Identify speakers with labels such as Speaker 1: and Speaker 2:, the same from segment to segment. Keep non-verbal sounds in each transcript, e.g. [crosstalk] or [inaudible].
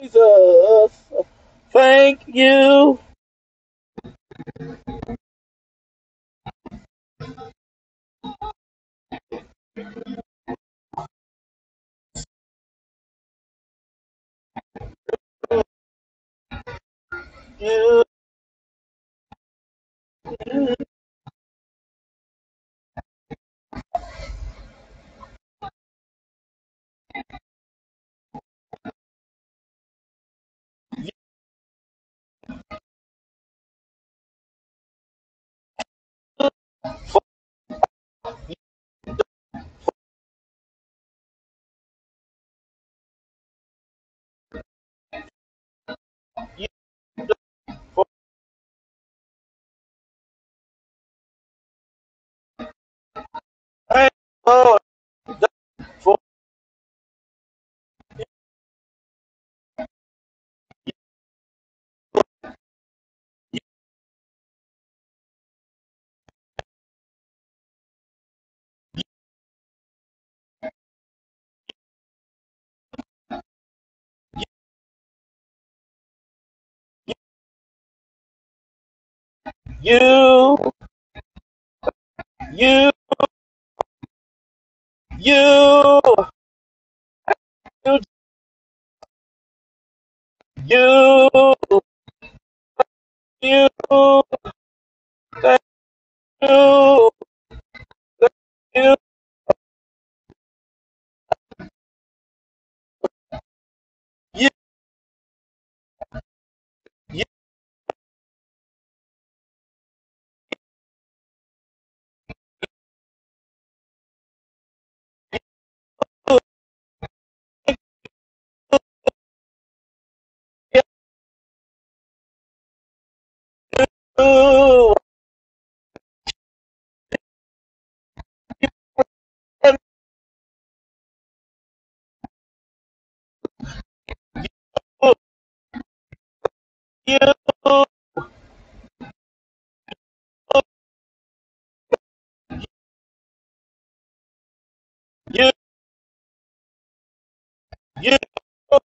Speaker 1: Jesus, thank you, you, you, for you, for thank Lord for you, you, you, you, you, you, thank you, you, you, you, you, you, you, you, you,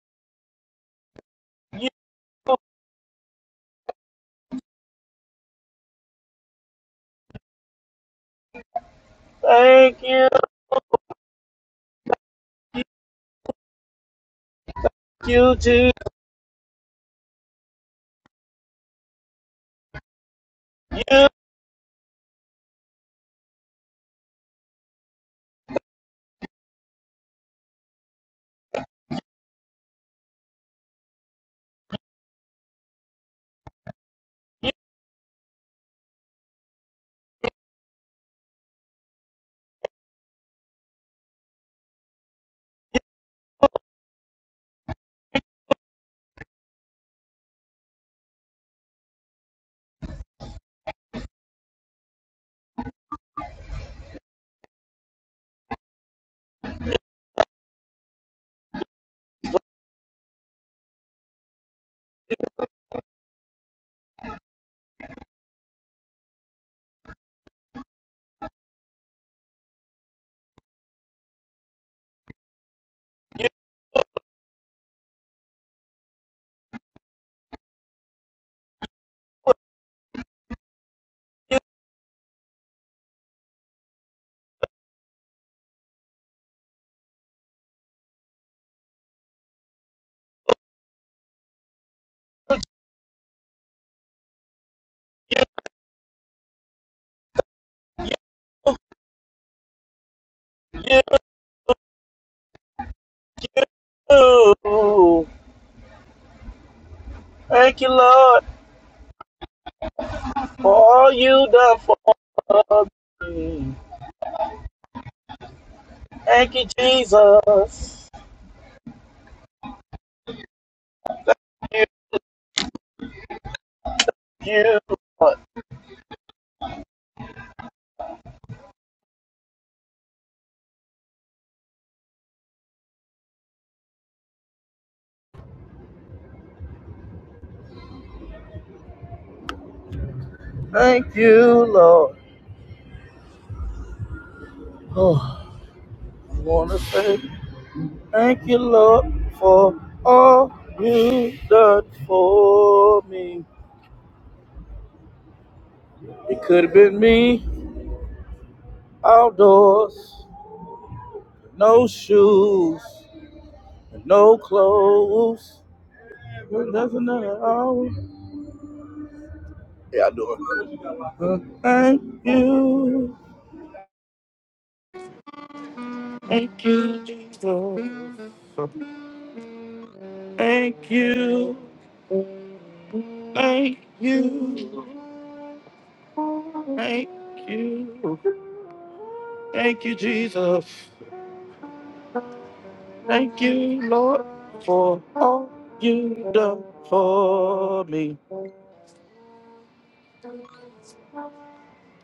Speaker 1: thank you, you, you, you, you, you, you, you, you. thank you, Lord. For all you done for me. Thank you, Jesus. Thank you, Lord. Thank you, Lord. Oh, I want to say thank you, Lord, for all you done for me. It could have been me outdoors, no shoes, no clothes. It doesn't matter. Yeah, I do it. Well, Thank you. Thank you, Jesus. Thank you. Thank you. Thank you. Thank you, Jesus. Thank you, Lord, for all you done for me.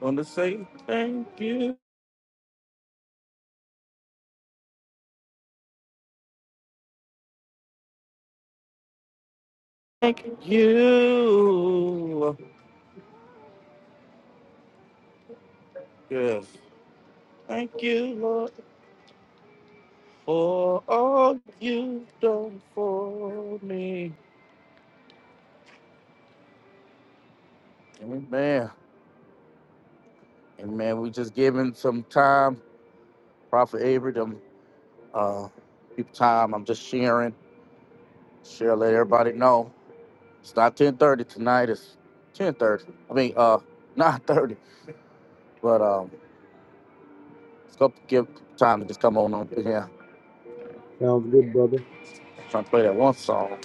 Speaker 1: Wanna say thank you. Thank you. Yes. Thank you, Lord, for all you done for me. Amen. Amen. We just giving some time Prophet Avery, them uh, people time. I'm just sharing, share, let everybody know. It's not 10:30 tonight. It's 10:30. I mean, uh, [laughs] 9:30. But um, it's gonna give time to just come on up here.
Speaker 2: Sounds good, brother.
Speaker 1: I'm trying to play that one song.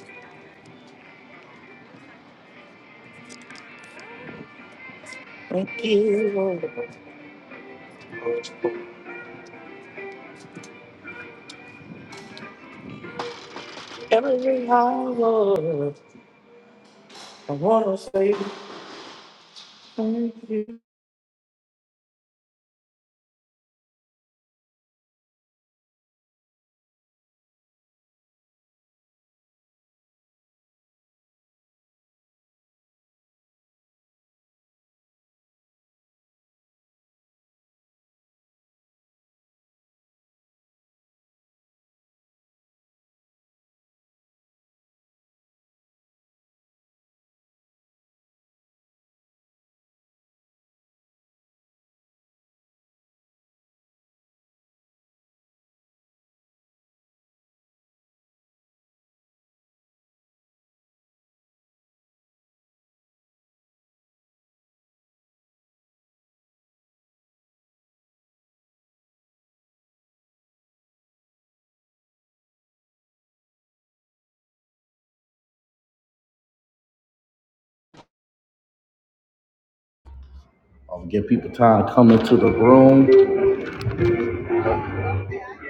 Speaker 1: Thank you, Lord. Every hour, I wanna say thank you.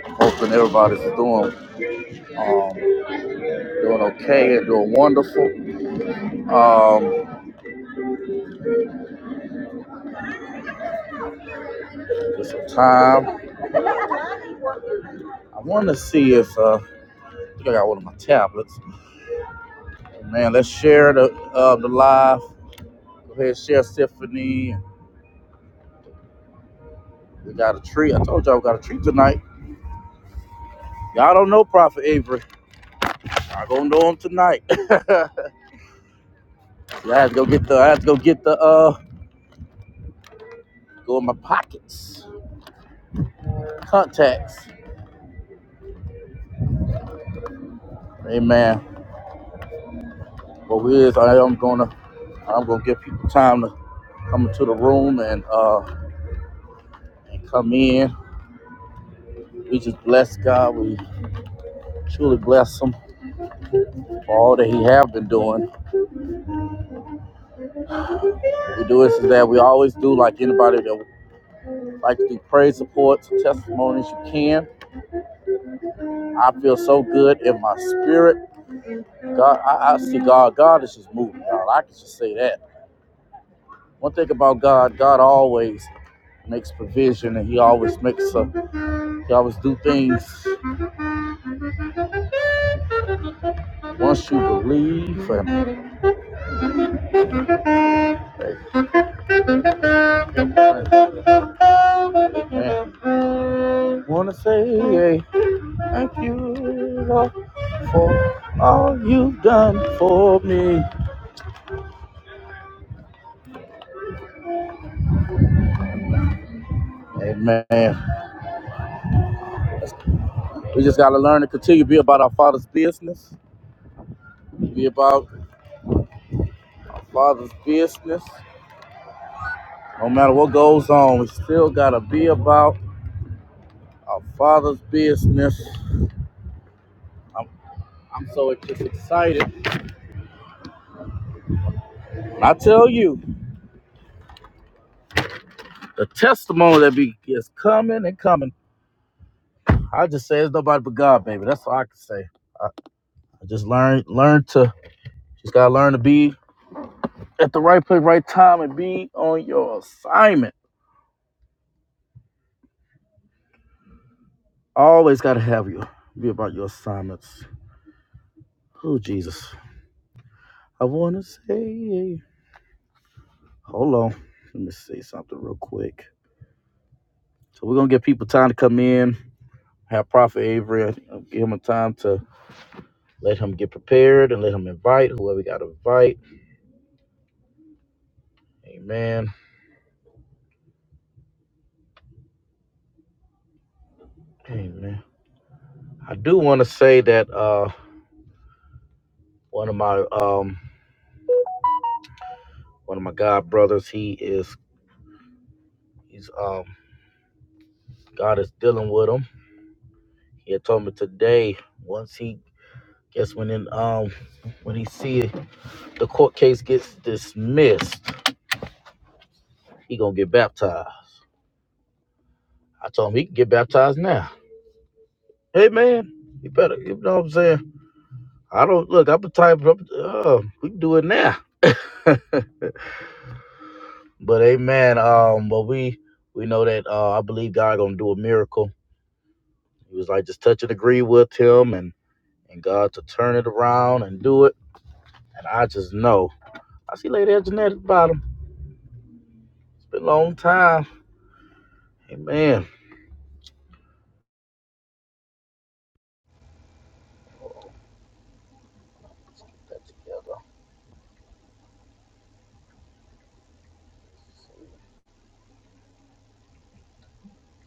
Speaker 1: Hoping everybody's doing um, doing okay and doing wonderful. Um, just some time. I want to see if uh, I think I got one of my tablets. Man, let's share the uh, the live. Go ahead, share Symphony. Get together.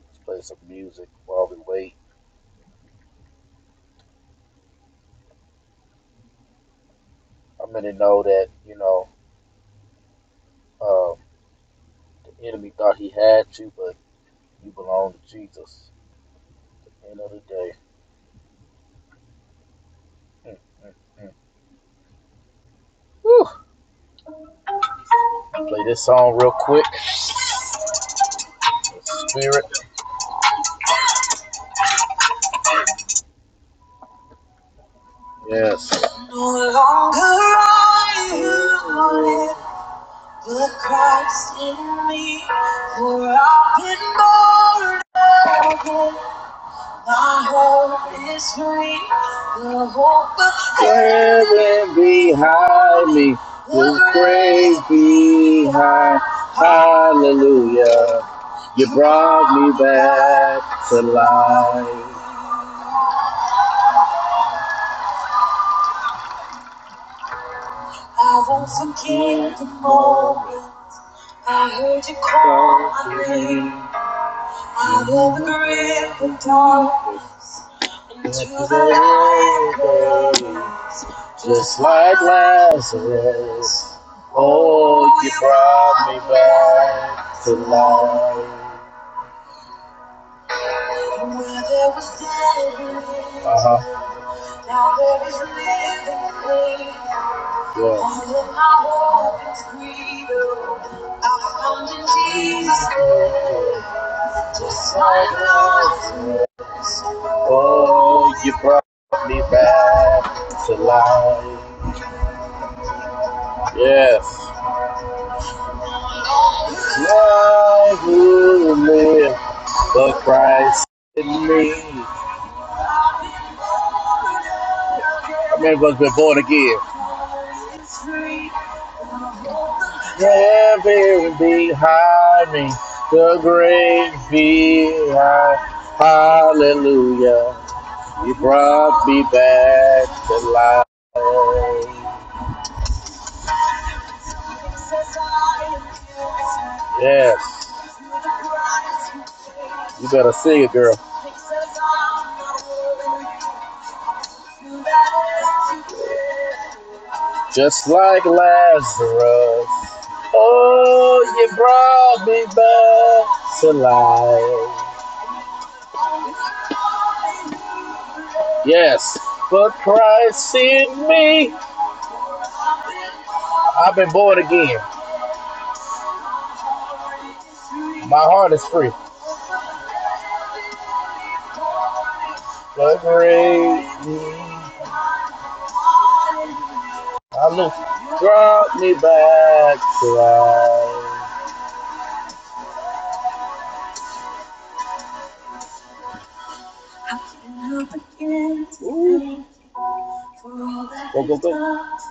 Speaker 1: Let's play some music while we wait. I'm gonna know that you know um, the enemy thought he had you, but you belong to Jesus. At the end of the day. [laughs] Mm-hmm. Play this song real quick. Spirit. No longer I who want it, but Christ in me. For I've been born again. My hope is free. The hope of heaven. I won't forget the moment. I heard you call. I will grip the dark. And tonight, oh, you brought me back to life. Uh-huh. Yeah. like Oh, you brought me back to life. Yes. Life will live, but Christ in me. That man must been born again. Heaven behind me, the grave behind. Hallelujah. You brought me back to life. Yes. You better sing it, girl. Just like Lazarus. Oh, you brought me back to life. Yes. But Christ in me. I've been born again. My heart is free. But grace me. Hallelujah. Draw me back to life.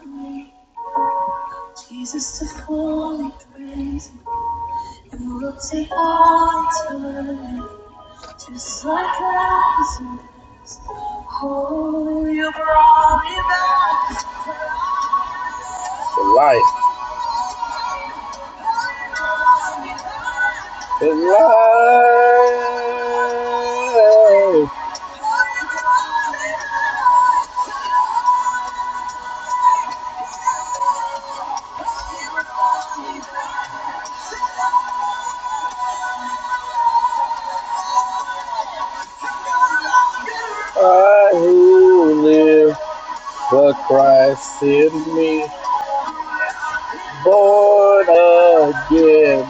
Speaker 1: Ooh. The life I who live for Christ in me, born again,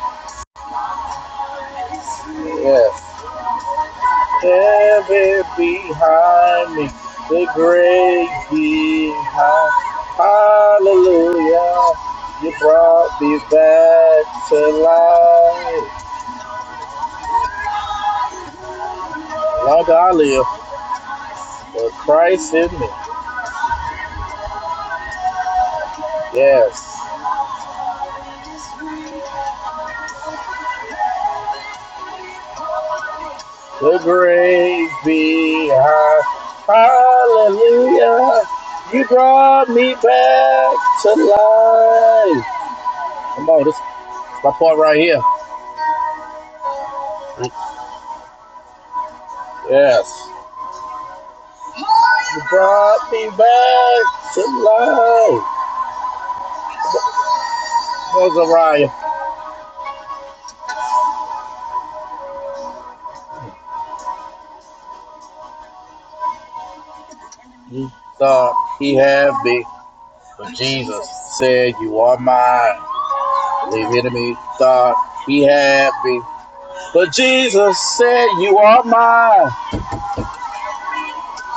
Speaker 1: yes. Heaven behind me, the great behind. Hallelujah, you brought me back to life. Long I live for Christ in me, yes. So great be our hallelujah. You brought me back to life. Come on, this is my part right here. Yes. You brought me back to life. Come on, Zariah. He thought he had me, but Jesus said, You are mine. The enemy thought he had me, but Jesus said, You are mine.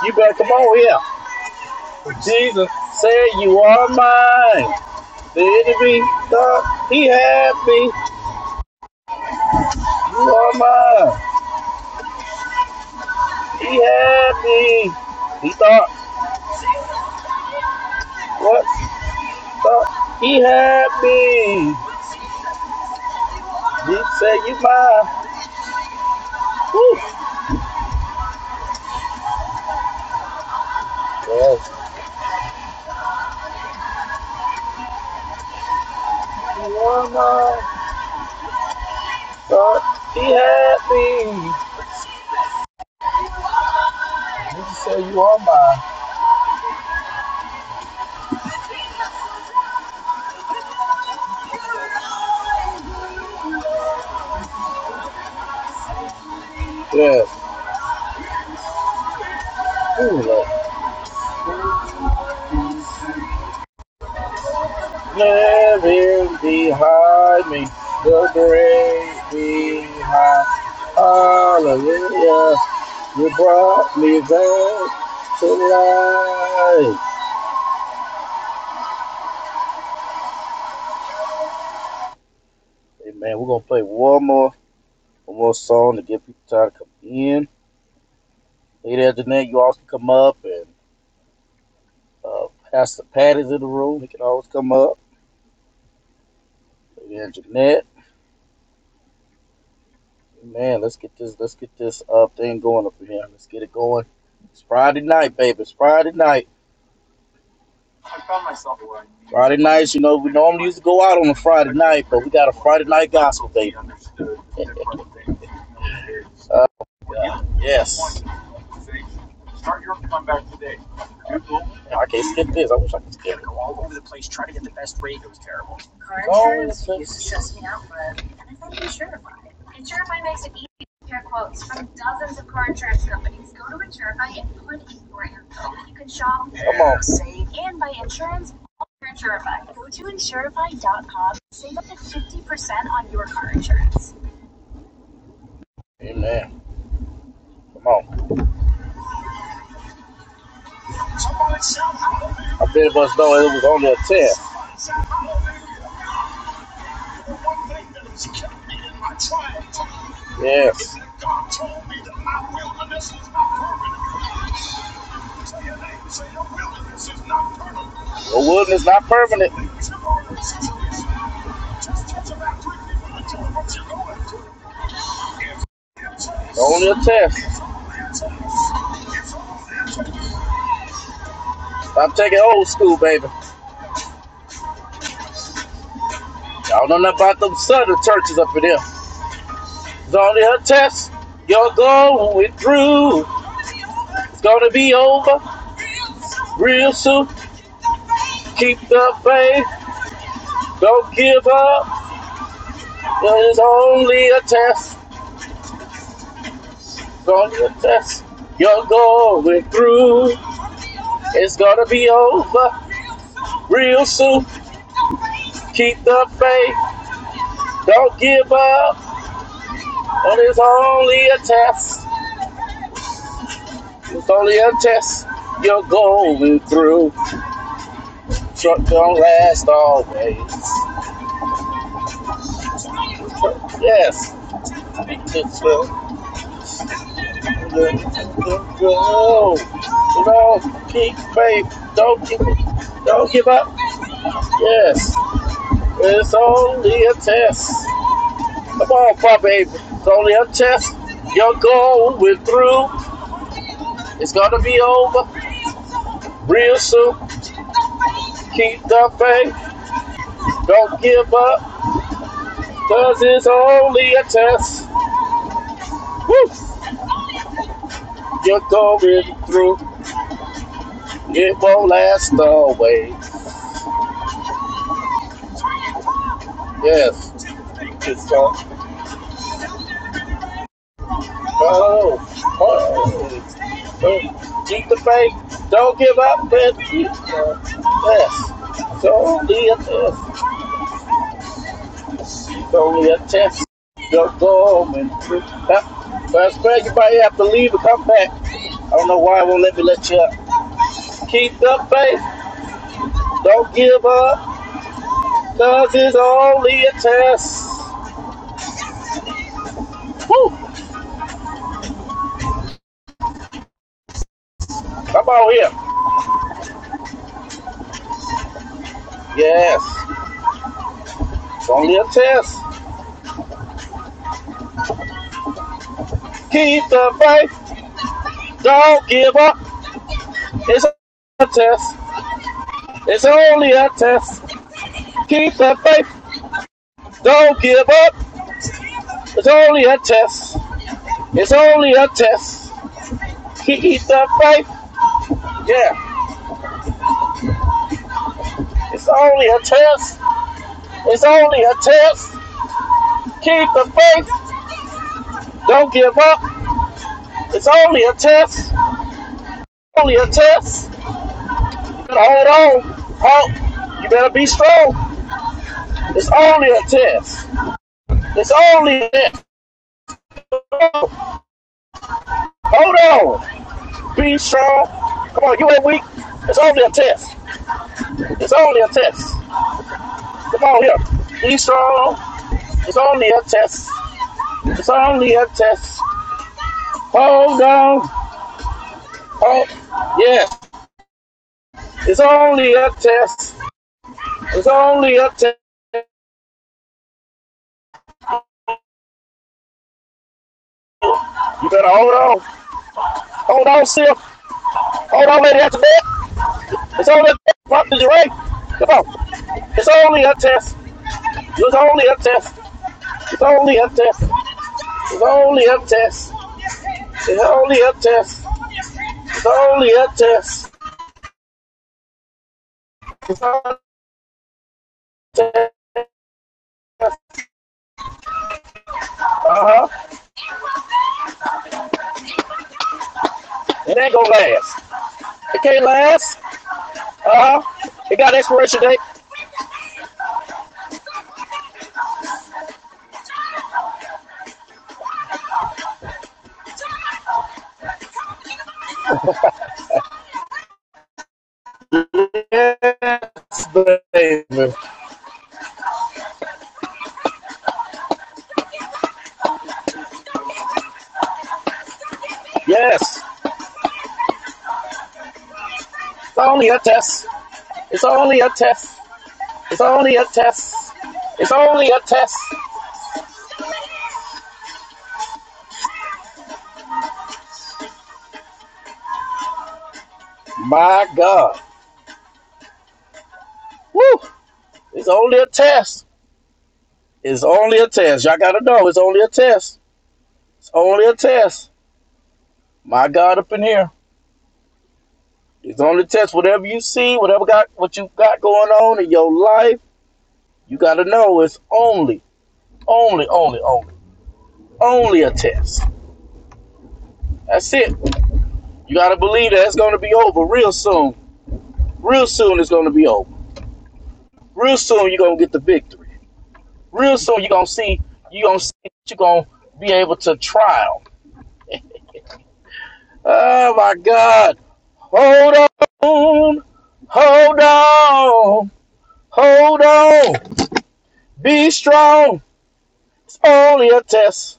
Speaker 1: You better come on here. Jesus said, You are mine. The enemy thought he had me. You are mine. He had me. He thought, What? Thought he had me. He said, You mine. Woo. Yes. You are mine. Thought he had me. He said, You are mine. Yes. Ooh, Lord. behind me the grave behind. Hallelujah. You brought me back to life. Hey man, we're gonna play one more one more song to get people time to come in. Hey there, Jeanette, you all can come up and uh Pastor Patty's in the room. He can always come up. Hey there, Jeanette. Man, let's get this let's get this uh thing going up in here. Let's get it going. It's Friday night, baby. It's Friday night. Friday nights, you know, we normally used to go out on a Friday night, but we got a Friday night gospel, baby. Uh, yes. I can't skip this. I wish I could skip it. insurance used to Only a test. I t- y'all know nothing about them southern churches up in there. It's only a test. You're going through. It's gonna be over real soon. Keep the faith. Don't give up. It's only a test. It's only a test. You're going through. It's gonna be over real soon. Keep the faith. Don't give up. it's only a test. It's only a test you're going through. Truck don't last always. Yes, speak to slow. Go. No, keep faith. Don't give, don't give up. Yes, it's only a test. Come on, Pop baby. It's only a test. You're going through. It's gonna be over real soon. Keep the faith. Don't give up. Cause it's only a test. Woo! You're going through. It won't last always. Yes. It's gone. Oh. Oh. oh. Keep the faith. Don't give up. Then keep going. Yes. It's only a test. It's only a test. You're going through. Now, so I expect you might have to leave and come back. I don't know why it won't let me let you up. Keep the faith. Don't give up. Cause it's only a test. Woo. Come on here. Yes. It's only a test. Keep the faith. Don't give up. It's a test. It's only a test. Keep the faith. Don't give up. It's only a test. It's only a test. Keep the faith. Yeah. It's only a test. It's only a test. Keep the faith. Don't give up. It's only a test. Only a test. hold on. Hold. You better be strong. It's only a test. It's only a test. Hold on. Be strong. Come on, you ain't weak. It's only a test. It's only a test. Come on here. Be strong. It's only a test. It's only a test. Hold on. Oh, yeah. It's only a test. It's only a test. You better hold on. Hold on, Sil. Hold on, lady at the that. It's only a test. What did you write? Come on. It's only a test. It's only a test. It's only a test. It's only a test. It's only a test. It's only a test. Uh-huh. It ain't gonna last. It can't last. Uh-huh. It got expiration date. Yes, baby. Yes. It's only a test. It's only a test. It's only a test. It's only a test. My God. Woo! It's only a test. Real soon you're gonna get the victory. Real soon you're gonna see you gonna see you're gonna be able to trial. Oh my God. Hold on. Hold on. Hold on. Be strong. It's only a test.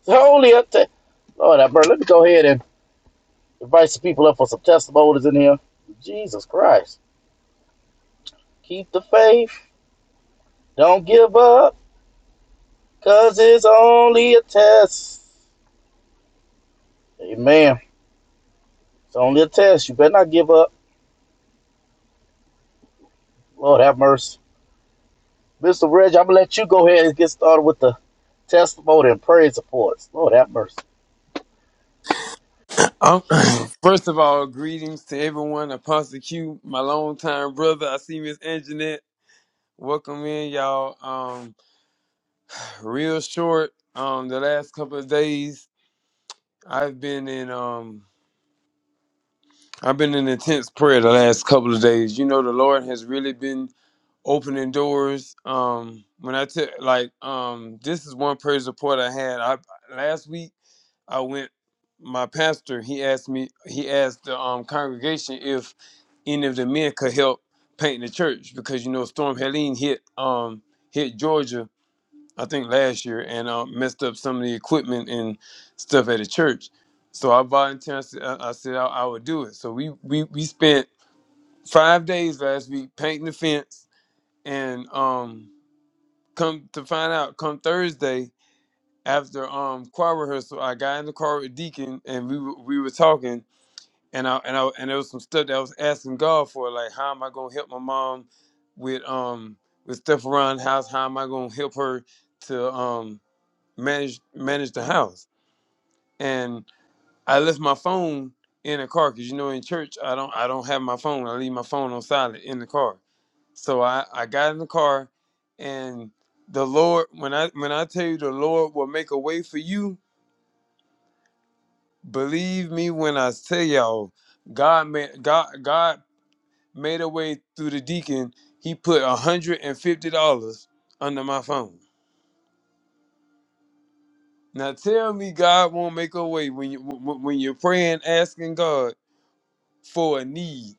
Speaker 1: It's only a test. Lord, I burn. Let me go ahead and invite some people up for some testimonies in here. Jesus Christ. Keep the faith. Don't give up. Cause it's only a test. Amen. It's only a test. You better not give up. Lord have mercy. Mr. Reg, I'm gonna let you go ahead and get started with the testimony and praise reports. Lord have mercy.
Speaker 3: Um, [clears throat] first of all, greetings to everyone. Apostle Q, my longtime brother. I see Miss Anjanette. Welcome in, y'all. Um, real short. Um, the last couple of days, I've been in um, I've been in intense prayer the last couple of days. You know, the Lord has really been opening doors. Um, when I tell like um, this is one praise report I had. I last week I went. My pastor he asked me. He asked the um, congregation if any of the men could help paint the church because you know Storm Helene hit um hit Georgia I think last year and uh, messed up some of the equipment and stuff at the church. So I volunteered. I said I, I, said I, I would do it. So we, we we spent five days last week painting the fence and um come to find out come Thursday after um choir rehearsal I got in the car with Deacon and we were- we were talking and I and I and there was some stuff that I was asking God for, like how am I gonna help my mom with um with stuff around the house? How am I gonna help her to um manage manage the house? And I left my phone in the car because you know in church I don't I don't have my phone. I leave my phone on silent in the car. So I I got in the car, and the Lord when I when I tell you the Lord will make a way for you, believe me when I tell y'all, God made God God made her way through the deacon, he put $150 under my phone. Now tell me God won't make a way when you when when you're praying asking God for a need.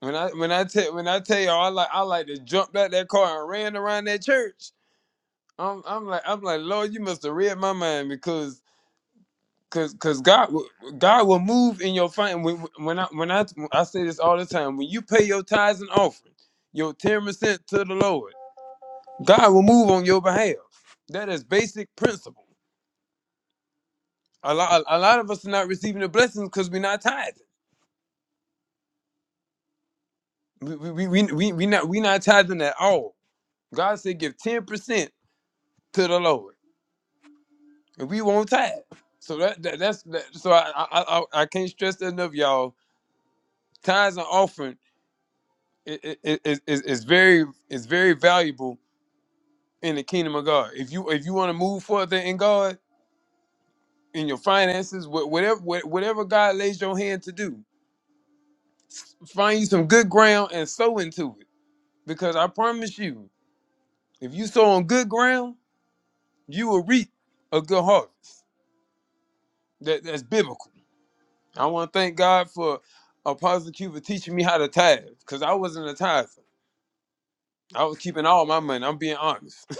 Speaker 3: When I when I tell when I tell y'all I like I like to jump out that car and ran around that church. I'm I'm like I'm like Lord, you must have read my mind because cause cause God will- God will move in your fin when when I when I I say this all the time when you pay your tithes and offering your ten percent to the Lord God will move on your behalf. That is basic principle. A lot, a lot of us are not receiving the blessings because we're not tithing. We, we, we, we, we not, we not tithing at all. God said, give 10% to the Lord and we won't tithe. So that, that that's, that, so I, I, I, I can't stress that enough, y'all. Tithes and offering i- i- i- is, is, is very, is very valuable in the kingdom of God. If you, if you want to move further in God, in your finances, wha- whatever, wha- whatever God lays your hand to do, find you some good ground and sow into it. Because I promise you, if you sow on good ground, you will reap a good harvest. That, that's biblical. I want to thank God for Apostle Q for teaching me how to tithe, because I wasn't a tither. I was keeping all my money. I'm being honest.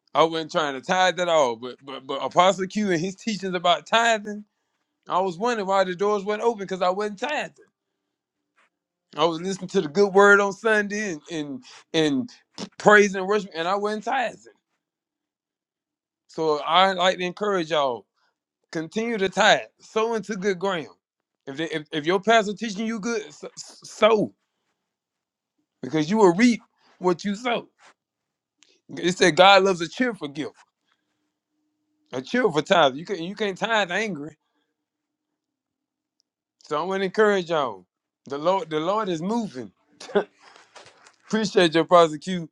Speaker 3: [laughs] I wasn't trying to tithe at all. But but but Apostle Q and his teachings about tithing, I was wondering why the doors weren't open because I wasn't tithing. I was listening to the good word on Sunday and and, and praise and worship, and I wasn't tithing. So I like to encourage y'all continue to tithe, sow into good ground. If, they, if if your pastor teaching you good, s- s- sow because you will reap what you sow. It said God loves a cheerful gift, a cheerful tithe. You can you can't tithe angry. So I'm gonna encourage y'all. The Lord the Lord is moving. Appreciate your prosecute.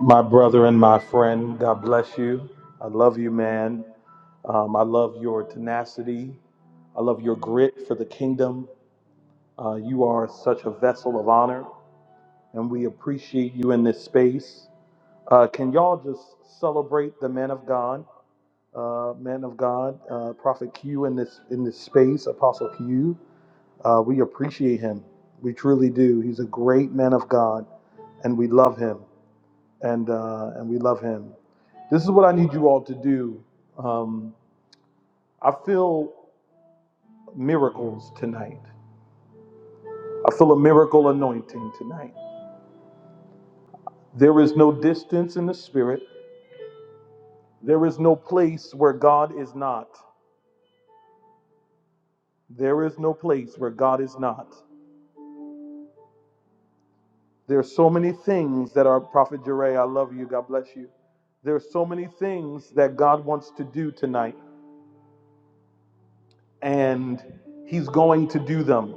Speaker 2: My brother and my friend, God bless you. I love you, man. Um, I love your tenacity. I love your grit for the kingdom. Uh, you are such a vessel of honor, and we appreciate you in this space. Uh, can y'all just celebrate the man of God, uh, man of God, uh, Prophet Q in this in this space, Apostle Q? Uh, we appreciate him. We truly do. He's a great man of God, and we love him. and uh, and we love Him. This is what I need you all to do. Um, I feel miracles tonight. I feel a miracle anointing tonight. There is no distance in the spirit. There is no place where God is not. There is no place where God is not. There are so many things that our Prophet Jeray, I love you. God bless you. There are so many things that God wants to do tonight, and He's going to do them.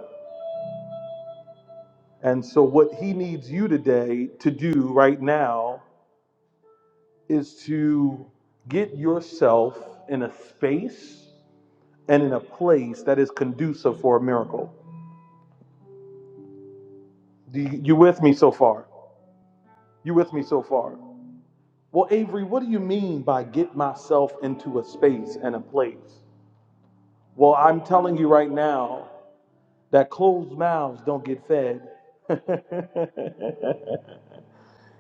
Speaker 2: And so, what he needs you today to do right now is to get yourself in a space and in a place that is conducive for a miracle. Do you, you with me so far? You with me so far? Well, Avery, what do you mean by get myself into a space and a place? Well, I'm telling you right now that closed mouths don't get fed. [laughs]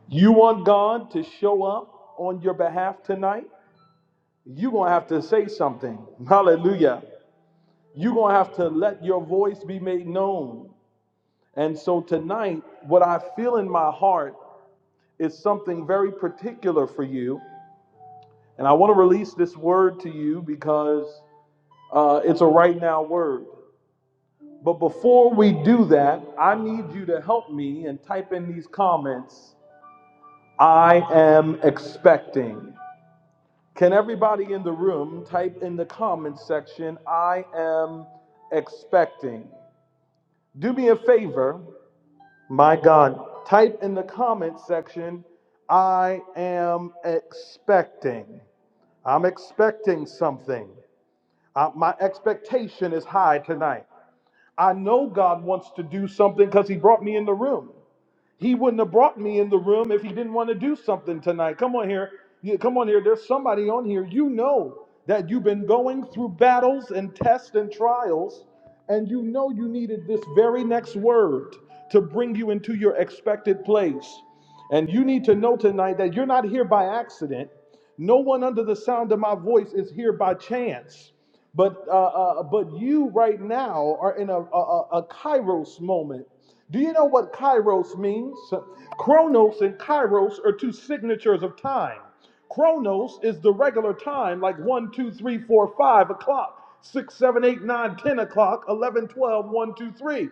Speaker 2: You want God to show up on your behalf tonight? you're going to have to say something. Hallelujah. You're going to have to let your voice be made known. And so tonight, what I feel in my heart is something very particular for you. And I want to release this word to you because uh, it's a right now word. But before we do that, I need you to help me and type in these comments I am expecting. Can everybody in the room type in the comment section, I am expecting? Do me a favor, my God, type in the comment section, I am expecting. I'm expecting something. Uh, my expectation is high tonight. I know God wants to do something because He brought me in the room. He wouldn't have brought me in the room if he didn't want to do something tonight. Come on here. You, come on here. There's somebody on here. You know that you've been going through battles and tests and trials, and you know you needed this very next word to bring you into your expected place. And you need to know tonight that you're not here by accident. No one under the sound of my voice is here by chance. But uh, uh, but you right now are in a, a, a kairos moment. Do you know what kairos means? Chronos and kairos are two signatures of time. Chronos is the regular time, like one, 2, 3, 4, 5 o'clock, 6, 7, 8, 9, 10 o'clock, eleven, twelve, one, two, three.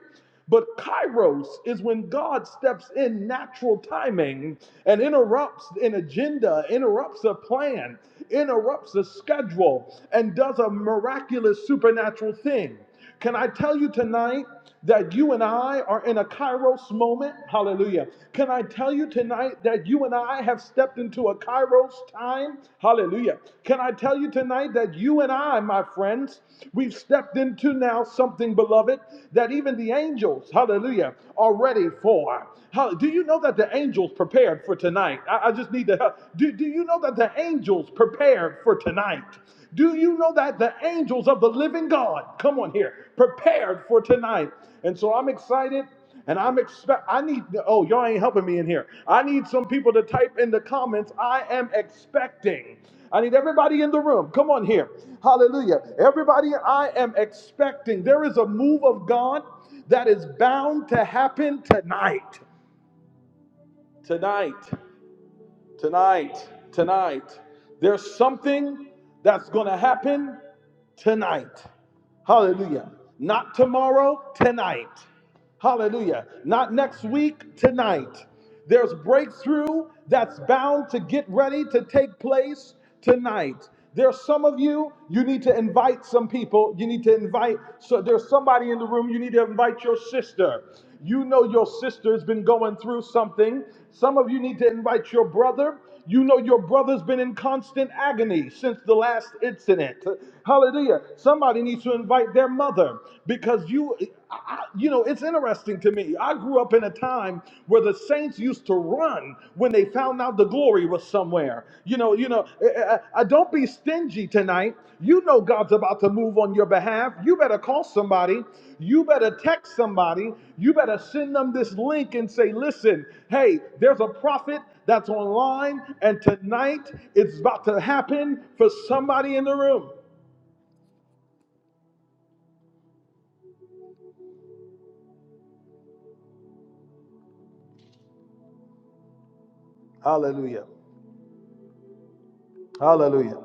Speaker 2: But kairos is when God steps in natural timing and interrupts an agenda, interrupts a plan, interrupts a schedule, and does a miraculous supernatural thing. Can I tell you tonight that you and I are in a kairos moment? Hallelujah. Can I tell you tonight that you and I have stepped into a kairos time? Hallelujah. Can I tell you tonight that you and I, my friends, we've stepped into now something, beloved, that even the angels, hallelujah, are ready for? How, do you know that the angels prepared for tonight? I, I just need to. help. Do, do you know that the angels prepared for tonight? Do you know that the angels of the living God, come on here, prepared for tonight? And so I'm excited and I'm expect I need oh y'all ain't helping me in here. I need some people to type in the comments I am expecting. I need everybody in the room. Come on here. Hallelujah. Everybody I am expecting. There is a move of God that is bound to happen tonight. Tonight. Tonight, tonight, there's something that's going to happen tonight. Hallelujah. Not tomorrow, tonight. Hallelujah. Not next week, tonight. There's breakthrough that's bound to get ready to take place tonight. There's some of you, you need to invite some people. You need to invite, so there's somebody in the room, you need to invite your sister. You know your sister's been going through something. Some of you need to invite your brother. You know your brother's been in constant agony since the last incident. Hallelujah. Somebody needs to invite their mother because you I, you know, it's interesting to me. I grew up in a time where the saints used to run when they found out the glory was somewhere. You know, you know. I, I- I- don't be stingy tonight. You know God's about to move on your behalf. You better call somebody. You better text somebody. You better send them this link and say, "Listen, hey, there's a prophet that's online, and tonight it's about to happen for somebody in the room." Hallelujah. Hallelujah.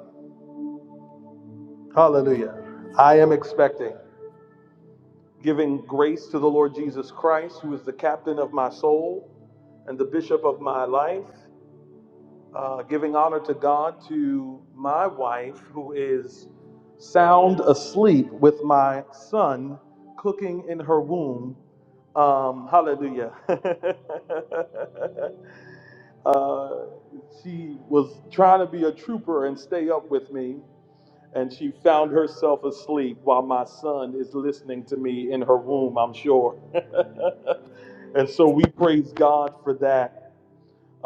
Speaker 2: Hallelujah. I expecting. giving grace to the Lord Jesus Christ, who is the captain of my soul and the bishop of my life, uh, giving honor to God, to my wife, who is sound asleep with my son cooking in her womb. Um, hallelujah. [laughs] uh, she was trying to be a trooper and stay up with me. And she found herself asleep while my son is listening to me in her womb, I'm sure. [laughs] And so we praise God for that.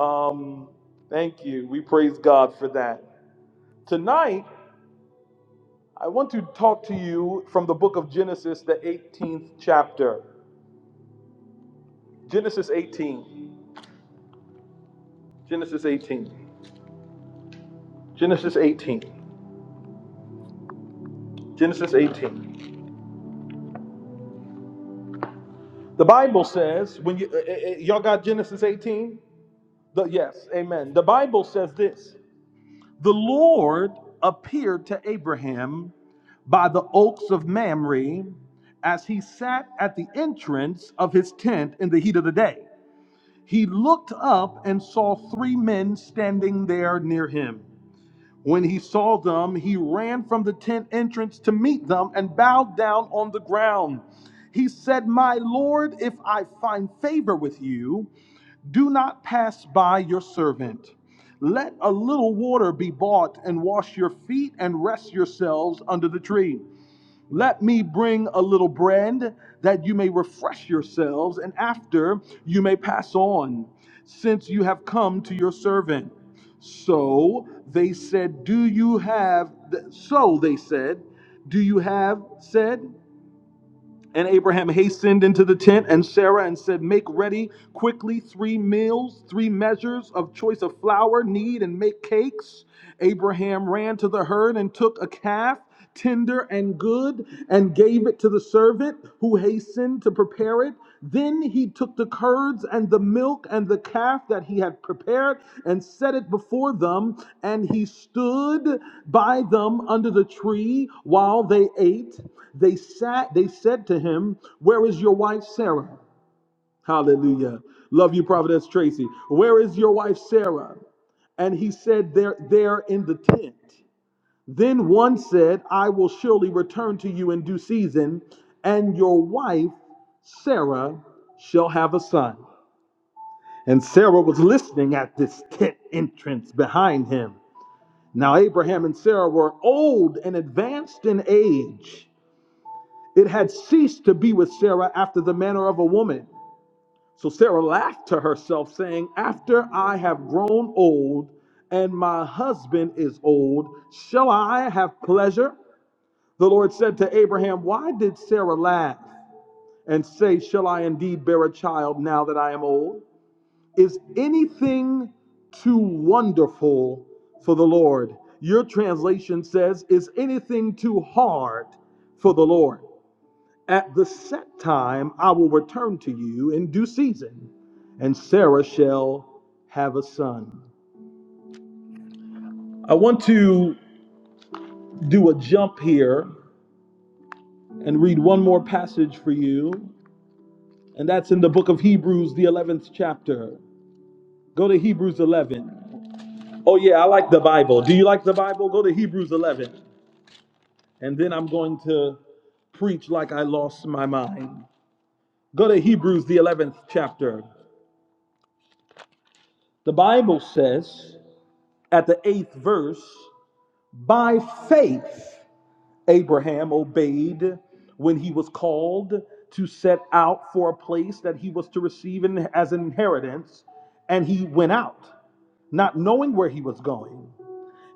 Speaker 2: Um, thank you. We praise God for that. Tonight, I want to talk to you from the book of Genesis, the 18th chapter. Genesis 18. Genesis 18. Genesis 18. Genesis 18. The Bible says, when you, eh, eh, eh, y'all got Genesis 18? The, yes, amen. The Bible says this The Lord appeared to Abraham by the oaks of Mamre as he sat at the entrance of his tent in the heat of the day. He looked up and saw three men standing there near him. When he saw them, he ran from the tent entrance to meet them and bowed down on the ground. He said, My Lord, if I find favor with you, do not pass by your servant. Let a little water be bought and wash your feet and rest yourselves under the tree. Let me bring a little bread that you may refresh yourselves, and after you may pass on, since you have come to your servant. So they said, Do you have, so they said, Do you have said? And Abraham hastened into the tent, and Sarah and said, Make ready quickly three meals, three measures of choice of flour, knead, and make cakes. Abraham ran to the herd and took a calf, tender and good, and gave it to the servant who hastened to prepare it. Then he took the curds and the milk and the calf that he had prepared and set it before them, and he stood by them under the tree while they ate. They sat, they said to him, Where is your wife Sarah? Hallelujah. Love you, Prophetess Tracy. Where is your wife Sarah? And he said, They're there in the tent. Then one said, I will surely return to you in due season, and your wife, Sarah, shall have a son. And Sarah was listening at this tent entrance behind him. Now, Abraham and Sarah were old and advanced in age. It had ceased to be with Sarah after the manner of a woman. So Sarah laughed to herself, saying, After I have grown old and my husband is old, shall I have pleasure? The Lord said to Abraham, Why did Sarah laugh and say, Shall I indeed bear a child now that I am old? Is anything too wonderful for the Lord? Your translation says, Is anything too hard for the Lord? At the set time, I will return to you in due season, and Sarah shall have a son. I want to do a jump here and read one more passage for you And that's in the book of Hebrews, the 11th chapter. Go to Hebrews 11. Oh, yeah, I like the Bible. Do you like the Bible? Go to Hebrews 11. And then I'm going to preach like I lost my mind. Go to Hebrews, the 11th chapter. The Bible says at the eighth verse, by faith, Abraham obeyed when he was called to set out for a place that he was to receive in, as an inheritance, and he went out. not knowing where he was going.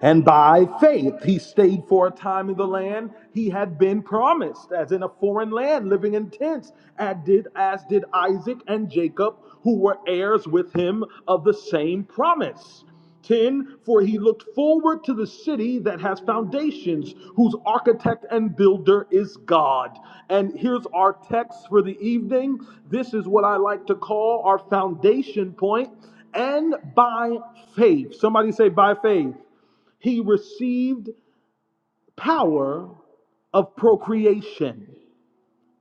Speaker 2: And by faith, he stayed for a time in the land he had been promised, as in a foreign land, living in tents, as did, as did Isaac and Jacob, who were heirs with him of the same promise. 10 For he looked forward to the city that has foundations, whose architect and builder is God. And here's our text for the evening. This is what I like to call our foundation point. And by faith, somebody say, by faith he received power of procreation,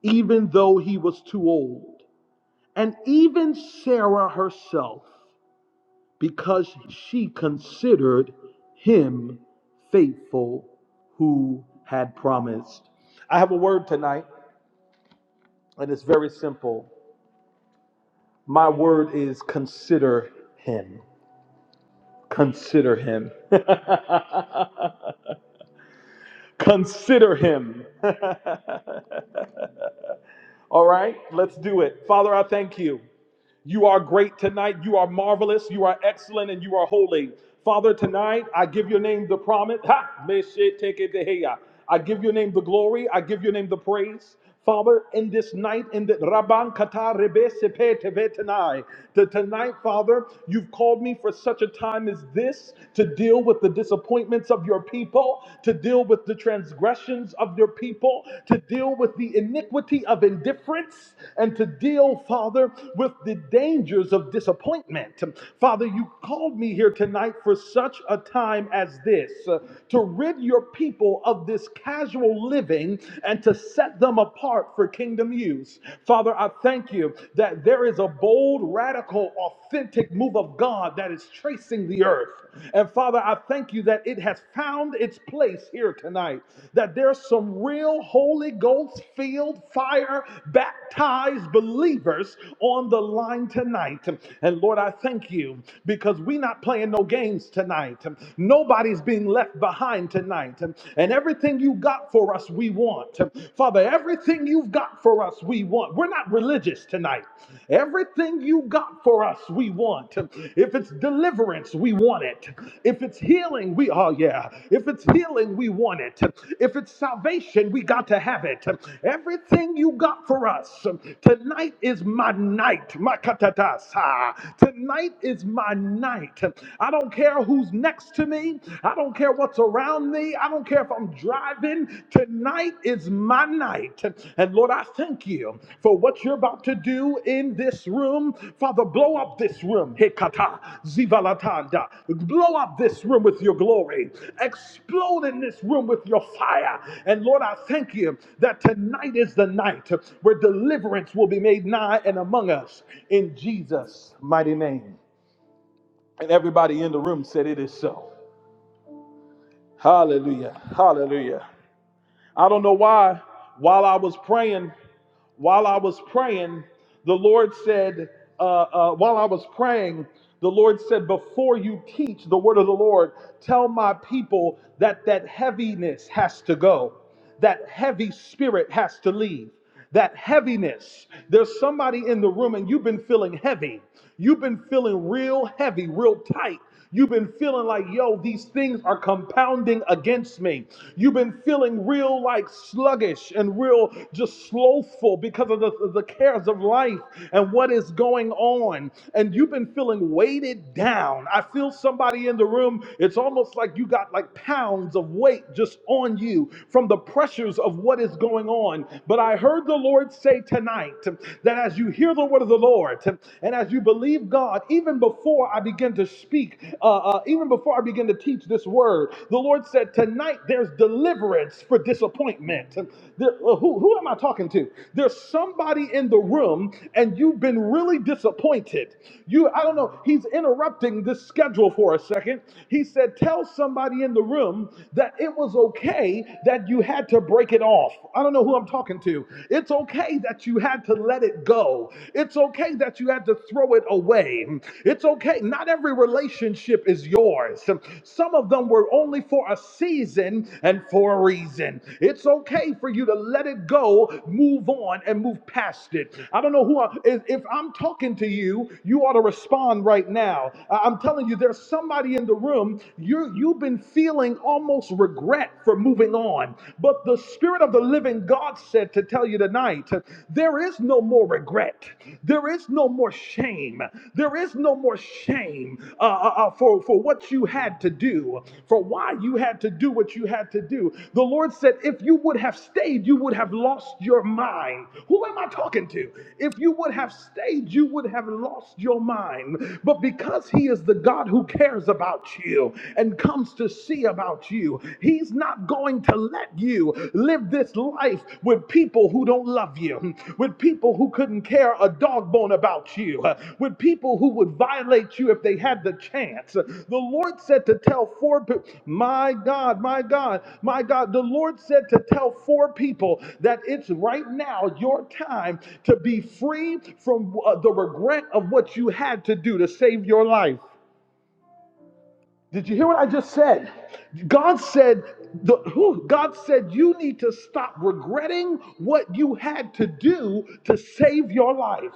Speaker 2: even though he was too old. And even Sarah herself, because she considered him faithful who had promised. I have a word tonight, and it's very simple. My word is consider him. Consider him. [laughs] consider him. [laughs] All right, let's do it. Father, I thank you. You are great tonight. You are marvelous. You are excellent and you are holy. Father, tonight I give your name the promise. Ha! Meshe teke deheya. I give your name the glory. I give your name the praise. Father, in this night, in the Rabban Kata Rebe Sepe Teve Tanai, to tonight, Father, you've called me for such a time as this to deal with the disappointments of your people, to deal with the transgressions of your people people, to deal with the iniquity of indifference, and to deal, Father, with the dangers of disappointment. Father, you called me here tonight for such a time as this uh, to rid your people of this casual living and to set them apart for kingdom use. Father, I thank you that there is a bold, radical, authentic authentic move of God that is tracing the earth. And Father, I thank you that it has found its place here tonight, that there's some real Holy Ghost filled, fire baptized believers on the line tonight. And Lord, I thank you because we're not playing no games tonight. Nobody's being left behind tonight. And everything you got for us, we want. Father, everything you've got got for us, we want. We're not religious tonight. Everything you got for us, we want. If it's deliverance, we want it. If it's healing, we, oh yeah. If it's healing, we want it. If it's salvation, we got to have it. Everything you got for us, tonight is my night. My katatasa. Tonight is my night. I don't care who's next to me. I don't care what's around me. I don't care if I'm driving. Tonight is my night. And Lord, I thank you for what you're about to do in this room. Father, blow up this room. Hekata zivalatanda. Blow up this room with your glory. Explode in this room with your fire. And Lord, I thank you that tonight is the night where deliverance will be made nigh and among us in Jesus' mighty name. And everybody in the room said, It is so. Hallelujah. Hallelujah. I don't know why. While I was praying, while I was praying, the Lord said, uh, uh, while I was praying, the Lord said, before you teach the word of the Lord, tell my people that that heaviness has to go, that heavy spirit has to leave. That heaviness. There's somebody in the room and you've been feeling heavy. You've been feeling real heavy, real tight. You've been feeling like, yo, these things are compounding against me. You've been feeling real like sluggish and real just slothful because of the, the cares of life and what is going on. And you've been feeling weighted down. I feel somebody in the room, it's almost like you got like pounds of weight just on you from the pressures of what is going on. But I heard the Lord say tonight that as you hear the word of the Lord, and as. And as you believe God, even before I begin to speak, uh, uh, even before I begin to teach this word, the Lord said, Tonight there's deliverance for disappointment. There- uh, who, who am I talking to? There's somebody in the room and you've been really disappointed. You, I don't know, he's interrupting this schedule for a second. He said, Tell somebody in the room that it was okay that you had to break it off. I don't know who I'm talking to. It's okay that that you had to let it go. It's okay that you had to throw it away. It's okay. Not every relationship is yours. Some of them were only for a season and for a reason. It's okay for you to let it go, move on, and move past it. I don't know who, I, if if I'm talking to you, you ought to respond right now. I- I'm telling you, there's somebody in the room, you, you've been feeling almost regret for moving on. But the the Spirit of the living God said to tell you tonight there is no more regret, there is no more shame, there is no more shame uh, uh, uh, for, for what you had to do, for why you had to do what you had to do. The Lord said, if you would have stayed, you would have lost your mind. Who am I talking to? If you would have stayed, you would have lost your mind. But because He is the God who cares about you and comes to see, see about you. He's not going to let you live this life with people who don't love you, with people who couldn't care a dog bone about you, with people who would violate you if they had the chance. The Lord said to tell four people, my God, my God, my God, the Lord said to tell four people that it's right now your time to be free from uh, the regret of what you had to do to save your life. Did you hear what I just said? God said, the, who, God said, you need to stop regretting what you had to do to save your life.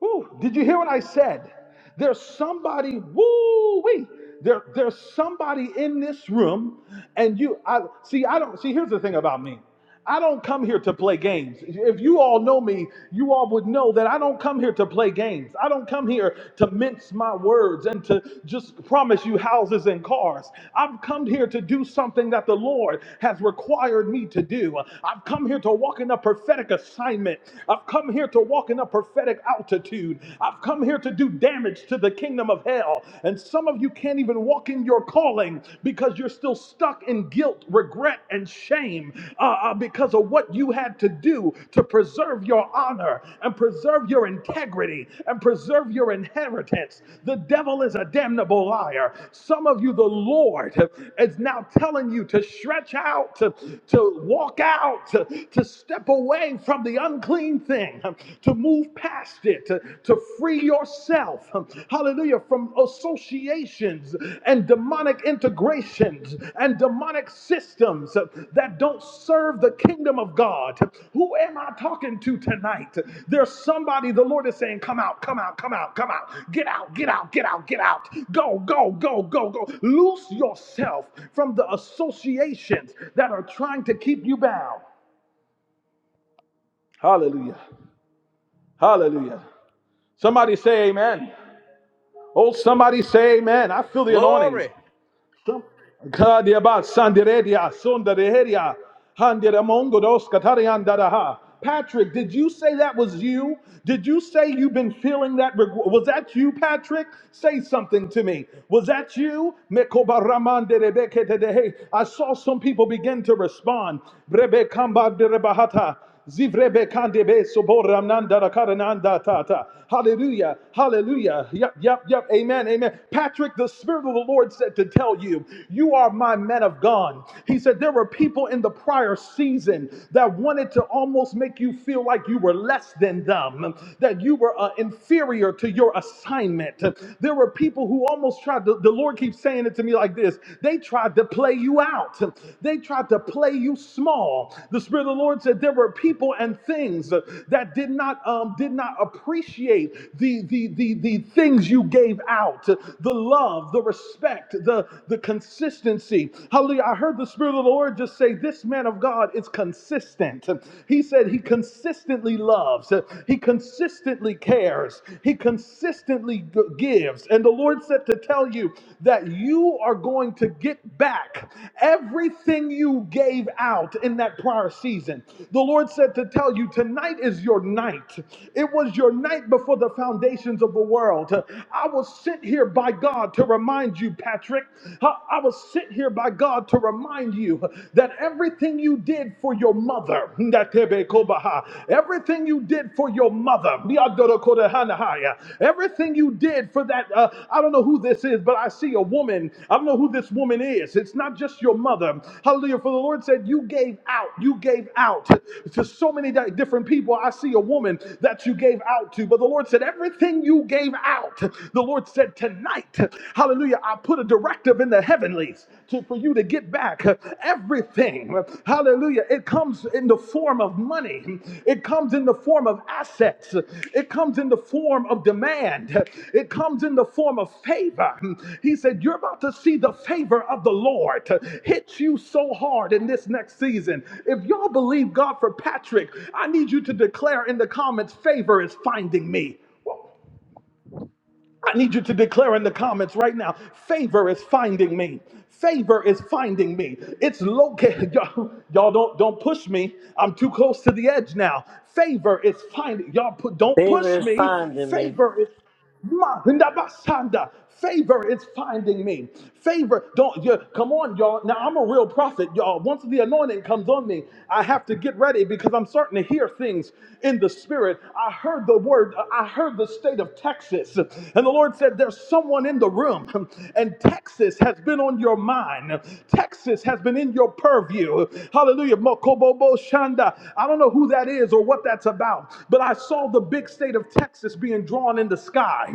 Speaker 2: Woo, did you hear what I said? There's somebody, woo wee. There, there's somebody in this room, and you I see, I don't see here's the thing about me. I don't come here to play games. If you all know me, you all would know that I don't come here to play games. I don't come here to mince my words and to just promise you houses and cars. I've come here to do something that the Lord has required me to do. I've come here to walk in a prophetic assignment. I've come here here to walk in a prophetic altitude. I've come here to do damage to the kingdom of hell. And some of you can't even walk in your calling because you're still stuck in guilt, regret, and shame uh, uh, because of what you had to do to preserve your honor and preserve your integrity and preserve your inheritance. The devil is a damnable liar. Some of you, the Lord is now telling you to stretch out, to, to walk out, to, to step away from the unclean thing, um, to move past it, to, to free yourself, um, hallelujah, from associations and demonic integrations and demonic systems uh, that don't serve the kingdom of God. Who am I talking to tonight? There's somebody the Lord is saying, Come out, come out, come out, come out, get out, get out, get out, get out, go, go, go, go, go. Loose yourself from the associations that are trying to keep you bound. Hallelujah. Hallelujah. Somebody say amen. Oh, somebody say amen. I feel the anointing. Some- Kadiaba sandiredia sundareheria handiremongodos katariandaraha. Patrick, did you say that was you? Did you say you've been feeling that? reg- Was that you, Patrick? Say something to me. Was that you? Mekobaramandelebeketedehe. I saw some people begin to respond. Brebekambaderebahata. Zivrebe kandebe sobora nanda rakara tata. Hallelujah. Hallelujah. Yep, yep, yep. Amen. Amen. Patrick, the Spirit of the Lord said to tell you, you are my man of God. He said there were people in the prior season that wanted to almost make you feel like you were less than them, that you were uh, inferior to your assignment. There were people who almost tried, the, the Lord keeps saying it to me like this. They." tried to play you out, they tried to play you small. The Spirit of the Lord said there were people and things that did not um, did not appreciate the, the the the things you gave out, the love, the respect, the the consistency. Hallelujah! I heard the Spirit of the Lord just say, "This man of God is consistent." He said he consistently loves, he consistently cares, he consistently consistently gives. And the Lord said to tell you that you are going to get back everything you gave out in that prior season. The Lord said to tell you tonight is your night. It was your night before the foundations of the world. I was sent here by God to remind you, Patrick. I I was sent here by God to remind you that everything you did for your mother, mother. Ndetebe kobaha. Everything you did for your mother. Everything you did for that, uh, I don't know who this is, but I see a woman. I don't know who this woman is. It's not just your mother. Hallelujah. For the Lord said, You gave out. You gave out to so many different people. I see a woman that you gave out to. But the Lord said, Everything you gave out, the Lord said, Tonight, hallelujah, I put a directive in the in the heavenlies to, for you to get back everything. Hallelujah. It comes in the form of money, it comes in the form of assets, it comes in the form of demand, it comes in the form of favor. He said, You're about to see the favor of the Lord hit you so hard in this next season. If y'all believe God for Patrick, I need you to declare in the comments, favor is finding me. I need you to declare in the comments right now favor is finding me. Favor is finding me. It's located. [laughs] Y'all, y'all don't don't push me. I'm too close to the edge now. Favor is finding y'all. Put, don't
Speaker 4: Favor
Speaker 2: push
Speaker 4: is
Speaker 2: me.
Speaker 4: finding me.
Speaker 2: Favor is Ma- Ndabasanda. Favor is finding me. Favor, don't you come on, y'all. Now I'm a real prophet, y'all. Once the anointing comes on me, I have to get ready because I'm starting to hear things in the spirit. I heard the word, I heard the state of Texas, and the Lord said, There's someone in the room, and Texas has been on your mind. Texas has been in your purview. Hallelujah. Mokobobo Shanda. I don't know who that is or what that's about, but I that I saw the big state of Texas being drawn in the sky.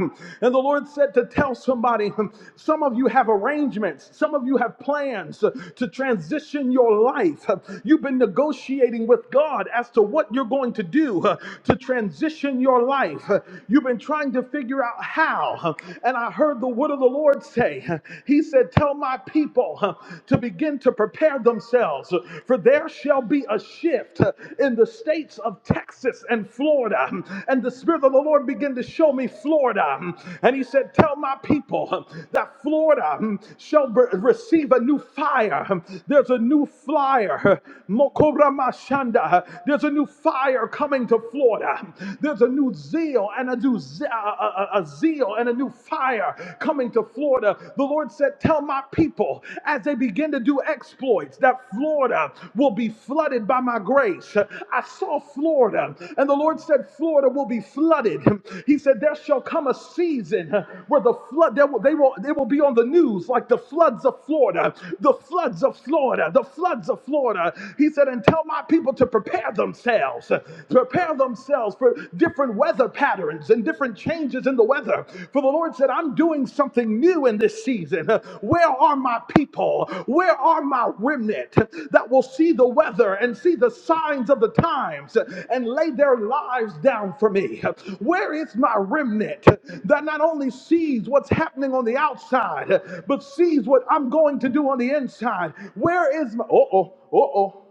Speaker 2: And the Lord said to tell somebody, some of you have arrangements, some of you have plans to transition your life. You've been negotiating with God as to what you're going to do to transition your life. You've been trying to figure out how. And I heard the word of the Lord say, He said, Tell my people to begin to prepare themselves else. For there shall be a shift in the states of Texas and Florida. And the Spirit of the Lord began to show me Florida. And He said, Tell my people that Florida shall be- receive a new fire. There's a new flyer. Mokoramashanda. There's a new fire coming to Florida. There's a new zeal and a new ze- a, a- a- zeal and a new fire coming to Florida. Florida, the Lord said, Tell my people as they begin to do exploits that Florida will be flooded by my grace. I saw Florida, and the Lord said, Florida will be flooded. He said, There shall come a season where the flood, there will, they will, they will be on the news like the floods of Florida, the floods of Florida, the floods of Florida. He said, And tell my people to prepare themselves, prepare themselves for different weather patterns and different changes in the weather. For the Lord said, I'm doing something new in this season. Where are my people? Where are my remnant that will see the weather and see the signs of the times and lay their lives down for me? Where is my remnant that not only sees what's happening on the outside, but sees what I'm going to do on the inside? Where is my, uh oh, uh oh,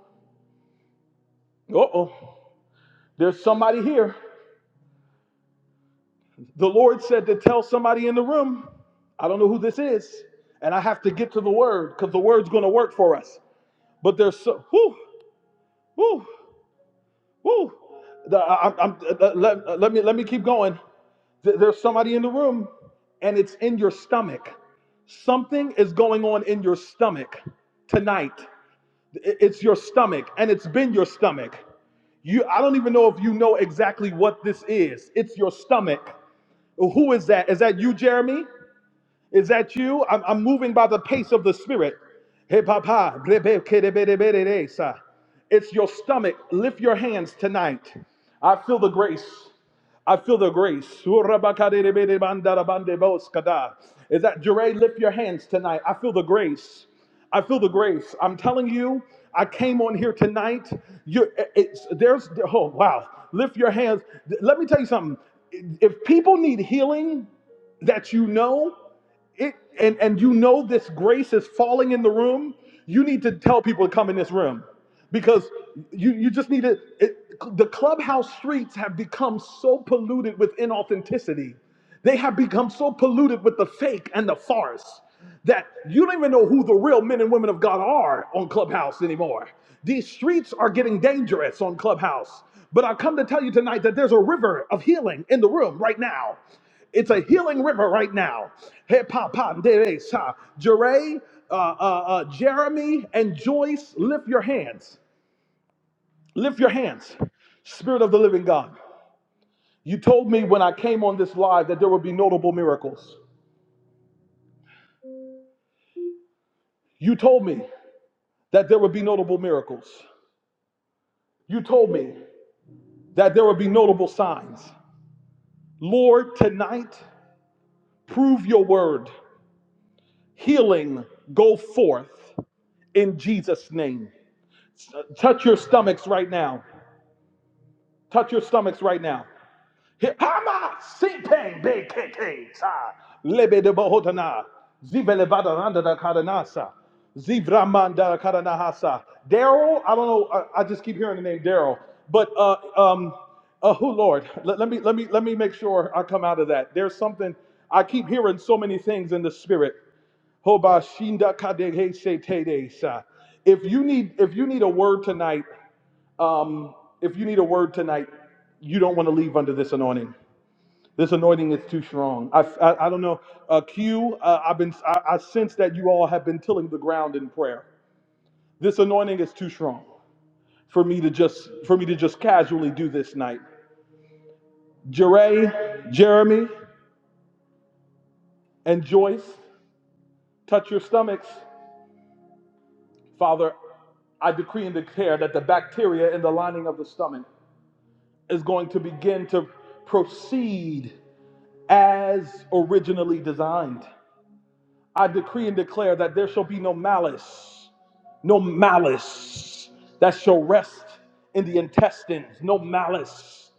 Speaker 2: uh oh. There's somebody here. The Lord said to tell somebody in the room, I don't know who this is, and I have to get to the word because the word's going to work for us. But there's so, whoo, whoo, whoo. The, I, I'm, uh, uh, let, uh, let me, let me keep going. Th- There's somebody in the room, and it's in your stomach. Something is going on in your stomach tonight. I- It's your stomach, and it's been your stomach. You, I don't even know if you know exactly what this is. It's your stomach. Who is that? Is that you, Jeremy? Is that you? I'm, I'm moving by the pace of the spirit. Hey, papa. It's your stomach. Lift your hands tonight. I feel the grace. I feel the grace. Is that Jure? Lift your hands tonight. I feel the grace. I feel the grace. I'm telling you, I came on here tonight. You, it's there's oh wow. Lift your hands. Let me tell you something. If people need healing, that you know it and and you know this grace is falling in the room you need to tell people to come in this room because you you just need to it, the clubhouse streets have become so polluted with inauthenticity they have become so polluted with the fake and the farce that you don't even know who the real men and women of God are on Clubhouse anymore. These streets are getting dangerous on Clubhouse. But I come to tell you tonight that there's a river of healing in the room right now. It's a healing river right now. Hey, pa, pa, de, de, sa. Jeray, uh, uh, uh, Jeremy, and Joyce, lift your hands. Lift your hands. Spirit of the living God. You told me when I came on this live that there would be notable miracles. You told me that there would be notable miracles. You told me that there would be notable signs. Lord, tonight, prove your word. Healing, go forth in Jesus' name. Touch your stomachs right now. Touch your stomachs right now. lebe de bohotana zibele badaranda da kadanasa zivramanda kadanahasa. Daryl, I don't know. I, I just keep hearing the name Daryl, but uh, um, uh, who Lord? Let, let me let me let me make sure I come out of that. There's something I keep hearing so many things in the spirit. Hoba shinda If you need if you need a word tonight, um, if you need a word tonight, you don't want to leave under this anointing. This anointing is too strong. I, I, I don't know. Uh, Q, uh, I've been, I, I sense that you all have been tilling the ground in prayer. This anointing is too strong for me to just, for me to just casually do this night. Jeray, Jeremy, and Joyce, touch your stomachs. Father, I decree and declare that the bacteria in the lining of the stomach is going to begin to proceed as originally designed. I decree and declare that there shall be no malice, no malice that shall rest in the intestines, no malice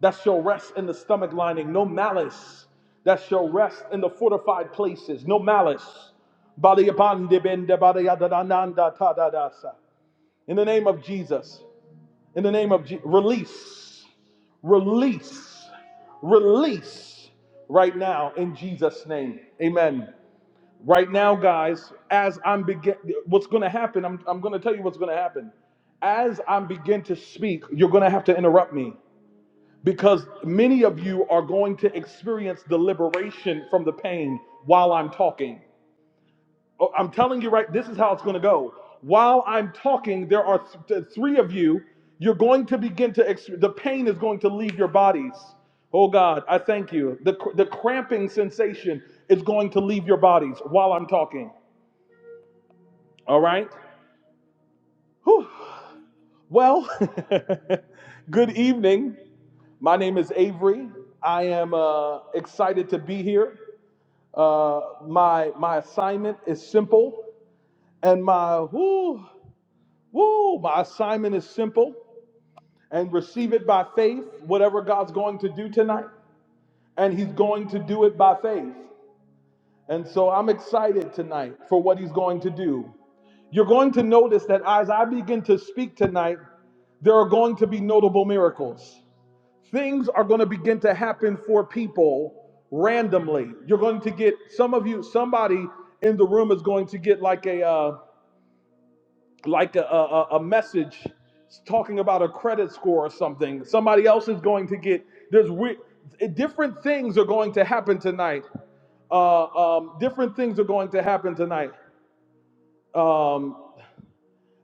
Speaker 2: that shall rest in the stomach lining, no malice that shall rest in the fortified places, no malice. Bali abandi bende bali adadananda tadadasa. In the name of Jesus, in the name of Je- release, release release right now in Jesus' name. Amen. Right now, guys, as I'm begin, what's going to happen? I'm, I'm going to tell you what's going to happen. As I begin to speak, you're going to have to interrupt me because many of you are going to experience the liberation from the pain while I'm talking. Oh, I'm telling you right, this is how it's going to go. While I'm talking, there are th- three of you. You're going to begin to, ex- the pain is going to leave your bodies. Oh God, I thank you. The, cr- the cramping sensation is going to leave your bodies while I'm talking. All right? Whew. Well, [laughs] good evening. My name is Avery. I am uh, excited to be here. Uh, my, my assignment is simple, and my, whew, Woo! My assignment is simple and receive it by faith, whatever God's going to do tonight. And He's going to do it by faith. And so I'm excited tonight for what He's going to do. You're going to notice that as I begin to speak tonight, there are going to be notable miracles. Things are going to begin to happen for people randomly. You're going to get some of you, somebody in the room is going to get like a. uh, like a, a, a message talking about a credit score or something. Somebody else is going to get there's we, different things are going to happen tonight. Uh, um, different things are going to happen tonight. Um,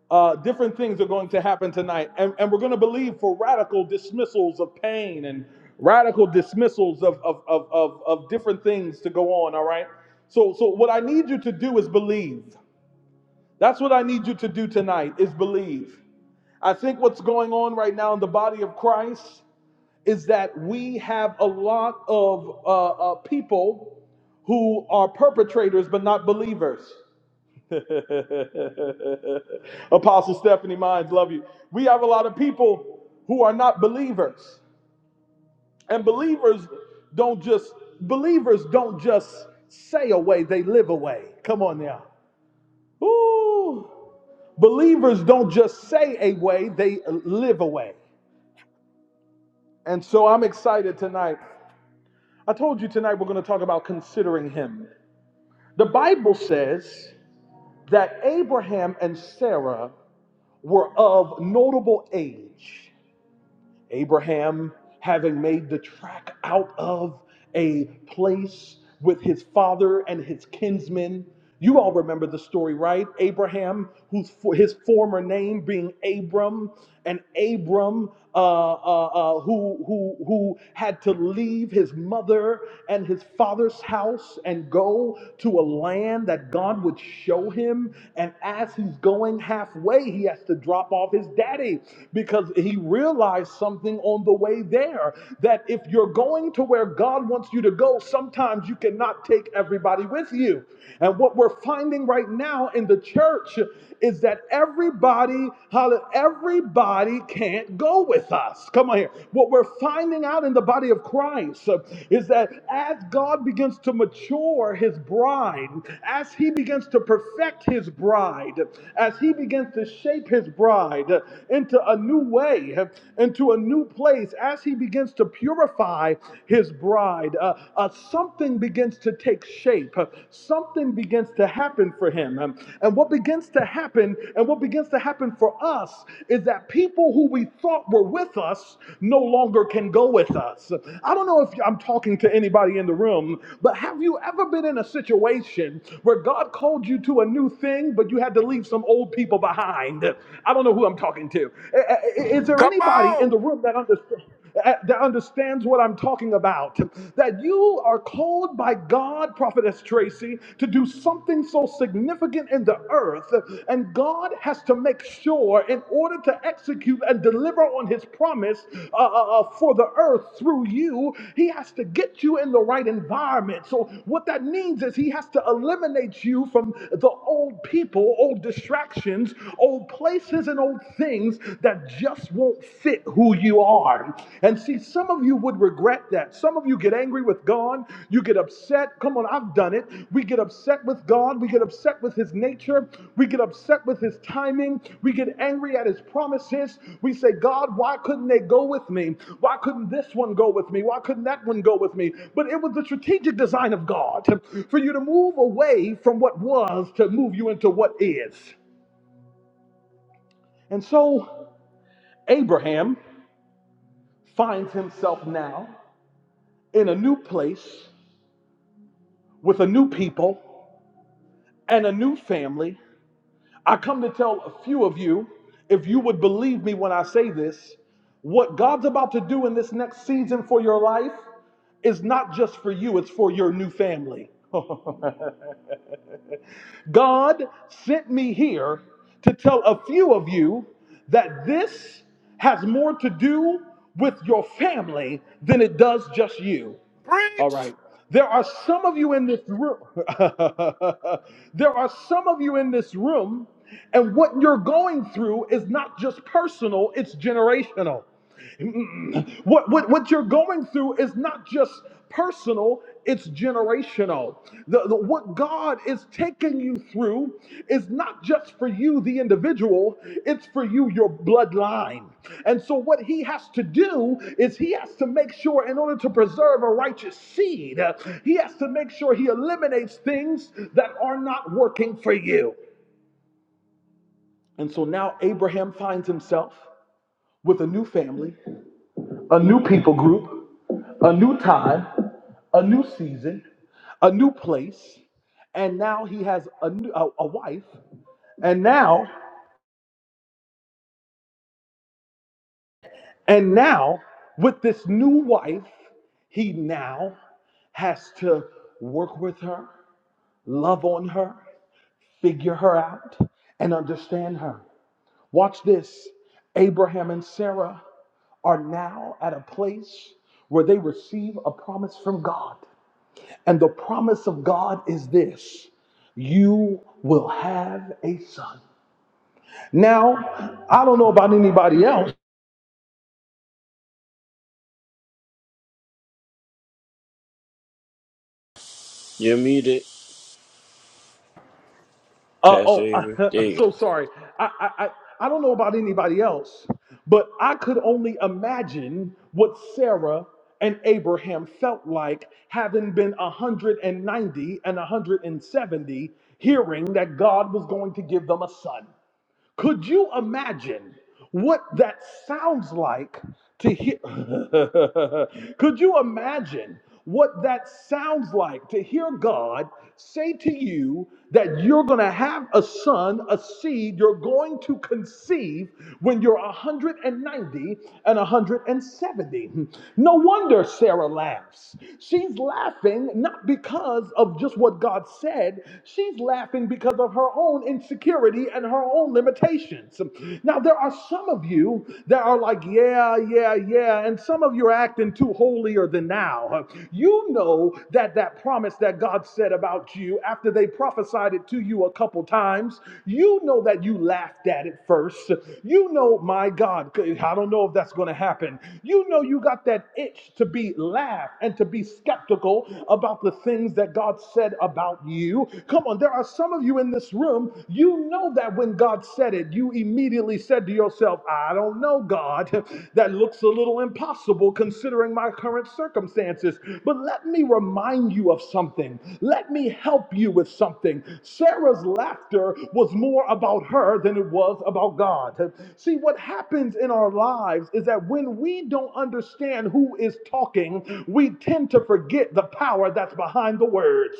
Speaker 2: uh, different things are going to happen tonight, and, and we're going to believe for radical dismissals of pain and radical dismissals of of, of of of different things to go on. All right. So so what I need you to do is believe. That's what I need you to do tonight is believe. I think what's going on right now in the body of Christ is that we have a lot of uh, uh, people who are perpetrators but not believers. [laughs] Apostle Stephanie Mines, love you. We have a lot of people who are not believers, and believers don't just believers don't just say away; they live away. Come on now. Ooh. Believers don't just say a way, they live away. And so I'm excited tonight. I told you tonight we're going to talk about considering him. The Bible says that Abraham and Sarah were of notable age. Abraham, having made the track out of a place with his father and his kinsmen. You all remember the story, right? Abraham, whose for his former name being Abram, and Abram, uh, uh, uh, who who who had to leave his mother and his father's house and go to a land that God would show him. And as he's going halfway, he has to drop off his daddy because he Realize something on the way there that if you're going to where God wants you to go, sometimes you cannot take everybody with you. And what we're finding right now in the church is that everybody, everybody can't go with us. Come on here. What we're finding out in the body of Christ uh, is that as God begins to mature his bride, as he begins to perfect his bride, as he begins to shape his bride into into a new way, into a new place, as he begins to purify his bride, uh, uh, something begins to take shape. Uh, Something begins to happen for him. Um, And what begins to happen, and what begins to happen for us, is that people who we thought were with us no longer can go with us. I don't know if I'm talking to anybody in the room, but have you ever been in a situation where God called you to a new thing, but you had to leave some old people behind? I don't know don't know who I'm talking to. Is there anybody in the room that understands? That understands what I'm talking about. That you are called by God, Prophetess Tracy, to do something so significant in the earth, and God has to make sure, in order to execute and deliver on His promise uh, uh, uh, for the earth through you, He has to get you in the right environment. So, what that means is He has to eliminate you from the old people, old distractions, old places and old things that just won't fit who you are. And see, some of you would regret that. Some of you get angry with God. You get upset. Come on, I've done it. We get upset with God. We get upset with His nature. We get upset with His timing. We get angry at His promises. We say, God, why couldn't they go with me? Why couldn't this one go with me? Why couldn't that one go with me? But it was the strategic design of God for you to move away from what was to move you into what is. And so Abraham finds himself now in a new place with a new people and a new family. I come to tell a few of you, if you would believe me when I say this, what God's about to do in this next season for your life is not just for you, it's for your new family. [laughs] God sent me here to tell a few of you that this has more to do with your family than it does just you. All right. There are some of you in this room. [laughs] there are some of you in this room, and what you're going through is not just personal, it's generational. Mm. What, what, what you're going through is not just personal, it's generational. The, the, what God is taking you through is not just for you, the individual, it's for you, your bloodline. And so, what He has to do is He has to make sure, in order to preserve a righteous seed, uh, He has to make sure He eliminates things that are not working for you. And so now Abraham finds himself with a new family a new people group, a new time, a new season, a new place, and now he has a, new, a, a wife, and now, and now with this new wife, he now has to work with her, love on her, figure her out, and understand her. Watch this. Abraham and Sarah are now at a place where they receive a promise from God. And the promise of God is this you will have a son. Now, I don't know about anybody else.
Speaker 4: You're muted,
Speaker 2: Uh,
Speaker 4: Pastor
Speaker 2: oh, [laughs]
Speaker 4: Avery.
Speaker 2: I,
Speaker 4: There
Speaker 2: I'm
Speaker 4: you
Speaker 2: so
Speaker 4: go.
Speaker 2: sorry. I, I, I I don't know about anybody else, but I could only imagine what Sarah and Abraham felt like having been 190 and 170, hearing that God was going to give them a son. Could you imagine what that sounds like to hear? [laughs] Could you imagine what that sounds like to hear God say to you that you're going to have a son, a seed you're going to conceive when you're 190 and 170? No wonder Sarah laughs. She's laughing not because of just what God said, she's laughing because of her own insecurity insecurity and her own limitations. Now, there are some of you that are like, yeah, yeah, yeah, and some of you are acting too holier than now. You know that that promise that God said about you after they prophesied it to you a couple times, you know that you laughed at it first. You know, my God, I don't know if that's going to happen. You know, you got that itch to be laughed and to be skeptical about the things that God said about you. Come on, there are some of you in you in this room, you know that when God said it, you immediately said to yourself, I don't know, God, [laughs] that looks a little impossible considering my current circumstances. But let me remind you of something. Let me help you with something. Sarah's laughter was more about her than it was about God. See, what happens in our lives is that when we don't understand who is talking, we tend to forget the power that's behind the words.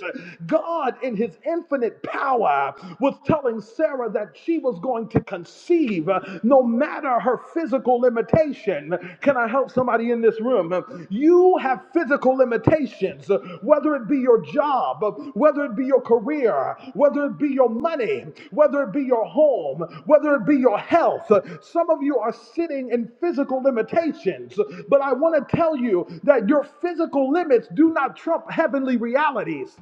Speaker 2: God, in His in his infinite power, was telling Sarah that she was going to conceive uh, no matter her physical limitation. Can I help somebody in this room? You have physical limitations, uh, whether it be your job, uh, whether it be your career, whether it be your money, whether it be your home, whether it be your health. Uh, Some of you are sitting in physical limitations, but I want to tell you that your physical limits do not trump heavenly realities.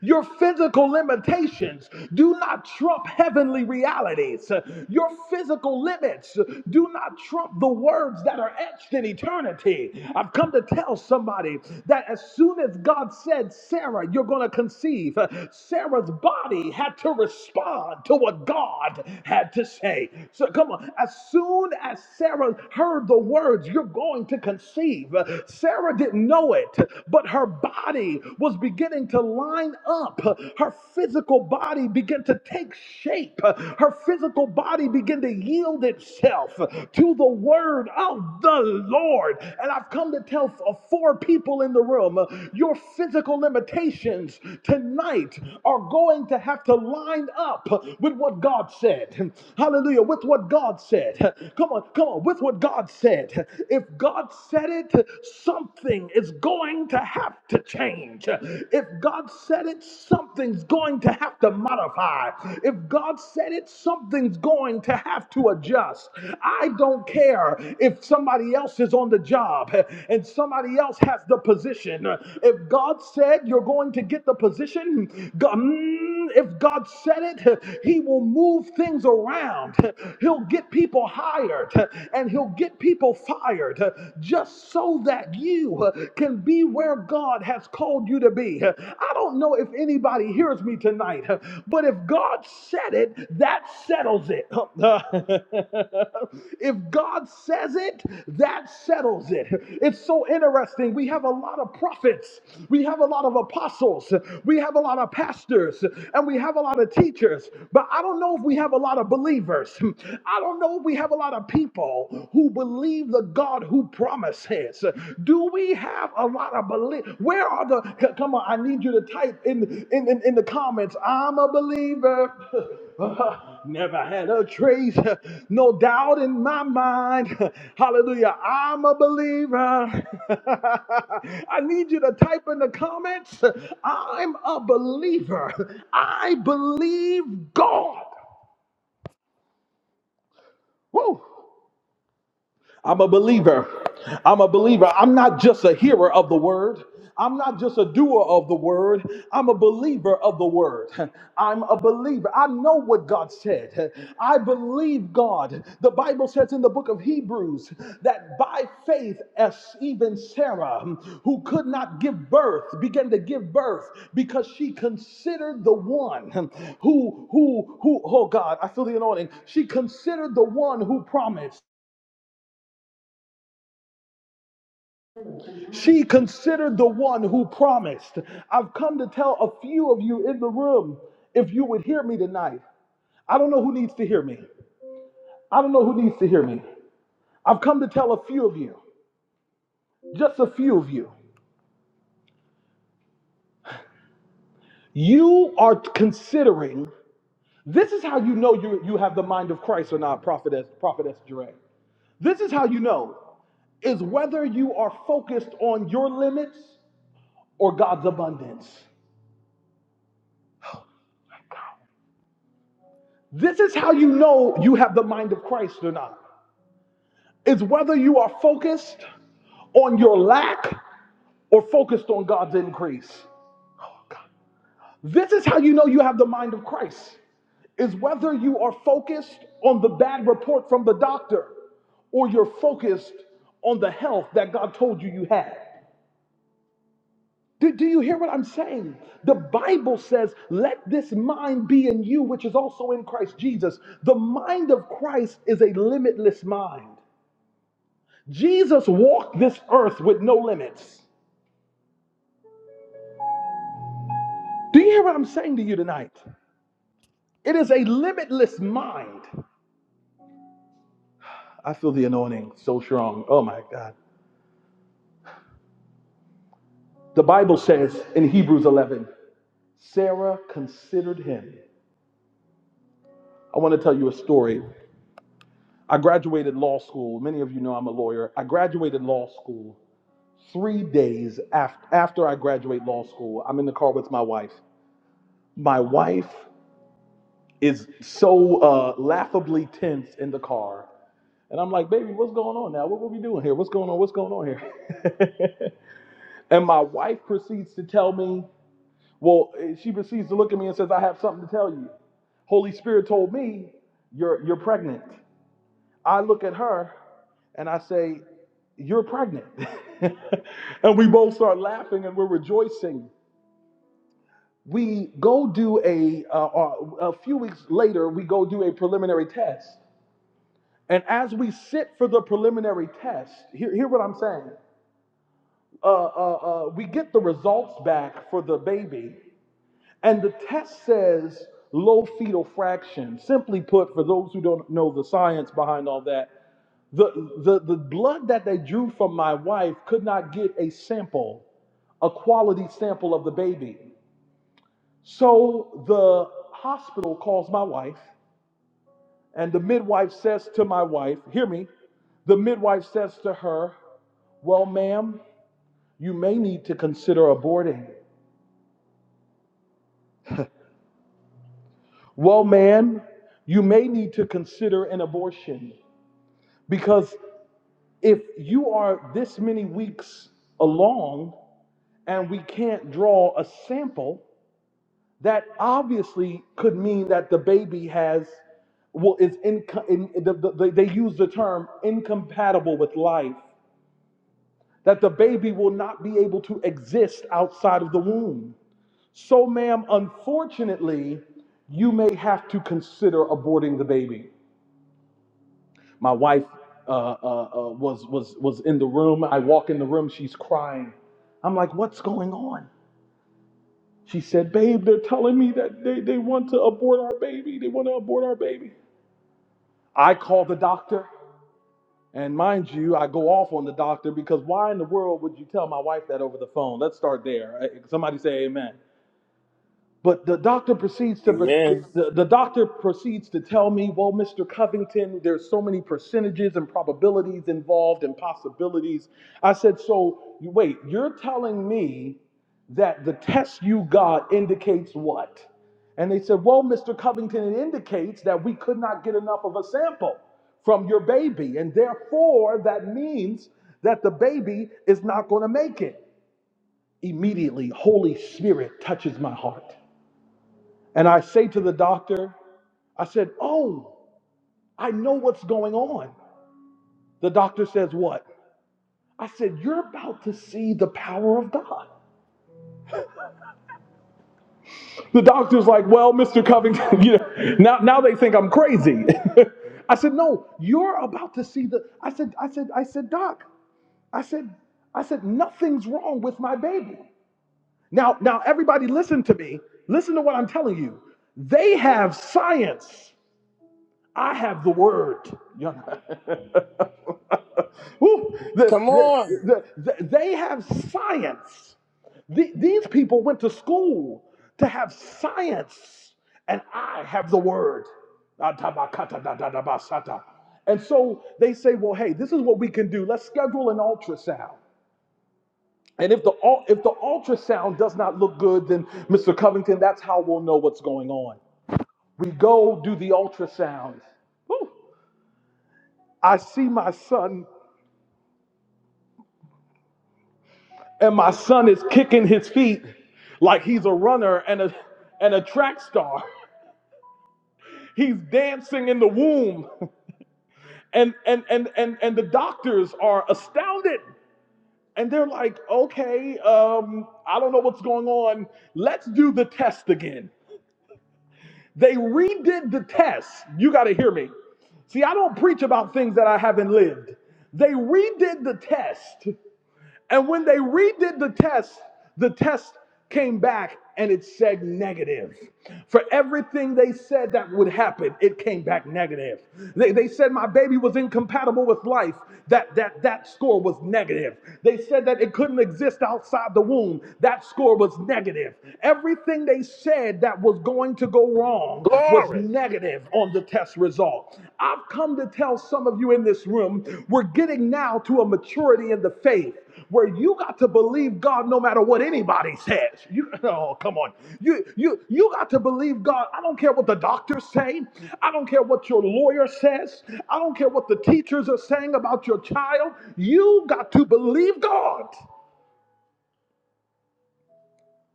Speaker 2: Your physical limitations do not trump heavenly realities. Your physical limits do not trump the words that are etched in eternity. I've come to tell somebody that as soon as God said, Sarah, you're going to conceive, Sarah's body had to respond to what God had to say. So come on, as soon as Sarah heard the words, you're going to conceive, Sarah didn't know it, but her body was beginning to line up. Her physical body began to take shape. Her physical body began to yield itself to the word of the Lord. And I've come to tell f- uh, four people in the room uh, your physical limitations tonight are going to have to line up with what God said. Hallelujah. With what God said. Come on, come on. With what God said. If God said it, something is going to have to change. If God said it, something's going to have to modify. If God said it, something's going to have to adjust. I don't care if somebody else is on the job and somebody else has the position. If God said you're going to get the position, God- mm, if God said it, He will move things around. He'll get people hired and He'll get people people fired uh, just so that you uh, can be where God has called you to be. Uh, I don't know if anybody hears me tonight, uh, but if God said it, that settles it. [laughs] if God says it, that settles it. It's so interesting. We have a lot of prophets, we have a lot of apostles, we have a lot of pastors, and we have a lot of teachers, but I don't know if we have a lot of believers. [laughs] I don't know we have a lot of people who believe the God who promises. Do we have a lot of belief? Where are the come on? I need you to type in in, in, in the comments. I'm a believer. [laughs] Never had a trace, [laughs] no doubt in my mind. [laughs] Hallelujah. I'm a believer. [laughs] I need you to type in the comments. [laughs] I'm a believer. [laughs] I believe God. Woo! I'm a believer. I'm a believer. I'm not just a hearer of the word. I'm not just a doer of the word. I'm a believer of the word. [laughs] I'm a believer. I know what God said. [laughs] I believe God. The Bible says in the book of Hebrews that by faith, as even Sarah, who could not give birth, began to give birth because she considered the one who, who, who, oh God, I feel the anointing. She considered the one who promised. She considered the one who promised. I've come to tell a few of you in the room if you would hear me tonight. I don't know who needs to hear me. I don't know who needs to hear me. I've come to tell a few of you, just a few of you. You are considering, this is how you know you, you have the mind of Christ or not, Prophetess, Prophetess Jeray. This is how you know, is whether you are focused on your limits or God's abundance. This is how you know you have the mind of Christ or not. is whether you are focused on your lack or focused on God's increase. This is how you know you have the mind of Christ, is whether you are focused on the bad report from the doctor or you're focused on the health that God told you you had. Do, do you hear what I'm saying? The Bible says, let this mind be in you, which is also in Christ Jesus. The mind of Christ is a limitless mind. Jesus walked this earth with no limits. Do you hear what I'm saying to you tonight? It is a limitless mind. I feel the anointing so strong. Oh my God. The Bible says in Hebrews 11, Sarah considered him. I want to tell you a story. I graduated law school. Many of you know I'm a lawyer. I graduated law school three days after, after I graduate law school. I'm in the car with my wife. My wife is so uh, laughably tense in the car. And I'm like, baby, what's going on now? What, what we doing here? What's going on? What's going on here? [laughs] and my wife proceeds to tell me, well, eh, she proceeds to look at me and says, I have something to tell you. Holy Spirit told me you're you're pregnant. I look at her and I say, You're pregnant. [laughs] and we both start laughing and we're rejoicing. We go do a uh, uh, a few weeks later. We go do a preliminary test, and as we sit for the preliminary test, hear, hear what I'm saying. uh, uh, uh, we get the results back for the baby, and the test says low fetal fraction. Simply put, for those who don't know the science behind all that, the, the, the blood that they drew from my wife could not get a sample, a quality sample of the baby. So the hospital calls my wife, and the midwife says to my wife, Hear me, the midwife says to her, Well, ma'am, you may need to consider aborting. Well, ma'am, you may need to consider an abortion because if you are this many weeks along and we can't draw a sample, that obviously could mean that the baby has, well, is in, in the, the, the- they use the term incompatible with life, that the baby will not be able to exist outside of the womb. So, ma'am, unfortunately, you may have to consider aborting the baby. My wife uh, uh, uh, was was was in the room. I walk in the room. She's crying. I'm like, what's going on? She said, babe, they're telling me that they, they want to abort our baby. They want to abort our baby. I call the doctor. And mind you, I go off on the doctor because why in the world would you tell my wife that over the phone? Let's start there. Uh, Somebody say amen. But the doctor proceeds to
Speaker 4: Amen.
Speaker 2: the, the doctor proceeds to tell me, well, Mr. Covington, there's so many percentages and probabilities involved and possibilities. I said, so wait, you're telling me that the test you got indicates what? And they said, well, Mr. Covington, it indicates that we could not get enough of a sample from your baby, and therefore that means that the baby is not going to make it. Immediately, Holy Spirit touches my heart. And I say to the doctor, I said, Oh, I know what's going on. The doctor says, What? I said, You're about to see the power of God. The doctor's like, Well, Mr. Covington, [laughs] you know, now, now they think I'm crazy. [laughs] I said, No, you're about to see the. I said, I said, I said, Doc, I said, I said, nothing's wrong with my baby. Now, now everybody listen to me. Listen to what I'm telling you. They have science. I have the word. You know? [laughs] Woo! The-
Speaker 4: Come
Speaker 2: the-
Speaker 4: on.
Speaker 2: the- the- they have science. The- these people went to school to have science, and I have the word. And so they say, well, hey, this is what we can do. Let's schedule an ultrasound. And if the if the ultrasound does not look good, then Mr. Covington, that's how we'll know what's going on. We go do the ultrasound. Woo! I see my son and my son is kicking his feet like he's a runner and a and a track star. He's dancing in the womb, and and and and and the doctors are astounded, and they're like, "Okay, um, I don't know what's going on. Let's do the test again." They redid the test. You got to hear me. See, I don't preach about things that I haven't lived. They redid the test And when they redid the test, the test came back and it said negative. For everything they said that would happen, it came back negative. They, they said my baby was incompatible with life. That, that, that score was negative. They said that it couldn't exist outside the womb. That score was negative. Everything they said that was going to go wrong was negative negative on the test result. I've come to tell some of you in this room, we're getting now to a maturity in the faith where you got to believe God no matter what anybody says. [laughs] You oh come on. You you you got to believe God. I don't care what the doctors say. I don't care what your lawyer says. I don't care what the teachers are saying about your child. You got to believe God.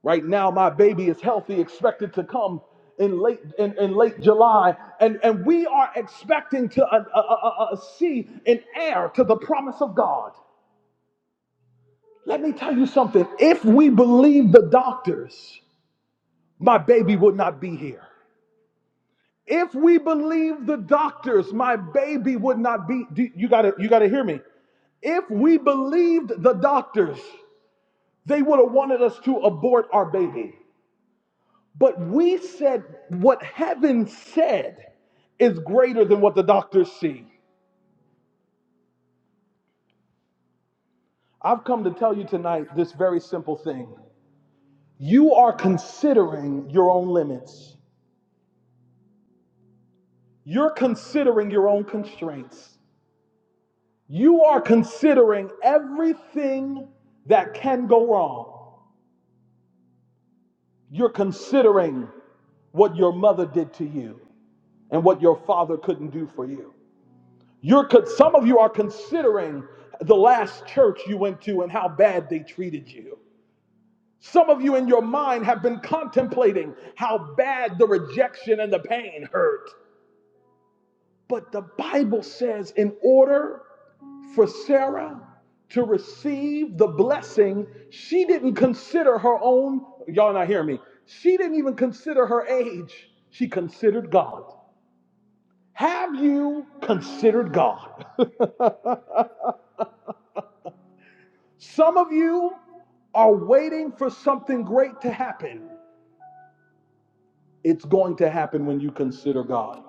Speaker 2: Right now, my baby is healthy, expected to come in late in, in late July, and, and we are expecting to uh, uh, uh, uh, uh, see an heir to the promise of God. Let me tell you something. If we believe the doctors, my baby would not be here. If we believe the doctors, my baby would not be. do- You gotta, you gotta hear me. If we believed the doctors, they would have wanted us to abort our baby. But we said what heaven said is greater than what the doctors see. I've come to tell you tonight this very simple thing. You are considering your own limits. You're considering your own constraints. You are considering everything that can go wrong. You're considering what your mother did to you and what your father couldn't do for you. You're some of you are considering the last church you went to and how bad they treated you. Some of you in your mind have been contemplating how bad the rejection and the pain hurt. But the Bible says, in order for Sarah to receive the blessing, she didn't consider her own, y'all not hearing me, she didn't even consider her age. She considered God. Have you considered God? [laughs] Some of you are waiting for something great to happen. It's going to happen when you consider God.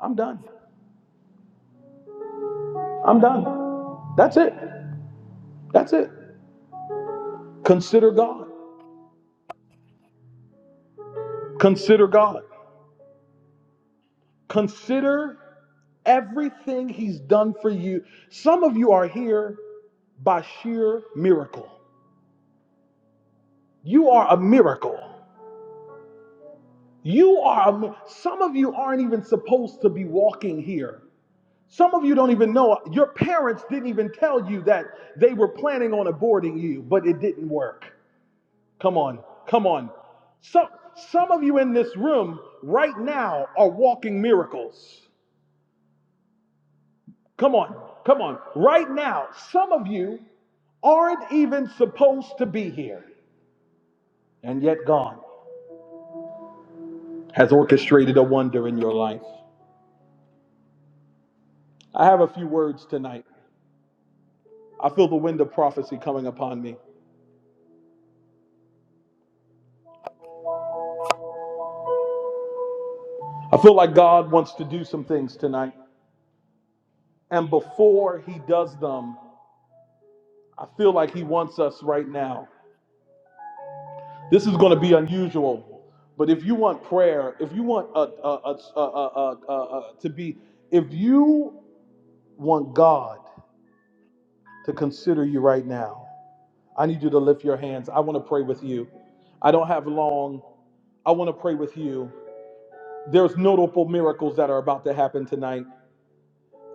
Speaker 2: I'm done. I'm done. That's it. That's it. Consider God. Consider God. Consider everything He's done for you. Some of you are here by sheer miracle. You are a miracle. You are a, mi- some of you aren't even supposed to be walking here. Some of you don't even know, your parents didn't even tell you that they were planning on aborting you, but it didn't work. Come on, come on. Some, some of you in this room right now are walking miracles. Come on, come on. Right now, some of you aren't even supposed to be here, and yet God has orchestrated a wonder in your life. I have a few words tonight. I feel the wind of prophecy coming upon me. I feel like God wants to do some things tonight. And before he does them, I feel like he wants us right now. This is going to be unusual, but if you want prayer, if you want uh uh uh uh uh uh uh to be, if you want God to consider you right now, I need you to lift your hands. I want to pray with you. I don't have long. I want to pray with you. There's notable miracles that are about to happen tonight.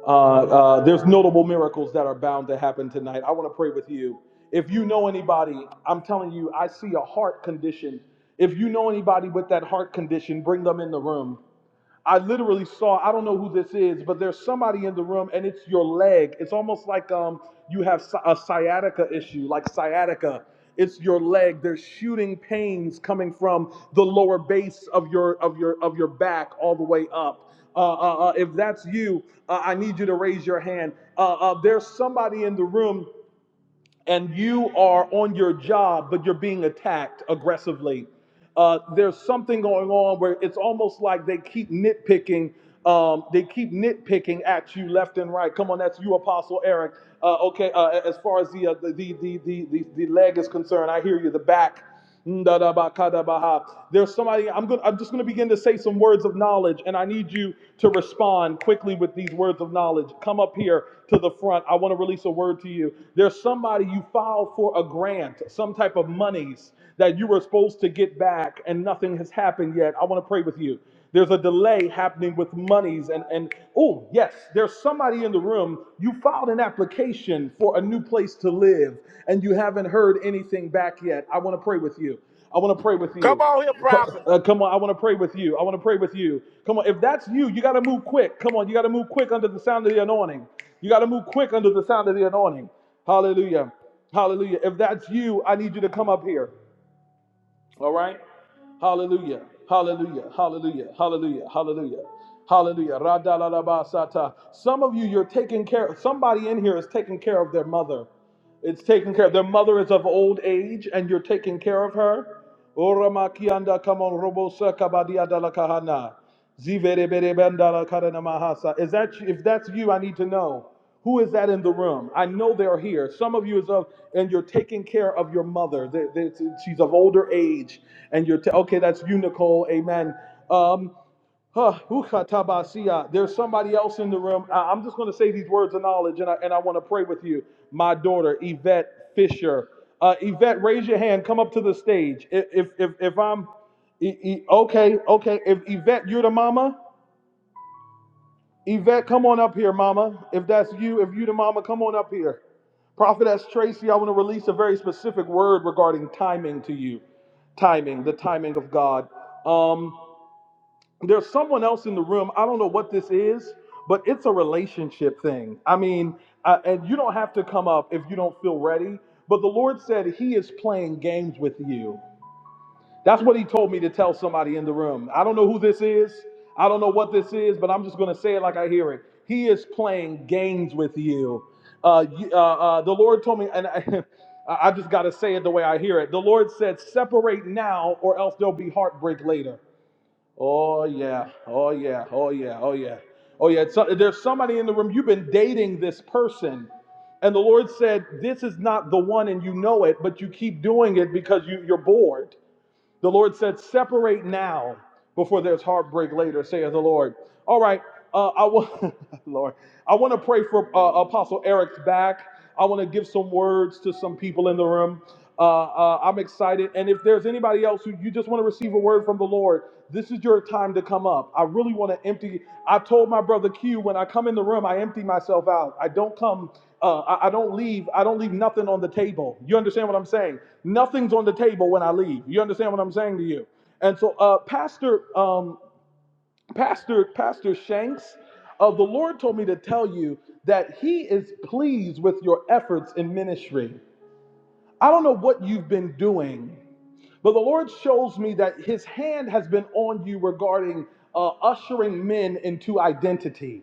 Speaker 2: Uh, uh, there's notable miracles that are bound to happen tonight. I want to pray with you. If you know anybody, I'm telling you, I see a heart condition. If you know anybody with that heart condition, bring them in the room. I literally saw, I don't know who this is, but there's somebody in the room and it's your leg. It's almost like um you have si, a sciatica issue, like sciatica. It's your leg. There's shooting pains coming from the lower base of your of your of your back all the way up. Uh, uh, uh, if that's you, uh, I need you to raise your hand. Uh, uh, there's somebody in the room and you are on your job, but you're being attacked aggressively. Uh, there's something going on where it's almost like they keep nitpicking. Um, they keep nitpicking at you left and right. Come on, that's you, Apostle Eric. Uh, okay, uh, as far as the, uh, the, the the the the the leg is concerned, I hear you. The back. Ndadabakadabaha. There's somebody I'm going to I'm just going to begin to say some words of knowledge and I need you to respond quickly with these words of knowledge. Come up here to the front. I want to release a word to you. There's somebody you filed for a grant, some type of monies that you were supposed to get back and nothing has happened yet. I want to pray with you. There's a delay happening with monies. And, and oh, yes, there's somebody in the room. You filed an application for a new place to live and you haven't heard anything back yet. I want to pray with you. I want to pray with you. uh, Come on, I want to pray with you. I want to pray with you. Come on, if that's you, you got to move quick. Come on, you got to move quick under the sound of the anointing. You got to move quick under the sound of the anointing. Hallelujah. Hallelujah. If that's you, I need you to come up here. Hallelujah. Hallelujah. Hallelujah. Hallelujah. Hallelujah. Hallelujah. Radalalabasata. Some of you, you're taking care. of, Somebody in here is taking care of their mother. It's taking care of. Their mother is of old age, and you're taking care of her. Ora makianda kamon robo sakabadia dala kahana. Zivereberebenda Is that you? if that's you, I need to know. Who is that in the room? I know they're here. Some of you is of, and you're taking care of your mother. They- they- she's of older age, and you're ta- okay. That's you, Nicole. Amen. Um, Huh, who katabasia. There's somebody else in the room. I- am just going to say these words of knowledge, and I, and I want to pray with you. My daughter, Yvette Fisher. Uh, Yvette, raise your hand. Come up to the stage. If if if, I'm E- E- okay, okay. If Yvette, you're the mama. Yvette, come on up here, mama. If that's you, if you the mama, come on up here. Prophetess Tracy, I want to release a very specific word regarding timing to you. Timing, the timing of God. Um there's someone else in the room. I don't know what this is, but it's a relationship thing. I mean, uh, and you don't have to come up if you don't feel ready. But the Lord said He is playing games with you. That's what He told me to tell somebody in the room. I don't know who this is. I don't know what this is, but I'm just going to say it like I hear it. He is playing games with you. Uh, you- uh, uh, the Lord told me, and I, [laughs] I just got to say it the way I hear it. The Lord said, Separate now, or else there'll be heartbreak later. Oh yeah, oh yeah, oh yeah, oh yeah, oh yeah. So, there's somebody in the room. You've been dating this person, and the Lord said, "This is not the one," and you know it, but you keep doing it because you, you're bored. The Lord said, Separate now before there's heartbreak later, saith the Lord. All right, uh, I want, [laughs] Lord, I want to pray for uh, Apostle Eric's back. I want to give some words to some people in the room. Uh, uh, I'm excited. And if there's anybody else who you just want to receive a word from the Lord, this is your time to come up. I really want to empty. I told my brother Q when I come in the room, I empty myself out. I don't come uh, I, I don't leave. I don't leave nothing on the table. You understand what I'm saying? Nothing's on the table when I leave. You understand what I'm saying to you? And so, uh, Pastor, um, Pastor, Pastor Shanks, uh, the Lord told me to tell you that He is pleased with your efforts in ministry. I don't know what you've been doing, but the Lord shows me that His hand has been on you regarding uh, ushering men into identity.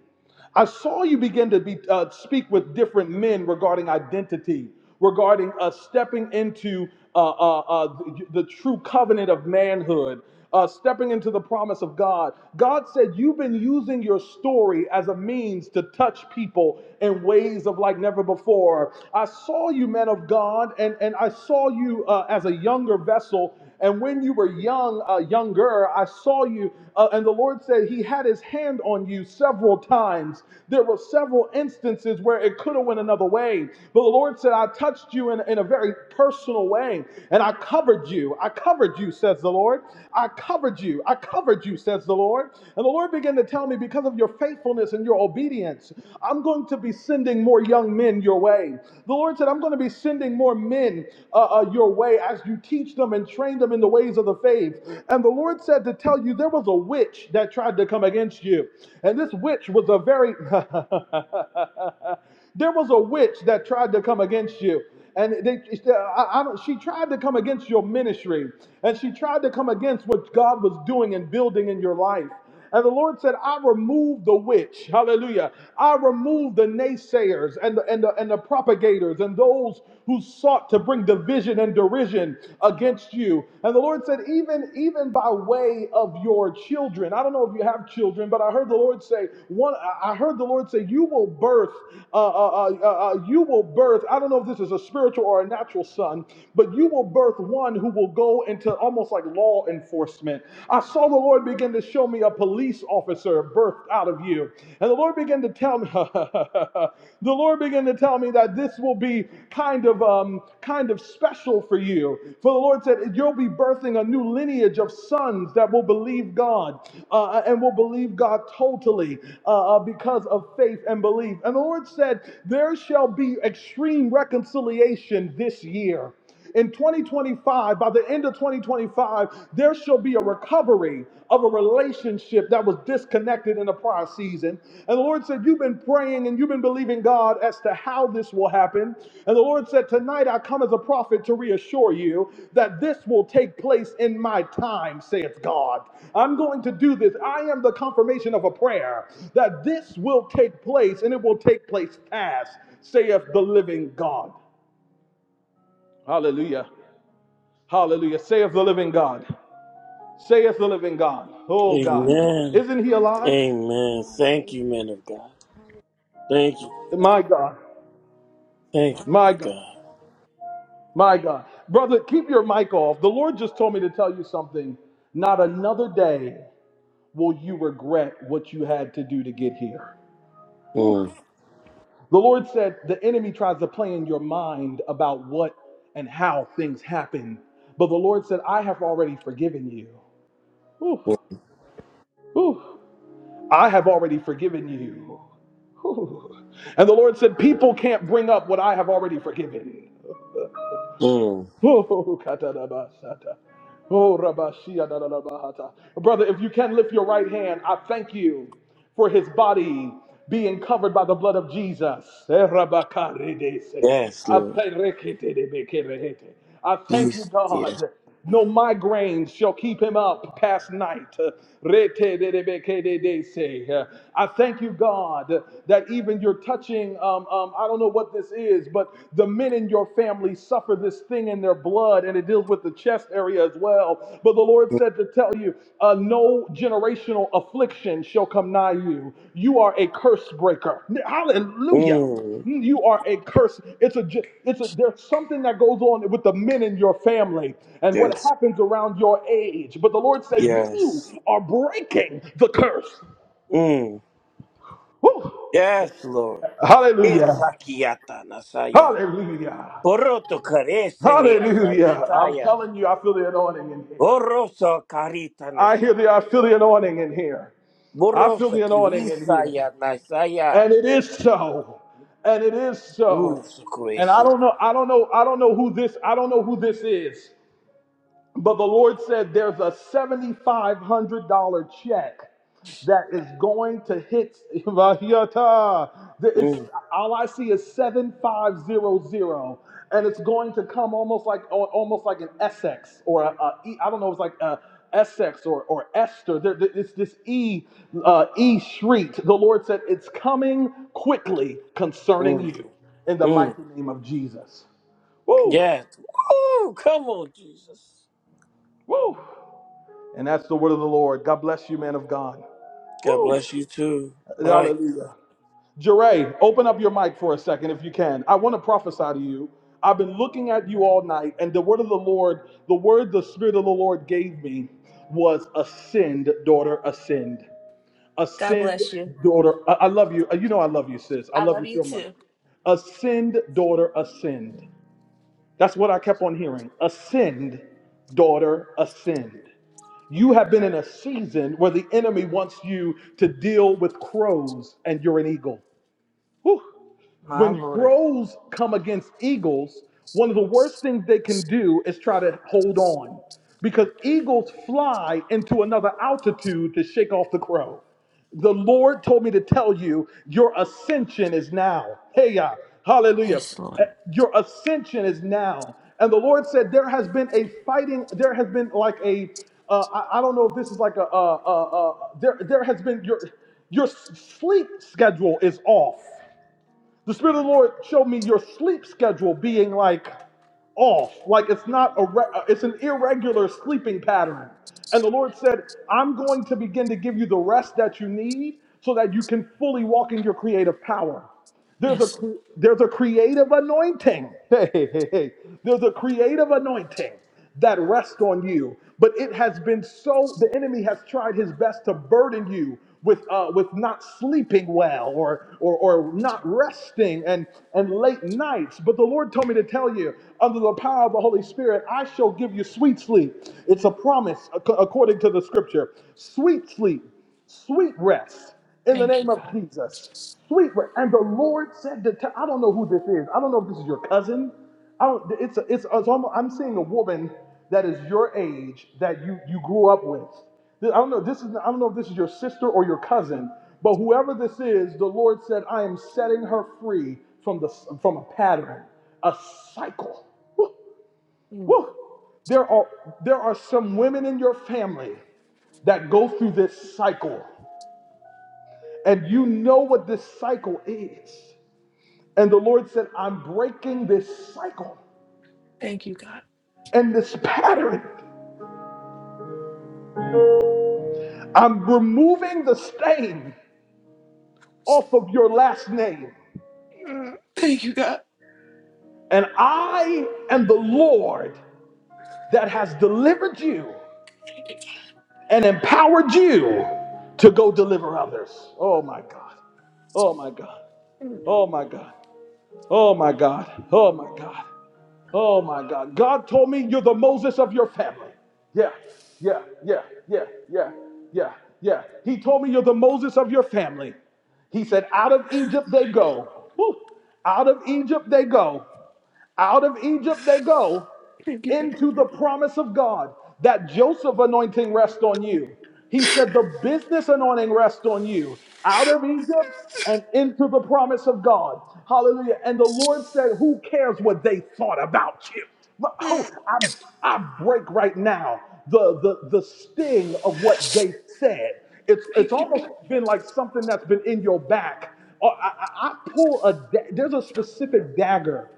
Speaker 2: I saw you begin to be, uh, speak with different men regarding identity, regarding uh, stepping into uh, uh, uh, the, the true covenant of manhood, uh, stepping into the promise of God. God said, You've been using your story as a means to touch people in ways of like never before. I saw you, men of God, and, and I saw you uh, as a younger vessel and when you were young, uh, younger, I saw you, uh, and the Lord said He had His hand on you several times. There were several instances where it could have went another way, but the Lord said, "I touched you in, in a very personal way, and I covered you. I covered you," says the Lord. "I covered you. I covered you," says the Lord. And the Lord began to tell me, because of your faithfulness and your obedience, I'm going to be sending more young men your way. The Lord said, "I'm going to." be." be sending more men uh, uh, your way as you teach them and train them in the ways of the faith. And the Lord said to tell you there was a witch that tried to come against you. And this witch was a very, [laughs] there was a witch that tried to come against you. And they, I, I don't, she tried to come against your ministry, and she tried to come against what God was doing and building in your life. And the Lord said, I removed the witch. Hallelujah. I removed the naysayers and the, and the, and the propagators and those who sought to bring division and derision against you. And the Lord said, even, even by way of your children, I don't know if you have children, but I heard the Lord say, one, I heard the Lord say, you will birth, uh, uh, uh, uh, uh, you will birth, I don't know if this is a spiritual or a natural son, but you will birth one who will go into almost like law enforcement enforcement. I saw the Lord begin to show me a police officer birthed out of you. And the Lord began to tell me, [laughs] the Lord began to tell me that this will be kind of um, kind of special for you. For the Lord said, you'll be birthing a new lineage of sons that will believe God uh, uh, and will believe God totally uh, uh, because of faith and belief. And the Lord said, there shall be extreme reconciliation this year in 2025, by the end of 2025, there shall be a recovery of a relationship that was disconnected in the prior season. And the Lord said, You've been praying and you've been believing God as to how this will happen. And the Lord said, Tonight I come as a prophet to reassure you that this will take place in my time, saith God. I'm going to do this. I am the confirmation of a prayer that this will take place and it will take place fast, saith the living God. Hallelujah. Hallelujah. Saith the living God. Saith the living God. Oh God.
Speaker 4: Amen.
Speaker 2: Isn't he alive?
Speaker 4: Amen. Thank you, men of God. Thank you.
Speaker 2: My God.
Speaker 4: Thank you, men
Speaker 2: My
Speaker 4: of
Speaker 2: God.
Speaker 4: God.
Speaker 2: My God. Brother, keep your mic off. The Lord just told me to tell you something. Not another day will you regret what you had to do to get here. Whew.
Speaker 4: Mm.
Speaker 2: The Lord said the enemy tries to play in your mind about what and how things happen. But the Lord said, I have already forgiven you. Whew.
Speaker 4: Mm.
Speaker 2: Whew. I have already forgiven you. And the Lord said, People can't bring up what I have already forgiven.
Speaker 4: mm.
Speaker 2: [laughs] Oh, katadabasata. Oh, rabashiyadadadabahata. Brother, if you can lift your right hand, I thank you for his body being covered by the blood of Jesus. Erabakaridese.
Speaker 4: Yes,
Speaker 2: I
Speaker 4: Lord.
Speaker 2: thank reketedebekehete. I thank you,
Speaker 4: Yes. Yes.
Speaker 2: God. No migraines shall keep him up past night. Retededebekededese. I thank you, God, that even you're touching, um, um, I don't know what this is, but the men in your family suffer this thing in their blood and it deals with the chest area as well but the lord said to tell you uh, no generational affliction shall come nigh you you are a curse breaker hallelujah
Speaker 4: Mm.
Speaker 2: Mm, you are a curse it's a ge- it's a there's something that goes on with the men in your family and what
Speaker 4: Yes.
Speaker 2: happens around your age but the lord said you
Speaker 4: Yes.
Speaker 2: are breaking the curse
Speaker 4: Mm.
Speaker 2: Woo.
Speaker 4: Yes, Lord.
Speaker 2: hallelujah
Speaker 4: Esakiata nasaya.
Speaker 2: hallelujah
Speaker 4: Oroto karese ni
Speaker 2: hallelujah i'm
Speaker 4: asayitaya.
Speaker 2: telling you i feel the anointing in here
Speaker 4: Oroso karita
Speaker 2: I
Speaker 4: nasaya.
Speaker 2: hear the I feel the anointing in here. I feel
Speaker 4: Borosa
Speaker 2: the anointing in here.
Speaker 4: kinisaya nasaya.
Speaker 2: And it is so. And it is
Speaker 4: Mm,
Speaker 2: so.
Speaker 4: so
Speaker 2: And I
Speaker 4: crazy.
Speaker 2: don't know, I don't know, I don't know who this, I don't know who this is. But the Lord said there's a $7,500 check that is going to hit. [laughs] Vahiata. There is-
Speaker 4: Mm,
Speaker 2: all I see is 7500. And it's going to come almost like al- almost like an Essex or a, a E- I don't know, it's like a Essex or, or Esther. There, there- it's this E uh, E shriek. The Lord said, It's coming quickly concerning
Speaker 4: mm,
Speaker 2: you in the
Speaker 4: mm.
Speaker 2: mighty name of Jesus. Woo!
Speaker 4: Yes. Woo! Come on, Jesus.
Speaker 2: Woo! And that's the word of the Lord. God bless you, man of God.
Speaker 4: God
Speaker 2: Woo.
Speaker 4: bless you too, Mike.
Speaker 2: Hallelujah. Jeray, open up your mic for a second if you can. I want to prophesy to you. I've been looking at you all night, and the word of the Lord, the word the Spirit of the Lord gave me was ascend, daughter, ascend.
Speaker 5: God
Speaker 2: Ascend,
Speaker 5: bless you.
Speaker 2: daughter. I, I love you. You know I love you, sis. I
Speaker 5: I
Speaker 2: love
Speaker 5: love
Speaker 2: you
Speaker 5: you
Speaker 2: so much.
Speaker 5: too.
Speaker 2: Ascend, daughter, ascend. That's what I kept on hearing. Ascend, daughter, ascend. You have been in a season where the enemy wants you to deal with crows and you're an eagle. Whew.
Speaker 5: My
Speaker 2: When
Speaker 5: Lord.
Speaker 2: crows come against eagles, one of the worst things they can do is try to hold on because eagles fly into another altitude to shake off the crow. The Lord told me to tell you, your ascension is now. Hey, uh, hallelujah.
Speaker 5: Yes,
Speaker 2: Uh,
Speaker 5: Lord.
Speaker 2: Your ascension is now. And the Lord said, there has been a fighting, there has been like a, uh, I, I don't know if this is like a, uh, uh, uh, there, there has been your, your s- sleep schedule is off. The Spirit of the Lord showed me your sleep schedule being like off, like it's not a re- uh, it's an irregular sleeping pattern. And the Lord said, "I'm going to begin to give you the rest that you need so that you can fully walk in your creative power." There's a
Speaker 5: Yes.
Speaker 2: cre- there's a creative anointing. [laughs] Hey, hey, hey. hey. There's a creative anointing that rest on you. But it has been so, the enemy has tried his best to burden you with, uh, with not sleeping well or, or, or not resting and, and late nights. But the Lord told me to tell you, under the power of the Holy Spirit, I shall give you sweet sleep. It's a promise ac- according to the scripture. Sweet sleep, sweet rest in the
Speaker 5: Thank you,
Speaker 2: name of
Speaker 5: God.
Speaker 2: Jesus. Sweet rest. And the Lord said to, tell- I don't know who this is. I don't know if this is your cousin. I don't, it's, it's, it's almost, I'm seeing a woman that is your age that you, you grew up with. I don't know. This is I don't know if this is your sister or your cousin, but whoever this is, the Lord said, I am setting her free from the from a pattern, a cycle. Woo,
Speaker 5: Mm.
Speaker 2: woo. There are there are some women in your family that go through this cycle, and you know what this cycle is. And the Lord said, I'm breaking this cycle
Speaker 5: Thank you, God.
Speaker 2: and this pattern. I'm removing the stain off of your last name.
Speaker 5: Thank you, God.
Speaker 2: And I am the Lord that has delivered you
Speaker 5: Thank you, God.
Speaker 2: and empowered you to go deliver others. Oh my God. Oh my God. Oh my God. Oh my God. Oh my God. Oh my God. God told me you're the Moses of your family. Yeah, yeah, yeah, yeah, yeah, yeah, yeah. He told me you're the Moses of your family. He said, out of Egypt they go. Woo. Out of Egypt they go. Out of Egypt they go
Speaker 5: Thank you, God.
Speaker 2: into the promise of God. That Joseph anointing rest on you. He said the business anointing rest on you. Out of Egypt and into the promise of God. Hallelujah. And the Lord said, Who cares what they thought about you? But, Oh, I, I break right now the, the, the sting of what they said. It's, it's almost been like something that's been in your back. Oh, I, I I pull a, da- there's a specific dagger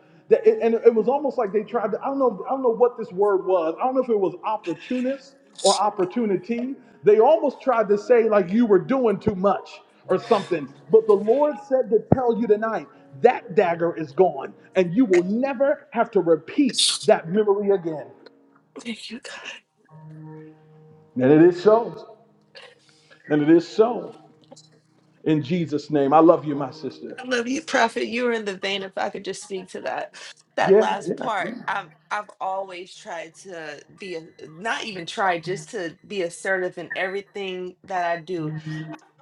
Speaker 2: and it was almost like they tried to, I don't know, I don't know what this word was. I don't know if it was opportunist or opportunity. They almost tried to say like you were doing too much or something. But the Lord said to tell you tonight, that dagger is gone and you will never have to repeat that memory again.
Speaker 5: Thank you, God.
Speaker 2: And it is so. And it is so. In Jesus' name, I love you, my
Speaker 5: I
Speaker 2: sister.
Speaker 5: love you, Prophet. You were in the vein. If I could just speak to that, that
Speaker 2: Yeah,
Speaker 5: last
Speaker 2: yeah,
Speaker 5: part.
Speaker 2: yeah,
Speaker 5: I've I've always tried to be a, not even tried, just to be assertive in everything that I do.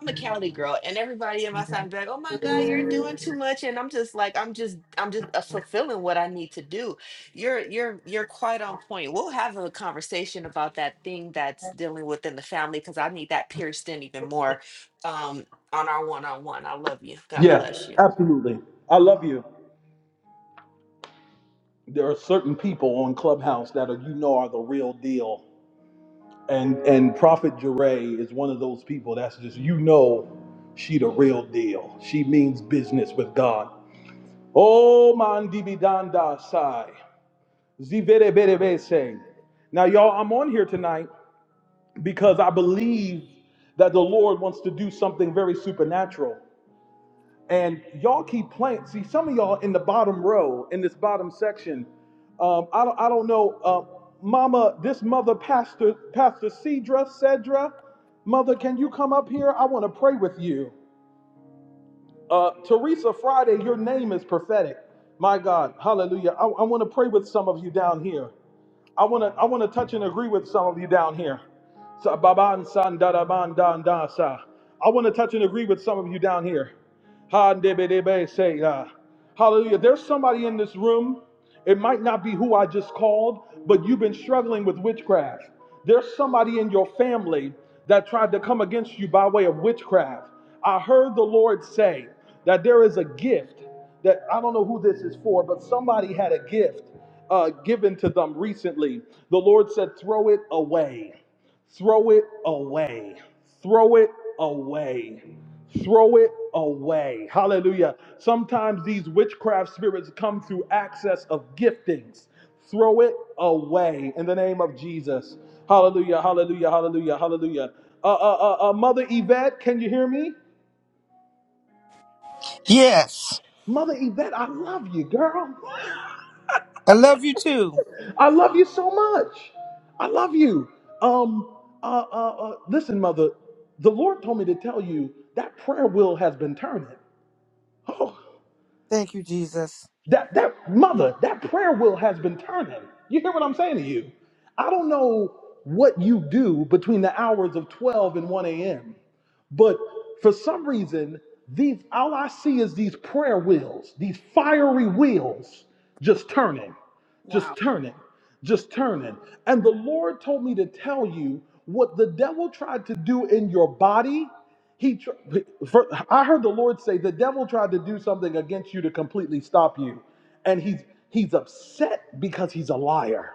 Speaker 5: I'm a Cali girl, and everybody in my side be like, "Oh my God, you're doing too much," and I'm just like, "I'm just, I'm just uh, fulfilling what I need to do." You're, you're, you're quite on point. We'll have a conversation about that thing that's dealing within the family because I need that pierced in even more um, on our one-on-one. I love you. God
Speaker 2: Yeah,
Speaker 5: bless you.
Speaker 2: absolutely. I love you. there are certain people on Clubhouse that are you know are the real deal, and and Prophet Jure is one of those people that's just you know she the real deal. She means business with God. Oh man, dibidanda sai zivereberebese. Now y'all, I'm on here tonight because I believe that the Lord wants to do something very supernatural. And y'all keep playing. See, some of y'all in the bottom row, in this bottom section, um, I, don't, I don't know, uh, Mama, this mother, Pastor, Pastor Cedra, Cedra, Mother, can you come up here? I want to pray with you. Uh, Teresa Friday, your name is prophetic. My God, hallelujah. I, I want to pray with some of you down here. I want to I want to touch and agree with some of you down here. Sa- baban san da da ban dan da sa. I want to touch and agree with some of you down here uh, Hallelujah. There's somebody in this room. It might not be who I just called, but you've been struggling with witchcraft. There's somebody in your family that tried to come against you by way of witchcraft. I heard the Lord say that there is a gift that I don't know who this is for, but somebody had a gift uh, given to them recently. The Lord said, throw it away. Throw it away. Throw it away. Throw it away. Hallelujah. Sometimes these witchcraft spirits come through access of giftings. Throw it away in the name of Jesus. Hallelujah. Hallelujah. Hallelujah. Hallelujah. Uh, uh, uh, uh, Mother Yvette, can you hear me?
Speaker 6: Yes.
Speaker 2: Mother Yvette, I love you, girl.
Speaker 6: I love you too.
Speaker 2: I love you so much. I love you. Um, uh, uh, uh, listen, mother, the Lord told me to tell you that prayer wheel has been turning. [laughs]
Speaker 6: Thank you, Jesus.
Speaker 2: That that mother, that prayer wheel has been turning. You hear what I'm saying to you? I don't know what you do between the hours of 12 and 1 a.m. But for some reason, these all I see is these prayer wheels, these fiery wheels just turning, just turning, just turning. And the Lord told me to tell you what the devil tried to do in your body. He, tr- for, I heard the Lord say, the devil tried to do something against you to completely stop you, and he's he's upset because he's a liar.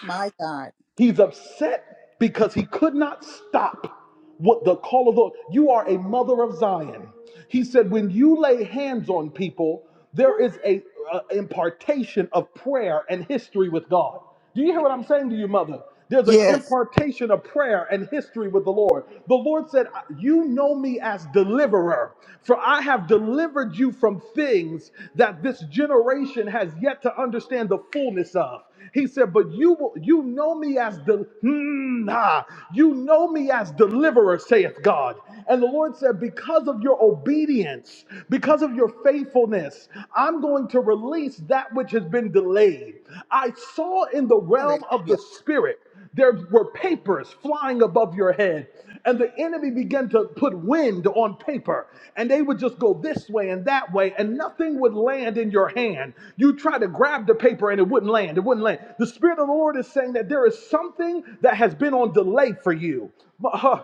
Speaker 6: My God.
Speaker 2: He's upset because he could not stop what the call of the Lord. you are a mother of Zion. He said, when you lay hands on people, there
Speaker 6: Ooh,
Speaker 2: is a, a impartation of prayer and history with God. Do you hear what I'm saying to you, mother? There's an
Speaker 6: Yes.
Speaker 2: impartation of prayer and history with the Lord. The Lord said, You know me as deliverer, for I have delivered you from things that this generation has yet to understand the fullness of. He said, But you will, you know me as the nah, you know me as deliverer, saith God. And the Lord said, Because of your obedience, because of your faithfulness, I'm going to release that which has been delayed. I saw in the realm of of
Speaker 6: Hallelujah.
Speaker 2: the Spirit, there were papers flying above your head, and the enemy began to put wind on paper, and they would just go this way and that way, and nothing would land in your hand. You try to grab the paper, and it wouldn't land. It wouldn't land. The Spirit of the Lord is saying that there is something that has been on delay for you. Uh,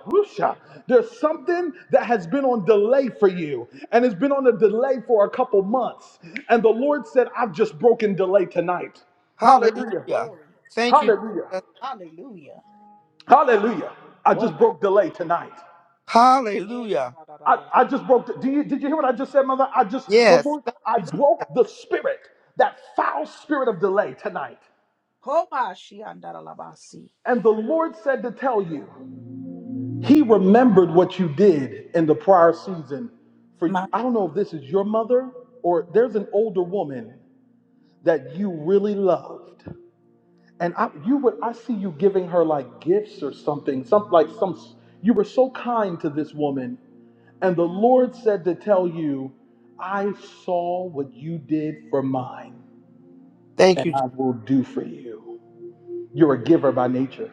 Speaker 2: There's something that has been on delay for you, and it's been on a delay for a couple months. And the Lord said, I've just broken delay tonight.
Speaker 6: Hallelujah.
Speaker 2: Hallelujah.
Speaker 6: Thank you,
Speaker 2: Hallelujah.
Speaker 6: Jesus.
Speaker 2: Hallelujah. I
Speaker 6: Glory.
Speaker 2: just broke delay tonight.
Speaker 6: Yeah, Hallelujah.
Speaker 2: I, I just broke. The, do you, did you hear what I just said, mother? I just, the
Speaker 6: Yes.
Speaker 2: Lord,
Speaker 6: Thank
Speaker 2: I
Speaker 6: you. Jesus.
Speaker 2: broke the spirit, that foul spirit of delay tonight. And the Lord said to tell you, He remembered what you did in the prior season. For I don't know if this is your mother or there's an older woman that you really loved, and I, you would I see you giving her like gifts or something, some like some. You were so kind to this woman, And the Lord said to tell you, I saw what you did for mine,
Speaker 6: Thank
Speaker 2: and
Speaker 6: you, Jesus.
Speaker 2: I will do for you. You're a giver by nature.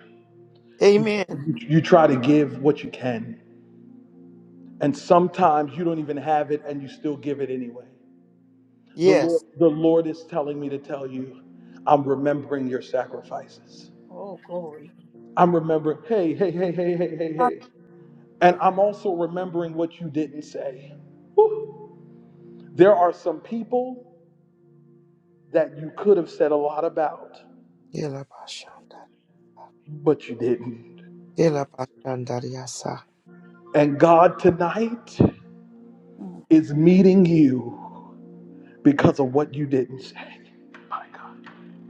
Speaker 2: You,
Speaker 6: Amen.
Speaker 2: you try to give what you can, and sometimes you don't even have it, and you still give it anyway. The Lord,
Speaker 6: Yes.
Speaker 2: the Lord is telling me to tell you, I'm remembering your sacrifices. I'm remembering, hey, hey, hey, hey, hey, hey, hey. And I'm also remembering what you didn't say. Whew. There are some people that you could have said a lot about,
Speaker 6: Yela bashanda-
Speaker 2: but you didn't.
Speaker 6: yela bashandariasa.
Speaker 2: And God tonight is meeting you because of what you didn't say. My God.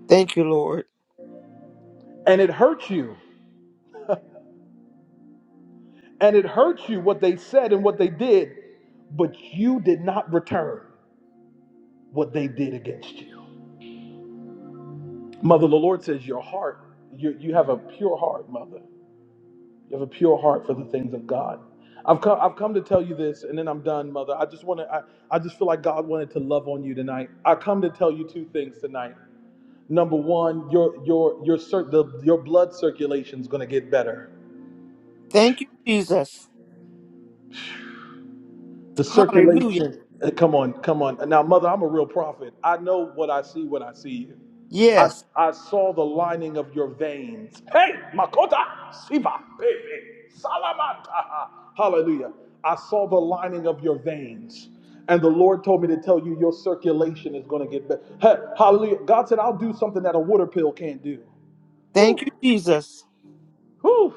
Speaker 6: Thank you, Lord.
Speaker 2: And it hurt you. And it hurt you what they said and what they did, but you did not return what they did against you. Mother, the Lord says your heart, you, you have a pure heart, mother. You have a pure heart for the things of God. I've come, I've come to tell you this, and then I'm done, Mother. I just want to, I, I just feel like God wanted to love on you tonight. I come to tell you two things tonight. Number one, your your your cir- the, your blood circulation is going to get better.
Speaker 6: Thank you, Jesus.
Speaker 2: The
Speaker 6: Hallelujah.
Speaker 2: circulation. uh, Come on, come on. Now, mother, I'm a real prophet. I know what I see when I see you. I,
Speaker 6: Yes.
Speaker 2: I saw the lining of your veins. Hey, Makota, Siva, Pepe, Salamata. Hallelujah. I saw the lining of your veins. And the Lord told me to tell you your circulation is going to get better. Hey, hallelujah. God said, I'll do something that a water pill can't do. Woo,
Speaker 6: Thank you, Jesus.
Speaker 2: woo.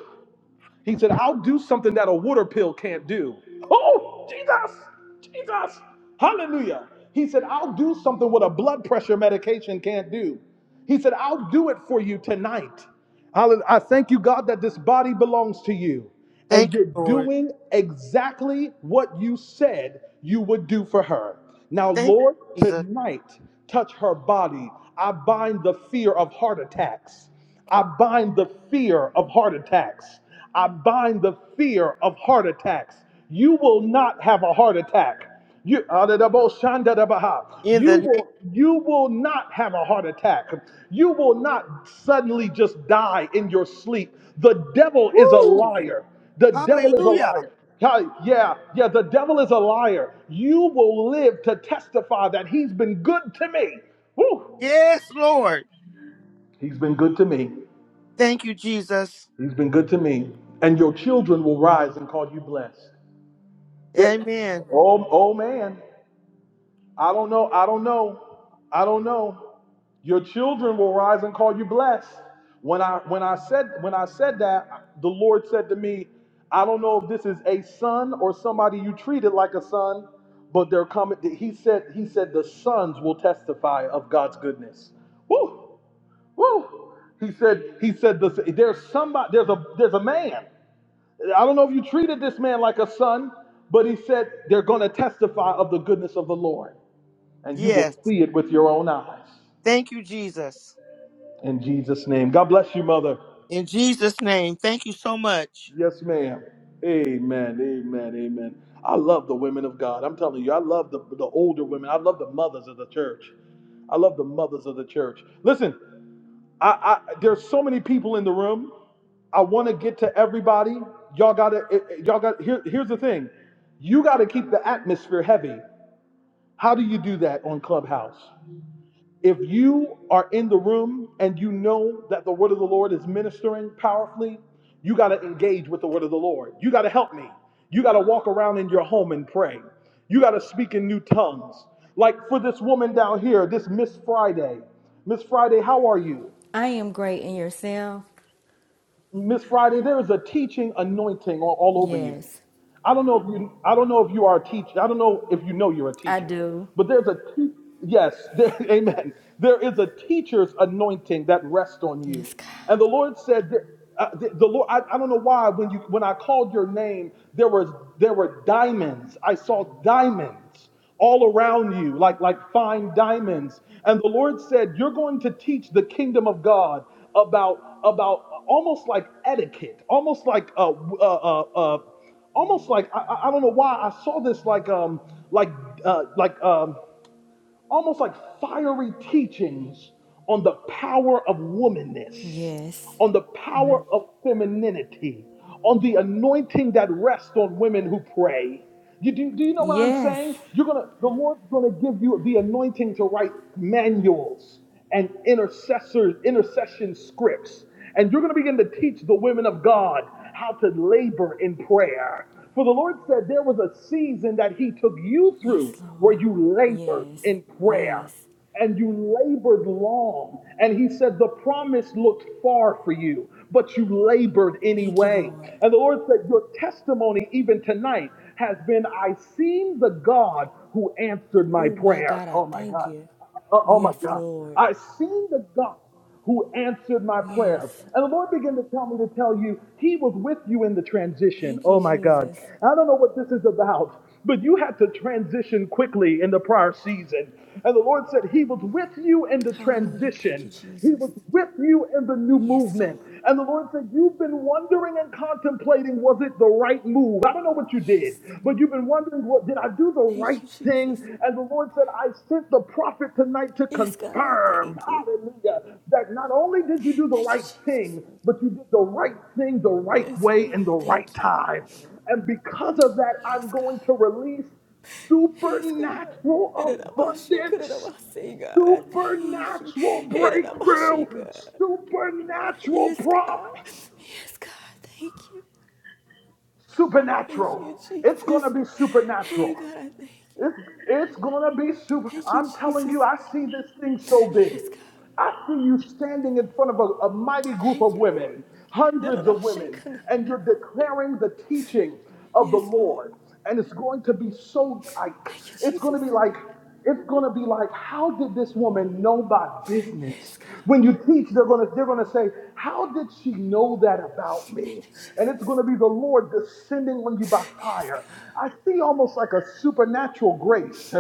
Speaker 2: He said, I'll do something that a water pill can't do. Oh, Jesus, Jesus, hallelujah. He said, I'll do something what a blood pressure medication can't do. He said, I'll do it for you tonight. I thank you, God, that this body belongs to you and
Speaker 6: Thank you,
Speaker 2: you're
Speaker 6: Lord.
Speaker 2: doing exactly what you said you would do for her. Now,
Speaker 6: Thank
Speaker 2: Lord,
Speaker 6: you, Jesus.
Speaker 2: tonight, touch her body. I bind the fear of heart attacks. I bind the fear of heart attacks. I bind the fear of heart attacks. You will not have a heart attack. You,
Speaker 6: In the
Speaker 2: you
Speaker 6: name.
Speaker 2: will you will not have a heart attack. You will not suddenly just die in your sleep. The devil is a
Speaker 6: Woo.
Speaker 2: liar. The devil is a
Speaker 6: Hallelujah.
Speaker 2: liar. Hi, Yeah, yeah, the devil is a liar. You will live to testify that he's been good to me. Woo!
Speaker 6: Yes, Lord.
Speaker 2: He's been good to me.
Speaker 6: Thank you, Jesus.
Speaker 2: He's been good to me. And your children will rise and call you blessed. That
Speaker 6: Amen.
Speaker 2: oh oh man, I don't know, I don't know, I don't know. Your children will rise and call you blessed. When I when I said when I said that, the Lord said to me, I don't know if this is a son or somebody you treated like a son, but they're coming. He said he said the sons will testify of God's goodness. Woo, woo. He said he said this, there's somebody there's a there's a man. I don't know if you treated this man like a son, but he said they're going to testify of the goodness of the Lord, and you will
Speaker 6: Yes.
Speaker 2: see it with your own eyes.
Speaker 6: Thank you, Jesus.
Speaker 2: In Jesus' name. God bless you, mother.
Speaker 6: In Jesus' name, thank you so much.
Speaker 2: Yes, ma'am. Amen. Amen. Amen. I love the women of God. I'm telling you, I love the, the older women. I love the mothers of the church. I love the mothers of the church. Listen, I, I there's so many people in the room. I want to get to everybody. Y'all gotta, it- y'all got. Here, here's the thing. You gotta keep the atmosphere heavy. How do you do that on Clubhouse? If you are in the room and you know that the word of the Lord is ministering powerfully, you got to engage with the word of the Lord. You got to help me. You got to walk around in your home and pray. You got to speak in new tongues. Like for this woman down here, this Miss Friday. Miss Friday, how are you?
Speaker 7: I am great in yourself.
Speaker 2: Miss Friday, there is a teaching anointing all all over you.
Speaker 7: Yes,
Speaker 2: I don't know if you I don't know if you are a teacher. I don't know if you know you're a
Speaker 7: I
Speaker 2: teacher.
Speaker 7: do.
Speaker 2: But there's a te- yes, there, [laughs] amen. There is a teacher's anointing that rests on you.
Speaker 7: Yes, God.
Speaker 2: And the Lord said that- uh, the, the Lord I, I don't know why when you when I called your name there was there were diamonds. I saw diamonds all around you like like fine diamonds. And the Lord said you're going to teach the kingdom of God about about uh, almost like etiquette, almost like uh uh uh, uh almost like I, I don't know why I saw this like um like uh, like um almost like fiery teachings on the power of womanness,
Speaker 7: Yes.
Speaker 2: on the power of femininity, on the anointing that rests on women who pray. You do, do you know what I'm
Speaker 7: Yes.
Speaker 2: saying? You're gonna the Lord's gonna give you the anointing to write manuals and intercessor intercession scripts and you're going to begin to teach the women of God how to labor in prayer. For the Lord said there was a season that He took you
Speaker 7: Yes,
Speaker 2: through where
Speaker 7: Lord.
Speaker 2: you labored
Speaker 7: Yes.
Speaker 2: in prayer
Speaker 7: Yes.
Speaker 2: and you labored long. And he said, The promise looked far for you, but you labored
Speaker 7: Thank you,
Speaker 2: anyway.
Speaker 7: Lord.
Speaker 2: And the Lord said, Your testimony, even tonight, has been I seen the God who answered my
Speaker 7: Oh, my
Speaker 2: prayer.
Speaker 7: God, I
Speaker 2: Oh my
Speaker 7: thank
Speaker 2: God.
Speaker 7: you.
Speaker 2: Oh, oh my
Speaker 7: Yes,
Speaker 2: God.
Speaker 7: Lord.
Speaker 2: I seen the God who answered my prayer.
Speaker 7: Yes.
Speaker 2: And the Lord began to tell me to tell you, He was with you in the transition.
Speaker 7: Thank you,
Speaker 2: Oh my God.
Speaker 7: Jesus.
Speaker 2: I don't know what this is about, but you had to transition quickly in the prior season. And the Lord said, He was with you in the
Speaker 7: Hallelujah. Thank you,
Speaker 2: transition. He
Speaker 7: Jesus.
Speaker 2: was with you in the new
Speaker 7: Yes, Lord.
Speaker 2: movement. And the Lord said, You've been wondering and contemplating, was it the right move? I don't know what you did,
Speaker 7: Yes.
Speaker 2: but you've been wondering, well, did I do the
Speaker 7: Thank
Speaker 2: right
Speaker 7: you,
Speaker 2: thing?
Speaker 7: Jesus.
Speaker 2: And the Lord said, I sent the prophet tonight to
Speaker 7: Yes, God, I
Speaker 2: confirm,
Speaker 7: thank you.
Speaker 2: hallelujah, that not only did you do the
Speaker 7: Thank you,
Speaker 2: right
Speaker 7: Jesus.
Speaker 2: thing, but you did the right thing the right
Speaker 7: Yes,
Speaker 2: way
Speaker 7: Lord,
Speaker 2: in
Speaker 7: I
Speaker 2: the right
Speaker 7: thank you.
Speaker 2: time. And because of that, I'm
Speaker 7: Yes,
Speaker 2: going
Speaker 7: God.
Speaker 2: to release
Speaker 7: He's God.
Speaker 2: supernatural
Speaker 7: Hiraramashi,
Speaker 2: abundance
Speaker 7: Kuraramashi, God. I thank you.
Speaker 2: supernatural breakthrough,
Speaker 7: God.
Speaker 2: supernatural
Speaker 7: Yes, God.
Speaker 2: promise,
Speaker 7: Yes, God. Thank you. Thank you,
Speaker 2: supernatural. It's going to
Speaker 7: Jesus.
Speaker 2: be
Speaker 7: Hey,
Speaker 2: supernatural.
Speaker 7: God, I thank you.
Speaker 2: It's, it's gonna be super.
Speaker 7: Thank you,
Speaker 2: I'm telling you,
Speaker 7: Jesus.
Speaker 2: I see this thing so big.
Speaker 7: Yes, God.
Speaker 2: I see you standing in front of a, a mighty group
Speaker 7: Thank
Speaker 2: of
Speaker 7: you, Lord.
Speaker 2: women, hundreds of
Speaker 7: Nararashi,
Speaker 2: women,
Speaker 7: Kana.
Speaker 2: and you're declaring the teaching of the
Speaker 7: Yes, Lord.
Speaker 2: Lord. And it's going to be so like,
Speaker 7: Thank you,
Speaker 2: it's going
Speaker 7: Jesus.
Speaker 2: to be like, it's gonna be like, how did this woman know my
Speaker 7: Yes,
Speaker 2: business?
Speaker 7: God.
Speaker 2: When you teach, they're gonna they're gonna say, how did she know that about
Speaker 7: Thank
Speaker 2: me?
Speaker 7: you,
Speaker 2: And it's
Speaker 7: Jesus.
Speaker 2: gonna be the Lord descending on you by
Speaker 7: Yes,
Speaker 2: fire.
Speaker 7: God.
Speaker 2: I see almost like a supernatural grace,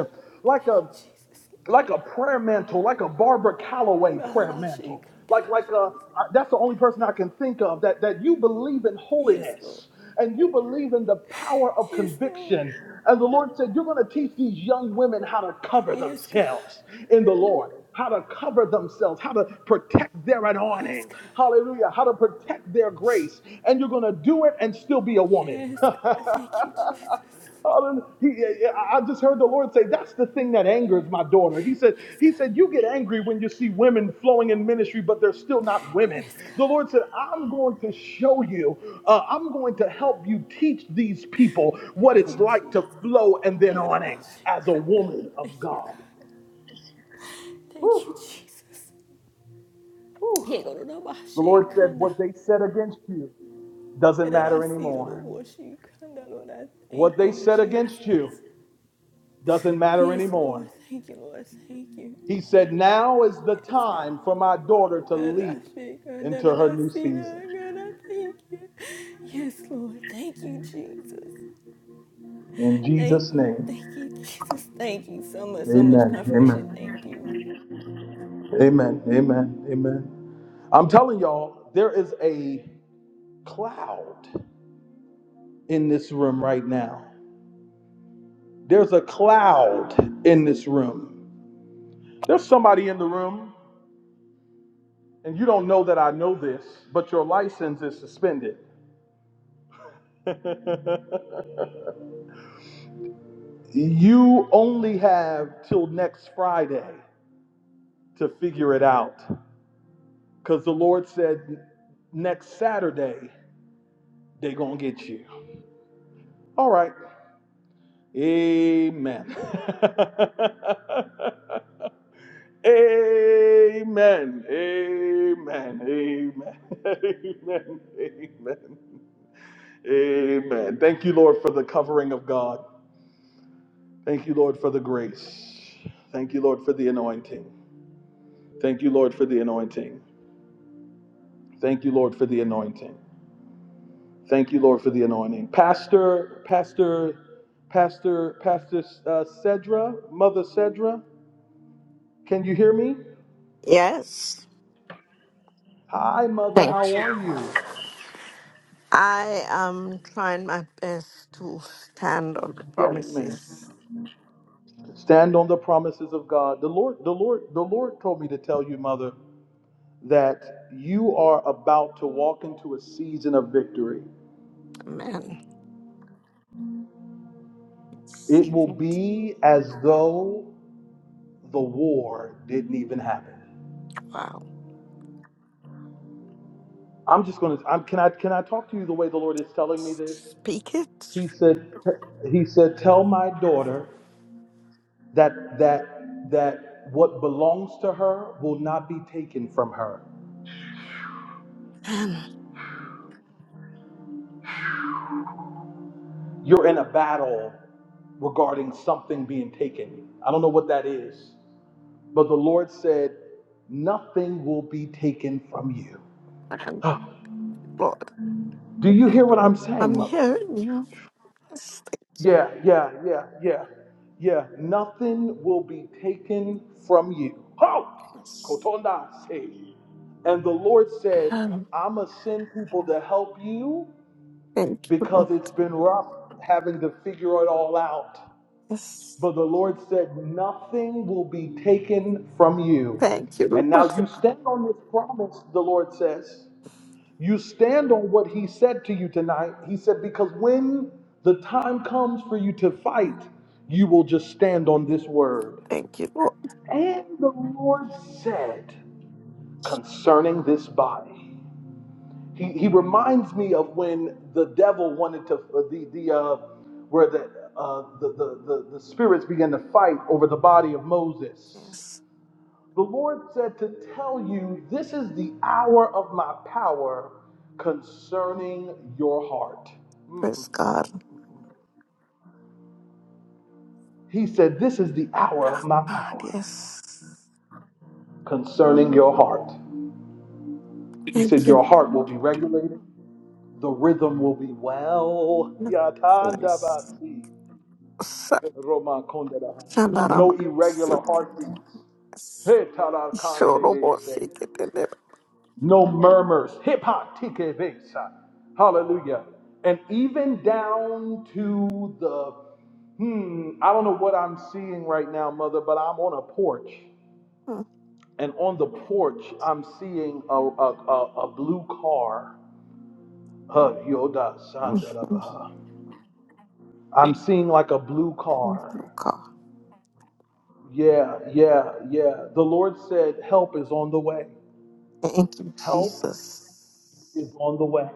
Speaker 2: like
Speaker 7: Thank
Speaker 2: a
Speaker 7: you, Jesus.
Speaker 2: like a prayer mantle, like a Barbara Calloway prayer
Speaker 7: Nararashi,
Speaker 2: mantle.
Speaker 7: Kana.
Speaker 2: Like, like uh, I- that's the only person I can think of that, that you believe in
Speaker 7: Yes, Lord.
Speaker 2: holiness and you believe in the power of
Speaker 7: Yes, Lord.
Speaker 2: conviction. And the Lord said, You're going to teach these young women how to cover
Speaker 7: Yes, God.
Speaker 2: themselves in the Lord, how to cover themselves, how to protect their
Speaker 7: Yes,
Speaker 2: anointing.
Speaker 7: God.
Speaker 2: Hallelujah. How to protect their grace. And you're going to do it and still be a woman.
Speaker 7: Yes,
Speaker 2: [laughs]
Speaker 7: God. Thank you, Jesus.
Speaker 2: He- yeah, yeah, I just heard the Lord say, "That's the thing that angers my daughter." He said,
Speaker 7: Yes,
Speaker 2: "He said
Speaker 7: God.
Speaker 2: you get angry when you see women flowing in ministry, but they're still not women."
Speaker 7: Yes,
Speaker 2: The
Speaker 7: God.
Speaker 2: Lord said, "I'm going to show you. uh, I'm going to help you teach these people what
Speaker 7: Thank
Speaker 2: it's
Speaker 7: you,
Speaker 2: like to
Speaker 7: Jesus.
Speaker 2: flow and then
Speaker 7: God, I
Speaker 2: awning as a
Speaker 7: shake under.
Speaker 2: woman
Speaker 7: Thank
Speaker 2: of
Speaker 7: you, God.
Speaker 2: God."
Speaker 7: Thank you,
Speaker 2: Whew,
Speaker 7: Jesus. He
Speaker 2: whew.
Speaker 7: go to the my
Speaker 2: The Lord
Speaker 7: shake
Speaker 2: said,
Speaker 7: under.
Speaker 2: "What they said against you doesn't
Speaker 7: And then I
Speaker 2: matter
Speaker 7: see to the
Speaker 2: anymore.
Speaker 7: wash you under, Lord. I
Speaker 2: What
Speaker 7: thank
Speaker 2: they
Speaker 7: you,
Speaker 2: said against you
Speaker 7: Jesus.
Speaker 2: doesn't matter
Speaker 7: Yes, Lord.
Speaker 2: anymore.
Speaker 7: Thank you, Lord. Thank you.
Speaker 2: He said, Now is the
Speaker 7: Yes, God.
Speaker 2: time for my daughter to
Speaker 7: God, I
Speaker 2: leap
Speaker 7: shake under,
Speaker 2: into
Speaker 7: and
Speaker 2: her
Speaker 7: I
Speaker 2: new
Speaker 7: see
Speaker 2: season.
Speaker 7: that. God, I thank you. Yes, Lord. Thank you, Jesus.
Speaker 2: In
Speaker 7: Thank
Speaker 2: Jesus'
Speaker 7: you. Thank
Speaker 2: name,
Speaker 7: you, Jesus. Thank you so much. So much
Speaker 2: amen.
Speaker 7: confirmation.
Speaker 2: Amen.
Speaker 7: Thank you.
Speaker 2: Amen. Amen. Amen. I'm telling y'all, there is a cloud in this room right now. There's a cloud in this room. There's somebody in the room, and you don't know that I know this, but your license is suspended. [laughs] You only have till next Friday to figure it out. Because the Lord said, next Saturday, they going to get you. All right. Amen. [laughs] Amen. Amen. Amen. [laughs] Amen. Amen. Amen. Thank you, Lord, for the covering of God. Thank you, Lord, for the grace. Thank you, Lord, for the anointing. Thank you, Lord, for the anointing. Thank you, Lord, for the anointing. Thank you, Lord, for the anointing. Pastor, Pastor, Pastor, Pastor uh, Cedra, Mother Cedra, can you hear me?
Speaker 8: Yes,
Speaker 2: Hi, Mother,
Speaker 8: thank
Speaker 2: how
Speaker 8: you.
Speaker 2: are you?
Speaker 8: I am trying my best to stand on the
Speaker 2: Yes, ma'am.
Speaker 8: promises.
Speaker 2: Stand on the promises of God. The Lord, the Lord, the Lord told me to tell you, Mother, that you are about to walk into a season of victory.
Speaker 8: Amen.
Speaker 2: It
Speaker 8: See
Speaker 2: will
Speaker 8: what
Speaker 2: be as though the war didn't even happen.
Speaker 8: I'll
Speaker 2: I'm just gonna. I'm, can I can I talk to you the way the Lord is telling me this?
Speaker 8: speak it.
Speaker 2: He said, he said, tell my daughter that that that what belongs to her will not be taken from her.
Speaker 8: And
Speaker 2: You're in a battle regarding something being taken. I don't know what that is, but the Lord said, nothing will be taken from you. [gasps]
Speaker 8: thank you,
Speaker 2: Ah,
Speaker 8: Lord,
Speaker 2: Do you hear what I'm
Speaker 8: I'm
Speaker 2: saying, mother?
Speaker 8: hearing you. Yes,
Speaker 2: Yeah, yeah, yeah, yeah, yeah. Nothing will be taken from you. Ho!
Speaker 8: thanks.
Speaker 2: Kotonda say. And the Lord said,
Speaker 8: Um,
Speaker 2: I'ma send people to help you
Speaker 8: Thank you,
Speaker 2: because
Speaker 8: Lord.
Speaker 2: it's been rough having to figure it all out.
Speaker 8: Yes.
Speaker 2: But the Lord said, Nothing will be taken from you.
Speaker 8: Thank you,
Speaker 2: And
Speaker 8: Lord.
Speaker 2: now you stand on this promise, the Lord says. You stand on what he said to you tonight. He said, Because when the time comes for you to fight, you will just stand on this word.
Speaker 8: Thank you, Lord.
Speaker 2: And the Lord said concerning this body. He, he reminds me of when the devil wanted to, uh, the, the, uh, where the, uh, the, the, the, the spirits began to fight over the body of Moses.
Speaker 8: Yes.
Speaker 2: The Lord said to tell you, this is the hour of my power concerning your heart.
Speaker 8: Praise God.
Speaker 2: He said, this is the hour of my
Speaker 8: God,
Speaker 2: power
Speaker 8: yes.
Speaker 2: concerning your heart. He
Speaker 8: Thank
Speaker 2: said,
Speaker 8: you.
Speaker 2: your heart will be regulated. The rhythm will be well.
Speaker 8: Yes. Yes. Shalom.
Speaker 2: No irregular heartbeats.
Speaker 8: Yes.
Speaker 2: Hey,
Speaker 8: Shorobosiketelebe.
Speaker 2: no murmurs. Hip hop, TKB. Hallelujah. And even down to the, hmm, I don't know what I'm seeing right now, mother, but I'm on a porch. And on the porch, I'm seeing a, a, a, a blue car. Huh, Yoda Sandalabaha. I'm seeing like a blue car.
Speaker 8: Luca.
Speaker 2: Yeah, yeah, yeah. The Lord said, Help is on the way.
Speaker 8: Thank you,
Speaker 2: Help is
Speaker 8: Jesus.
Speaker 2: on the way.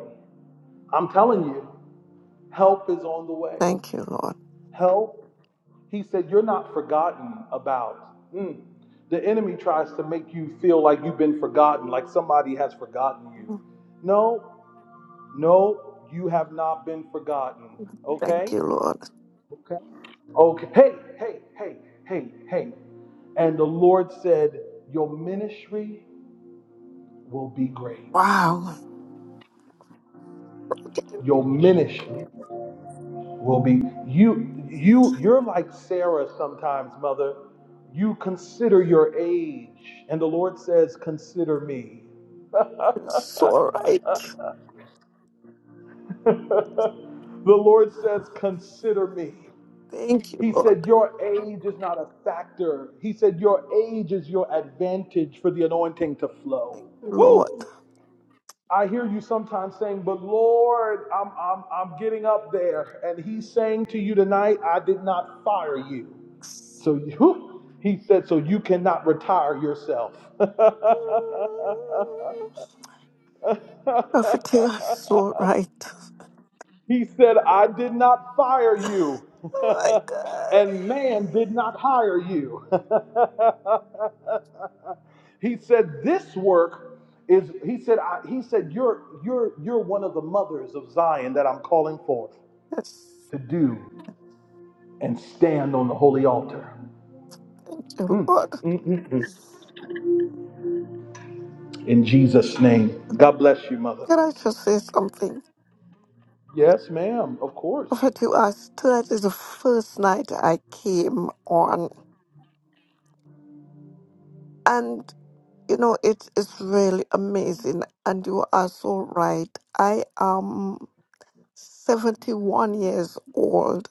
Speaker 2: I'm telling you, help is on the way.
Speaker 8: Thank you, Lord.
Speaker 2: Help He said, You're not forgotten about. Mm. The enemy tries to make you feel like you've been forgotten, like somebody has forgotten you. No, no, you have not been forgotten.
Speaker 8: Thank
Speaker 2: Okay?
Speaker 8: you, Lord.
Speaker 2: Okay. Okay. Hey, hey, hey, hey, hey. And the Lord said, Your ministry will be great.
Speaker 8: Wow. you've
Speaker 2: Your ministry. will be you you you're like sarah sometimes mother you consider your age and the lord says consider me
Speaker 8: It's so right.
Speaker 2: [laughs] the lord says consider me
Speaker 8: Thank you,
Speaker 2: he
Speaker 8: Lord.
Speaker 2: said your age is not a factor he said your age is your advantage for the anointing to flow
Speaker 8: Lord.
Speaker 2: Woo! I hear you sometimes saying, but Lord, I'm, I'm, I'm getting up there. And he's saying to you tonight, I did not fire you. So you, he said, so you cannot retire yourself. [laughs]
Speaker 8: Prophet, you're so right.
Speaker 2: he said, I did not fire you,
Speaker 8: Oh my
Speaker 2: [laughs]
Speaker 8: God.
Speaker 2: and man did not hire you. [laughs] he said, this work is. He said, I, he said, you're you're you're one of the mothers of Zion that I'm calling forth
Speaker 8: Yes.
Speaker 2: to do and stand on the holy altar.
Speaker 8: Thank you, Lord.
Speaker 2: In Jesus' name, God bless you, mother.
Speaker 8: Can I just say something?
Speaker 2: Yes, ma'am. Of course.
Speaker 8: Prophet, you asked, tonight is the first night I came on. And, you know, it is really amazing. And you are so right. I am 71 years old.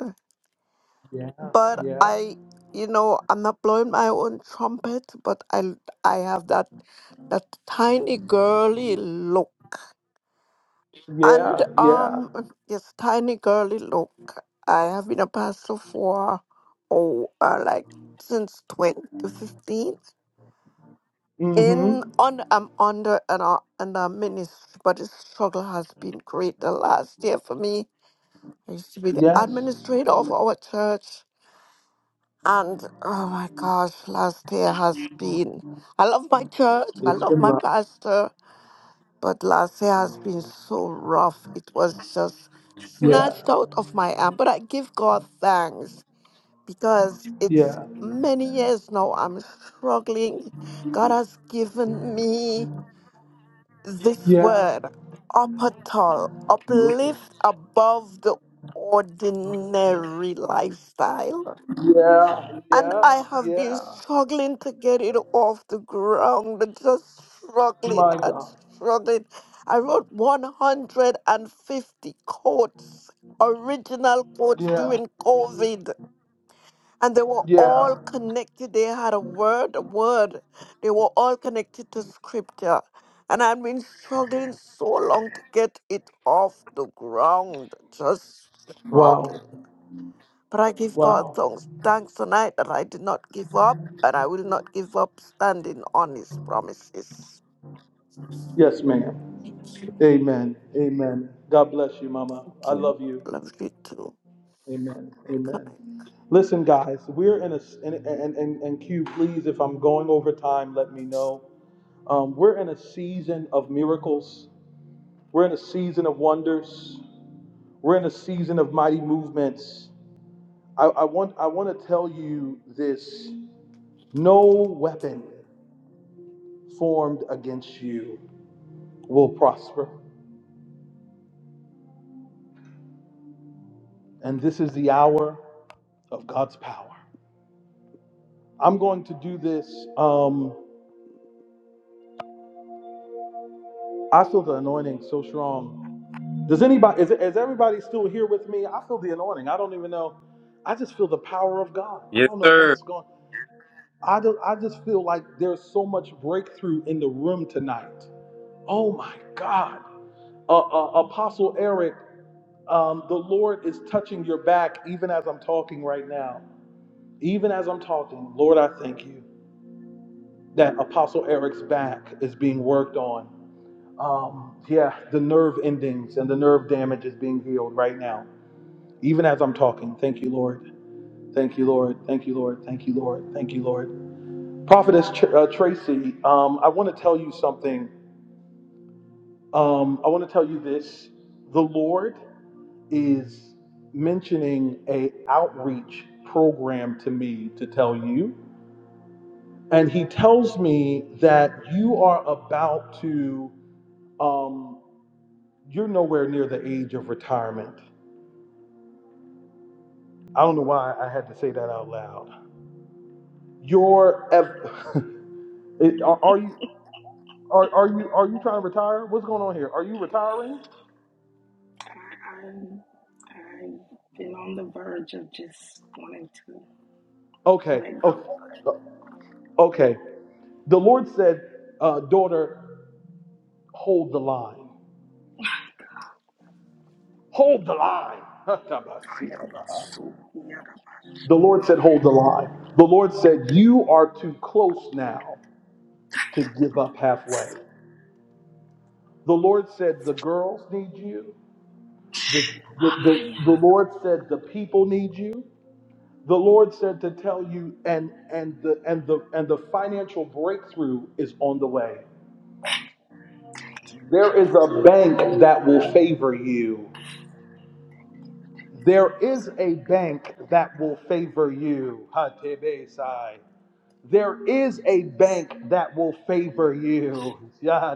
Speaker 2: Yeah,
Speaker 8: But
Speaker 2: yeah,
Speaker 8: I, you know, I'm not blowing my own trumpet, but I, I have that, that tiny girly look. And
Speaker 2: yeah, yeah.
Speaker 8: um, this tiny girly look. I have been a pastor for oh, uh, like since 2015. In
Speaker 2: Mm-hmm.
Speaker 8: on I'm under an uh, an uh, ministry, but the struggle has been great the last year for me. I used to be the
Speaker 2: Yes.
Speaker 8: administrator of our church, and oh my gosh, last year has been. I love my church. I
Speaker 2: It's
Speaker 8: love
Speaker 2: been
Speaker 8: my
Speaker 2: rough.
Speaker 8: pastor. But last year has been so rough. It was just
Speaker 2: Yeah,
Speaker 8: snatched out of my hand. But I give God thanks because it's
Speaker 2: yeah,
Speaker 8: many years now I'm struggling. God has given me this
Speaker 2: yeah,
Speaker 8: word, upatol, uplift above the ordinary lifestyle
Speaker 2: yeah,
Speaker 8: and
Speaker 2: yeah,
Speaker 8: I have been
Speaker 2: yeah.
Speaker 8: struggling to get it off the ground, and just struggling
Speaker 2: My
Speaker 8: and
Speaker 2: God.
Speaker 8: struggling. I wrote 150 quotes, original quotes
Speaker 2: Yeah,
Speaker 8: during COVID, and they were
Speaker 2: yeah.
Speaker 8: all connected. They had a word, a word. They were all connected to scripture. And I've been struggling so long to get it off the ground, just
Speaker 2: Wow,
Speaker 8: struggling. But I give God
Speaker 2: wow.
Speaker 8: thanks, thanks tonight that I did not give up and I will not give up standing on his promises.
Speaker 2: Yes, ma'am.
Speaker 8: Thank you.
Speaker 2: Amen, amen. God bless you, Mama.
Speaker 8: Thank
Speaker 2: I
Speaker 8: you.
Speaker 2: love you.
Speaker 8: Love you too.
Speaker 2: Amen,
Speaker 8: Good
Speaker 2: amen.
Speaker 8: night.
Speaker 2: Listen, guys, we're in a and and and, and Q. Please, if I'm going over time, let me know. Um, we're in a season of miracles. We're in a season of wonders. We're in a season of mighty movements. I, I want I want to tell you this: no weapon formed against you will prosper. And this is the hour of God's power. I'm going to do this. Um, I feel the anointing so strong. Does anybody is, is everybody still here with me? I feel the anointing. I don't even know. I just feel the power of God. I
Speaker 3: Yes,
Speaker 2: don't know
Speaker 3: sir.
Speaker 2: what's going I, don't, I just feel like there's so much breakthrough in the room tonight. Oh my God. Uh, uh, Apostle Eric, um, the Lord is touching your back even as I'm talking right now. Even as I'm talking, Lord, I thank you that Apostle Eric's back is being worked on. Um, yeah, the nerve endings and the nerve damage is being healed right now. Even as I'm talking, thank you, Lord. Thank you, Lord. Thank you, Lord. Thank you, Lord. Thank you, Lord. Prophetess Tr- uh, Tracy, um, I want to tell you something. Um, I want to tell you this. The Lord is mentioning a outreach program to me to tell you and he tells me that you are about to um, you're nowhere near the age of retirement i don't know why i had to say that out loud you're ev- [laughs] it- are, are you are, are you are you trying to retire what's going on here are you retiring
Speaker 9: I, I'm- I've been on the verge of just wanting to
Speaker 2: okay
Speaker 9: let
Speaker 2: okay
Speaker 9: go.
Speaker 2: okay the lord said uh, daughter hold the line Hold the line. The
Speaker 9: Ayabasu, yadabashi.
Speaker 2: Lord said, Hold the line. The Lord said, You are too close now to give up halfway. The Lord said, The girls need you. The, the, the, the Lord said, The people need you. The Lord said to tell you, and, and, the, and, the, and the financial breakthrough is on the way. There is a bank that will favor you. There is a bank that will favor you. Hatebesai. There is a bank that will favor you. [laughs] Yeah,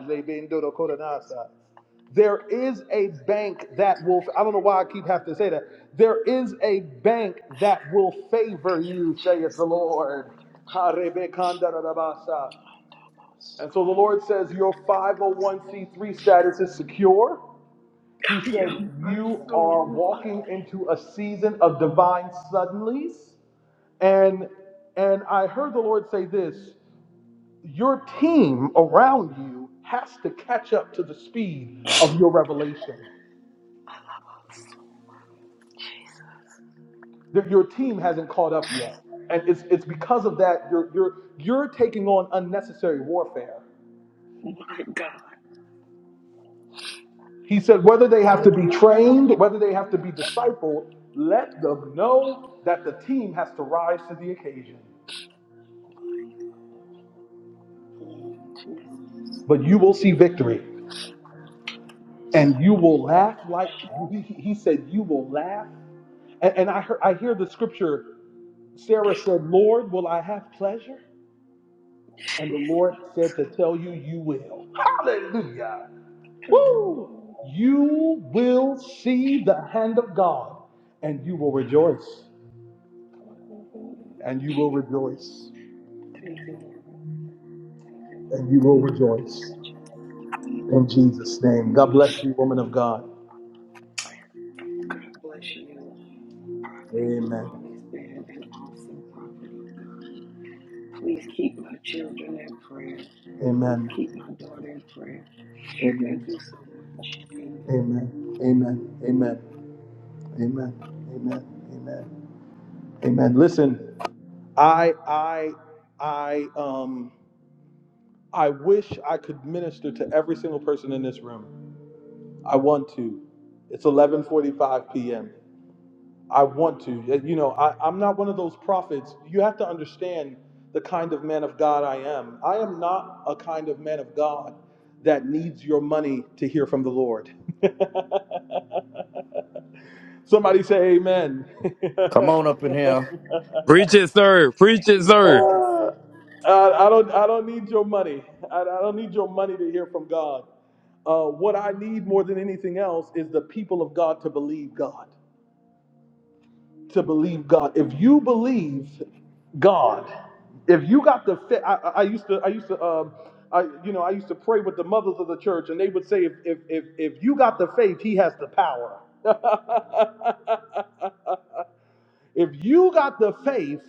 Speaker 2: There is a bank that will, I don't know why I keep having to say that. There is a bank that will favor you, saith the Lord. And so the Lord says, Your 501c3 status is secure. He said, You are
Speaker 9: Ayabasu.
Speaker 2: walking into a season of divine suddenlies. And and I heard the Lord say this your team around you has to catch up to the speed of your revelation. That your team hasn't caught up yet, and it's it's because of that you're you're you're taking on unnecessary warfare.
Speaker 9: My God.
Speaker 2: He said whether they have to be trained, whether they have to be discipled, let them know that the team has to rise to the occasion.
Speaker 9: Mm, Jesus.
Speaker 2: But you will see victory, and you
Speaker 9: So
Speaker 2: will
Speaker 9: beautiful.
Speaker 2: laugh like he, he said you will laugh. And, and I hear I hear the scripture. Sarah said, "Lord, will I have pleasure?" And the Lord
Speaker 9: Jesus.
Speaker 2: said to tell you, you will. Hallelujah. Woo!
Speaker 9: Hallelujah.
Speaker 2: You will see the hand of God and you will rejoice.
Speaker 9: Hallelujah.
Speaker 2: And you will rejoice.
Speaker 9: Thank you, Lord. Thank you, Father
Speaker 2: And you will
Speaker 9: God. Thank
Speaker 2: rejoice.
Speaker 9: you, Jesus. Thank you,
Speaker 2: In
Speaker 9: Lord
Speaker 2: Jesus' name.
Speaker 9: Jesus.
Speaker 2: God bless you, woman of God.
Speaker 9: God bless you, prophet. You've
Speaker 2: Amen.
Speaker 9: always been an awesome prophet of God. Please keep my children in prayer. Please
Speaker 2: Amen.
Speaker 9: keep my daughter in prayer. Thank
Speaker 2: Amen.
Speaker 9: you so much. Amen.
Speaker 2: Amen. Amen. Amen. Amen. Amen. Amen. Amen. Listen, I I I um I wish I could minister to every single person in this room. I want to. It's 11:45 p.m. I want to. Yeah, You know, I, I'm not one of those prophets. You have to understand the kind of man of God I am. I am not a kind of man of God that needs your money to hear from the Lord. [laughs] Somebody say Amen. [laughs]
Speaker 3: Preach it, sir. Preach it,
Speaker 9: Amen.
Speaker 3: sir.
Speaker 2: uh, I, I don't. I don't need your money. I, I don't need your money to hear from God. Uh, what I need more than anything else is the people of God to believe God. to believe God. If you believe God, if you got the faith, I, I I used to, I used to, um, I, you know, I used to pray with the mothers of the church, and they would say, if if if, if you got the faith, He has the power. [laughs] if you got the faith,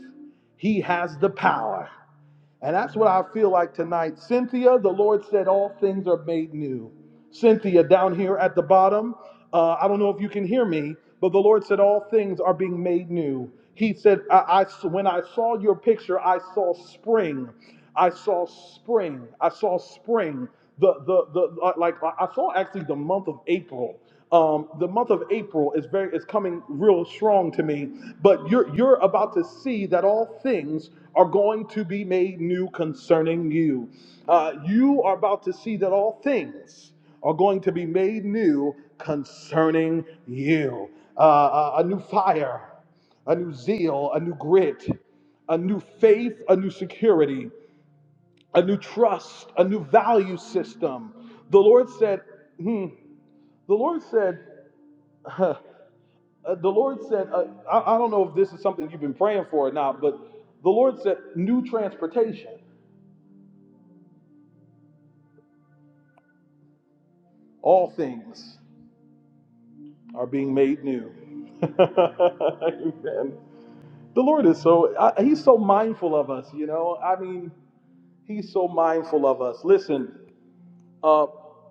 Speaker 2: He has the power. And that's what I feel like tonight. Cynthia, the Lord said, All things are made new. Cynthia, down here at the bottom, uh, I don't know if you can hear me, but the Lord said, All things are being made new. He said, I, I- When I saw your picture, I saw spring. I saw spring. I saw spring. The, the, the, uh, like, I saw actually the month of April um, the month of April is very is coming real strong to me. But you're you're about to see that all things are going to be made new concerning you. Uh, you are about to see that all things are going to be made new concerning you. Uh, a a new fire, a new zeal, a new grit, a new faith, a new security, a new trust, a new value system. The Lord said, hmm, the Lord said. [laughs] Uh, the Lord said, uh, I, I don't know if this is something you've been praying for or not, but the Lord said, new transportation. All things are being made new. [laughs] Amen. The Lord is so, I, He's so mindful of us, you know? I mean, He's so mindful of us. Listen, uh,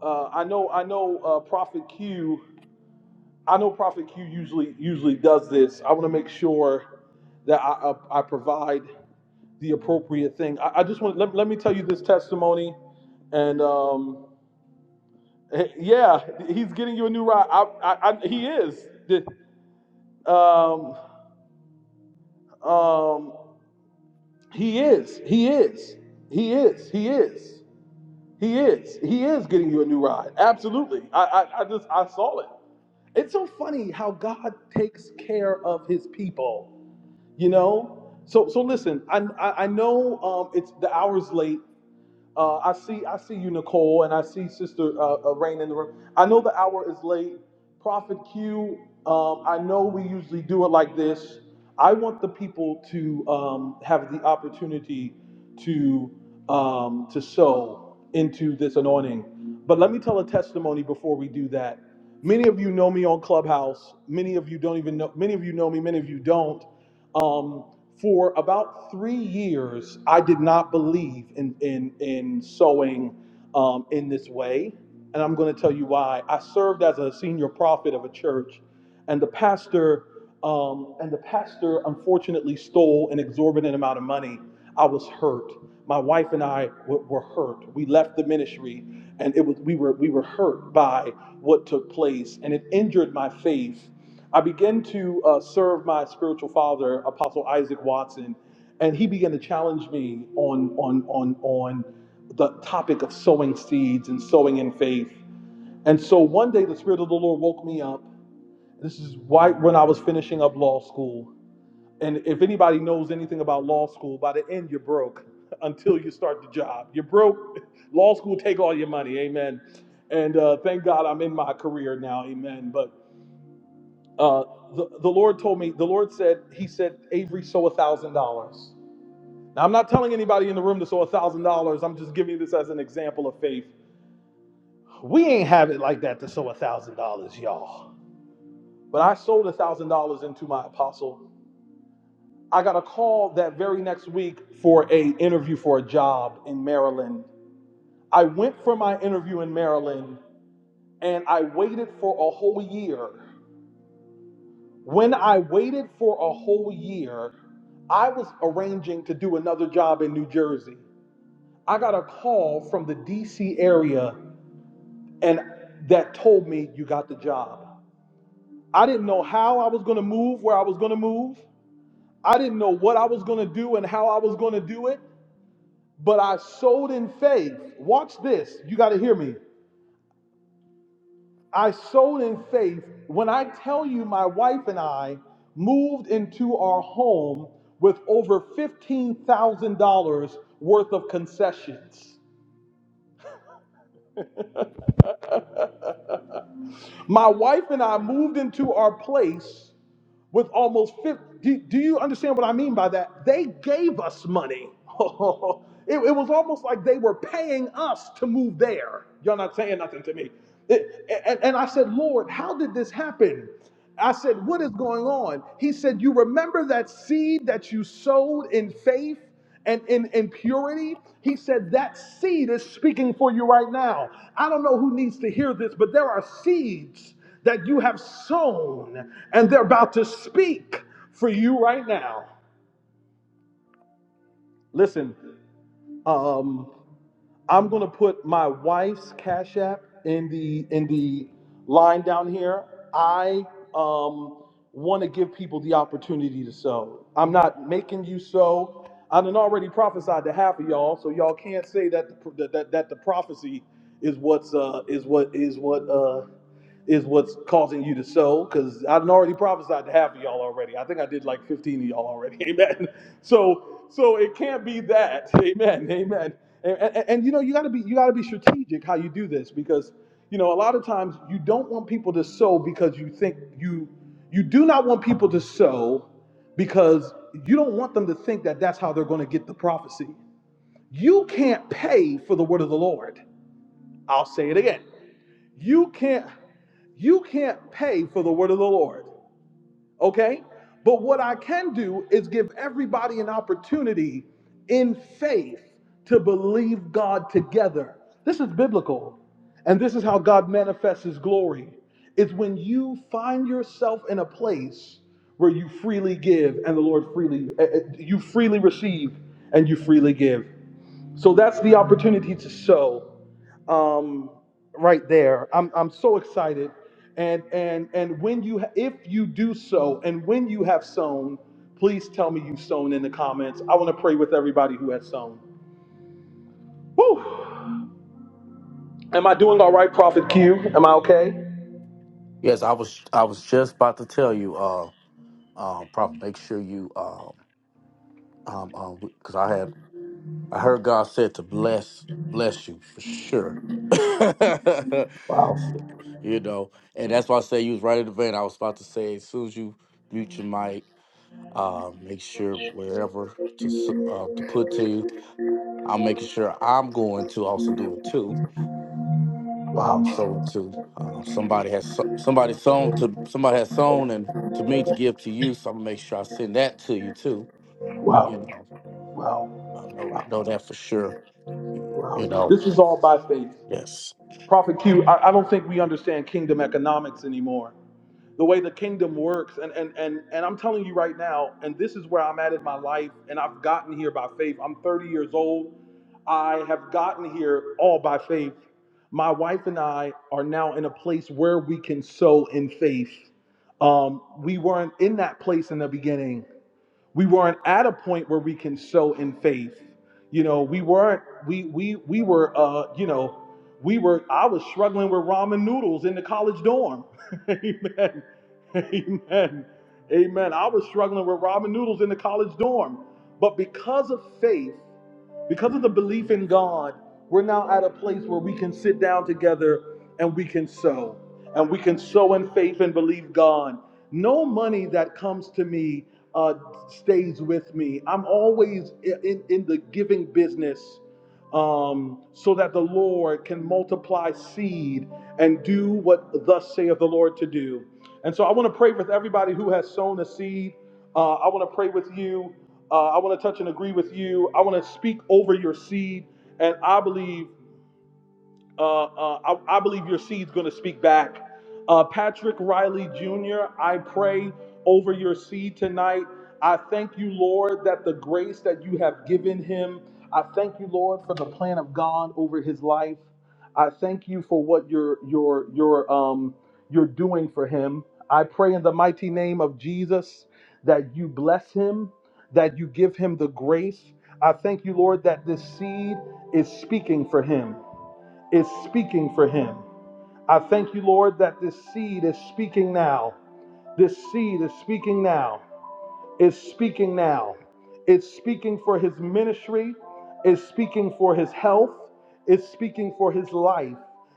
Speaker 2: uh, I know, I know, uh, Prophet Q. I know Prophet Q usually usually does this. I want to make sure that I, I, I provide. the appropriate thing. I, I just want let, let me tell you this testimony, and um, eh, yeah, he's getting you a new ride. I, I, I, he is. Um, um, he is. He is. He is. He is. He is. He is getting you a new ride. Absolutely. I, I, I just I saw it. It's so funny how God takes care of His people. You know. So so listen. I I, I know um, it's the hour's late. Uh, I see, I see you, Nicole, and I see Sister uh, uh, Rain in the room. I know the hour is late. Prophet Q, um, I know we usually do it like this. I want the people to um, have the opportunity to um, to sow into this anointing. But let me tell a testimony before we do that. Many of you know me on Clubhouse. Many of you don't even know. Many of you know me. Many of you don't. Um, for about three years, I did not believe in in in sowing um, in this way, and I'm going to tell you why. I served as a senior prophet of a church, and the pastor um, and the pastor unfortunately stole an exorbitant amount of money. I was hurt. My wife and I were, were hurt. We left the ministry, and it was we were we were hurt by what took place, and it injured my faith. I began to uh, serve my spiritual father, Apostle Isaac Watson, and he began to challenge me on on on on the topic of sowing seeds and sowing in faith. And so one day, the Spirit of the Lord woke me up. This is right when I was finishing up law school. And if anybody knows anything about law school, by the end you're broke [laughs] until you start the job. You're broke. [laughs] Law school take all your money. Amen. And uh, thank God I'm in my career now. Amen. But. Uh, the, the Lord told me, the Lord said, He said, Avery, sow a thousand dollars. Now, I'm not telling anybody in the room to sow a thousand dollars. I'm just giving you this as an example of faith. We, but I sold a thousand dollars into my apostle. I got a call that very next week for a interview for a job in Maryland. I went for my interview in Maryland and I waited for a whole year. When I waited for a whole year, I was arranging to do another job in New Jersey. I got a call from the DC area and that told me you got the job. I didn't know how I was going to move, where I was going to move. I didn't know what I was going to do and how I was going to do it, but I sowed in faith. Watch this. You got to hear me. I sowed in faith. When I tell you, my wife and I moved into our home with over $15,000 worth of concessions. My wife and I moved into our place with almost 50. Do, do you understand what I mean by that? They gave us money. [laughs] it, it was almost like they were paying us to move there. Y'all not saying nothing to me. It- and, and I said, Lord, how did this happen? I said, What is going on? He said, You remember that seed that you sowed in faith? and in impurity. He said, That seed is speaking for you right now. I don't know who needs to hear this, but there are seeds that you have sown, and they're about to speak for you right now. Listen, um, I'm gonna put my wife's Cash App in the in the line down here. I um want to give people the opportunity to sow. I'm not making you sow. I done already prophesied to half of y'all, so y'all can't say that the, that, that that the prophecy is what's uh is what is what uh is what's causing you to sow because I've already prophesied to half of y'all already. I think I did like 15 of y'all already. [laughs] Amen. So so it can't be that. Amen. Amen. And, and, and, you know you got to be you got to be strategic how you do this because you know a lot of times you don't want people to sow because you think you you do not want people to sow because you don't want them to think that that's how they're going to get the prophecy. You can't pay for the word of the Lord. I'll say it again. You can't you can't pay for the word of the Lord. Okay? But what I can do is give everybody an opportunity in faith to believe God together. This is biblical. And this is how God manifests his glory. It's when you find yourself in a place where you freely give and the Lord freely eh, eh, you freely receive and you freely give. So that's the opportunity to sow um, right there. I'm, I'm so excited. And, and, and when you, if you do so, and when you have sown, please tell me you've sown in the comments. I want to pray with everybody who has sown. Woo! Am I doing all right, Prophet Q? Am I okay? Wow, wow, wow, wow, wow. This is all by faith. Prophet Q, I, I don't think we understand kingdom economics anymore. the way the kingdom works and and and and I'm telling you right now and this is where I'm at in my life and I've gotten here by faith. I'm 30 years old. I have gotten here all by faith. My wife and I are now in a place where we can sow in faith. Um, we weren't in that place in the beginning we weren't at a point where we can sow in faith you know we weren't we we we were uh you know we were i was struggling with ramen noodles in the college dorm [laughs] amen amen amen i was struggling with ramen noodles in the college dorm but because of faith because of the belief in God, we're now at a place where we can sit down together and we can sow. And we can sow in faith and believe God. No money that comes to me uh, stays with me. I'm always in, in the giving business um, so that the Lord can multiply seed and do what thus saith the Lord to do. And so I want to pray with everybody who has sown a seed. Uh, I want to pray with you. Uh, I want to touch and agree with you. I want to speak over your seed. And I believe. Uh, uh, I, I believe your seed's going to speak back. Uh, Patrick Riley Jr., I pray over your seed tonight. I thank you, Lord, that the grace that you have given him. I thank you, Lord, for the plan of God over his life. I thank you for what you're you're you're um you're doing for him. I pray in the mighty name of Jesus that you bless him, that you give him the grace. I thank you, Lord, that this seed is speaking for him is speaking for him. I thank you, Lord, that this seed is speaking now. This seed is speaking now. Is speaking now. It's speaking for his ministry, it's speaking for his health, it's speaking for his life.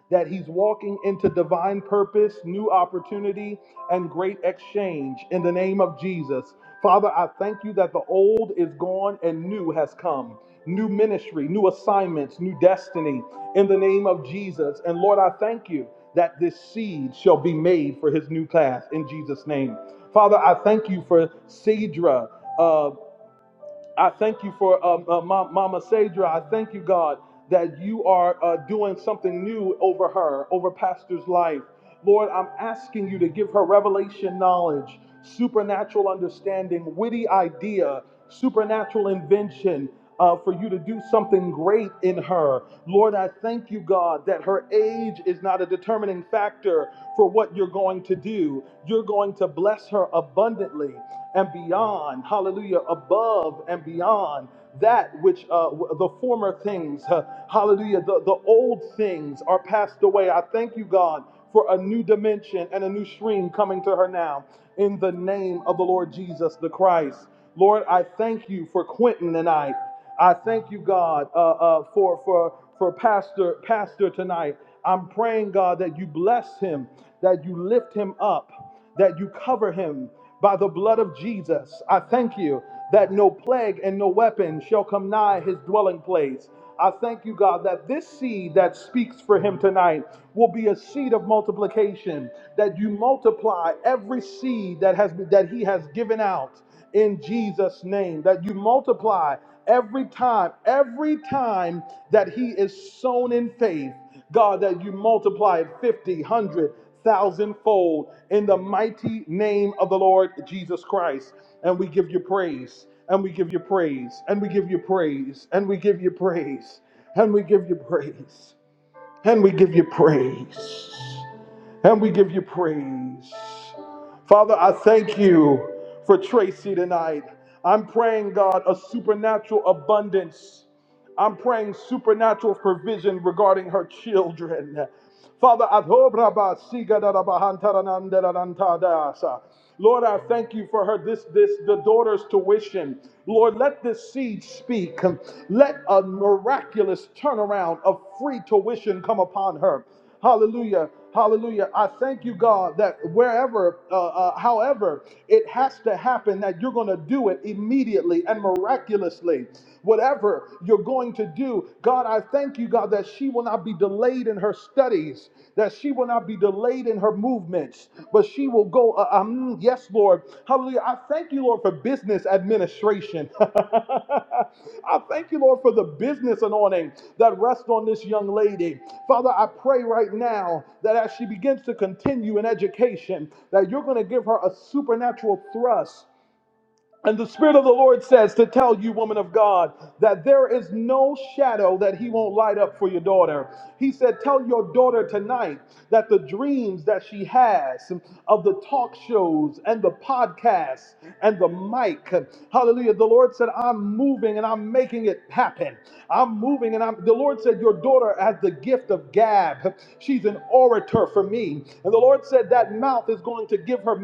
Speaker 2: That he's walking into divine purpose, new opportunity, and great exchange in the name of Jesus. Father, I thank you that the old is gone and new has come. New ministry, new assignments, new destiny in the name of Jesus. And Lord, I thank you that this seed shall be made for his new path in Jesus' name. Father, I thank you for Cedra. uh, I thank you for um, uh, Ma- Mama Sadra. I thank you, God, that you are uh, doing something new over her, over Pastor's life. Lord, I'm asking you to give her revelation knowledge, supernatural understanding, witty idea, supernatural invention uh, for you to do something great in her. Lord, I thank you, God, that her age is not a determining factor for what you're going to do. You're going to bless her abundantly and beyond, hallelujah, above and beyond that which uh, w- the former things, uh, hallelujah, the, the old things are passed away. I thank you, God, for a new dimension and a new stream coming to her now in the name of the Lord Jesus the Christ. Lord, I thank you for Quentin tonight. I thank you, God, uh, uh, for for for Pastor Pastor tonight. I'm praying, God, that you bless him, that you lift him up, that you cover him by the blood of Jesus. I thank you that no plague and no weapon shall come nigh his dwelling place. I thank you, God, that this seed that speaks for him tonight will be a seed of multiplication, that you multiply every seed that has that he has given out in Jesus' name, that you multiply every time, every time that he is sown in faith, God, that you multiply it 50, one hundred, thousandfold in the mighty name of the Lord Jesus Christ. And we give you praise, and we give you praise, and we give you praise, and we give you praise, and we give you praise, and we give you praise and we give you praise. Father, I thank you for Tracy tonight. I'm praying, God, a supernatural abundance. I'm praying supernatural provision regarding her children. Father, adobraba sigadarabahantaranandarantadasa. Lord, I thank you for her this this the daughter's tuition. Lord, let this seed speak. Let a miraculous turnaround of free tuition come upon her. Hallelujah. Hallelujah. I thank you, God, that wherever, uh, uh, however, it has to happen, that you're going to do it immediately and miraculously. Whatever you're going to do, God, I thank you, God, that she will not be delayed in her studies that she will not be delayed in her movements, but she will go. Uh, um, yes, Lord. Hallelujah. I thank you, Lord, for business administration. [laughs] I thank you, Lord, for the business anointing that rests on this young lady. Father, I pray right now that as she begins to continue in education, that you're going to give her a supernatural thrust and the Spirit of the Lord says to tell you, woman of God, that there is no shadow that He won't light up for your daughter. He said, Tell your daughter tonight that the dreams that she has of the talk shows and the podcasts and the mic, hallelujah. The Lord said, I'm moving and I'm making it happen. I'm moving and I'm, the Lord said, Your daughter has the gift of gab. She's an orator for me. And the Lord said, That mouth is going to give her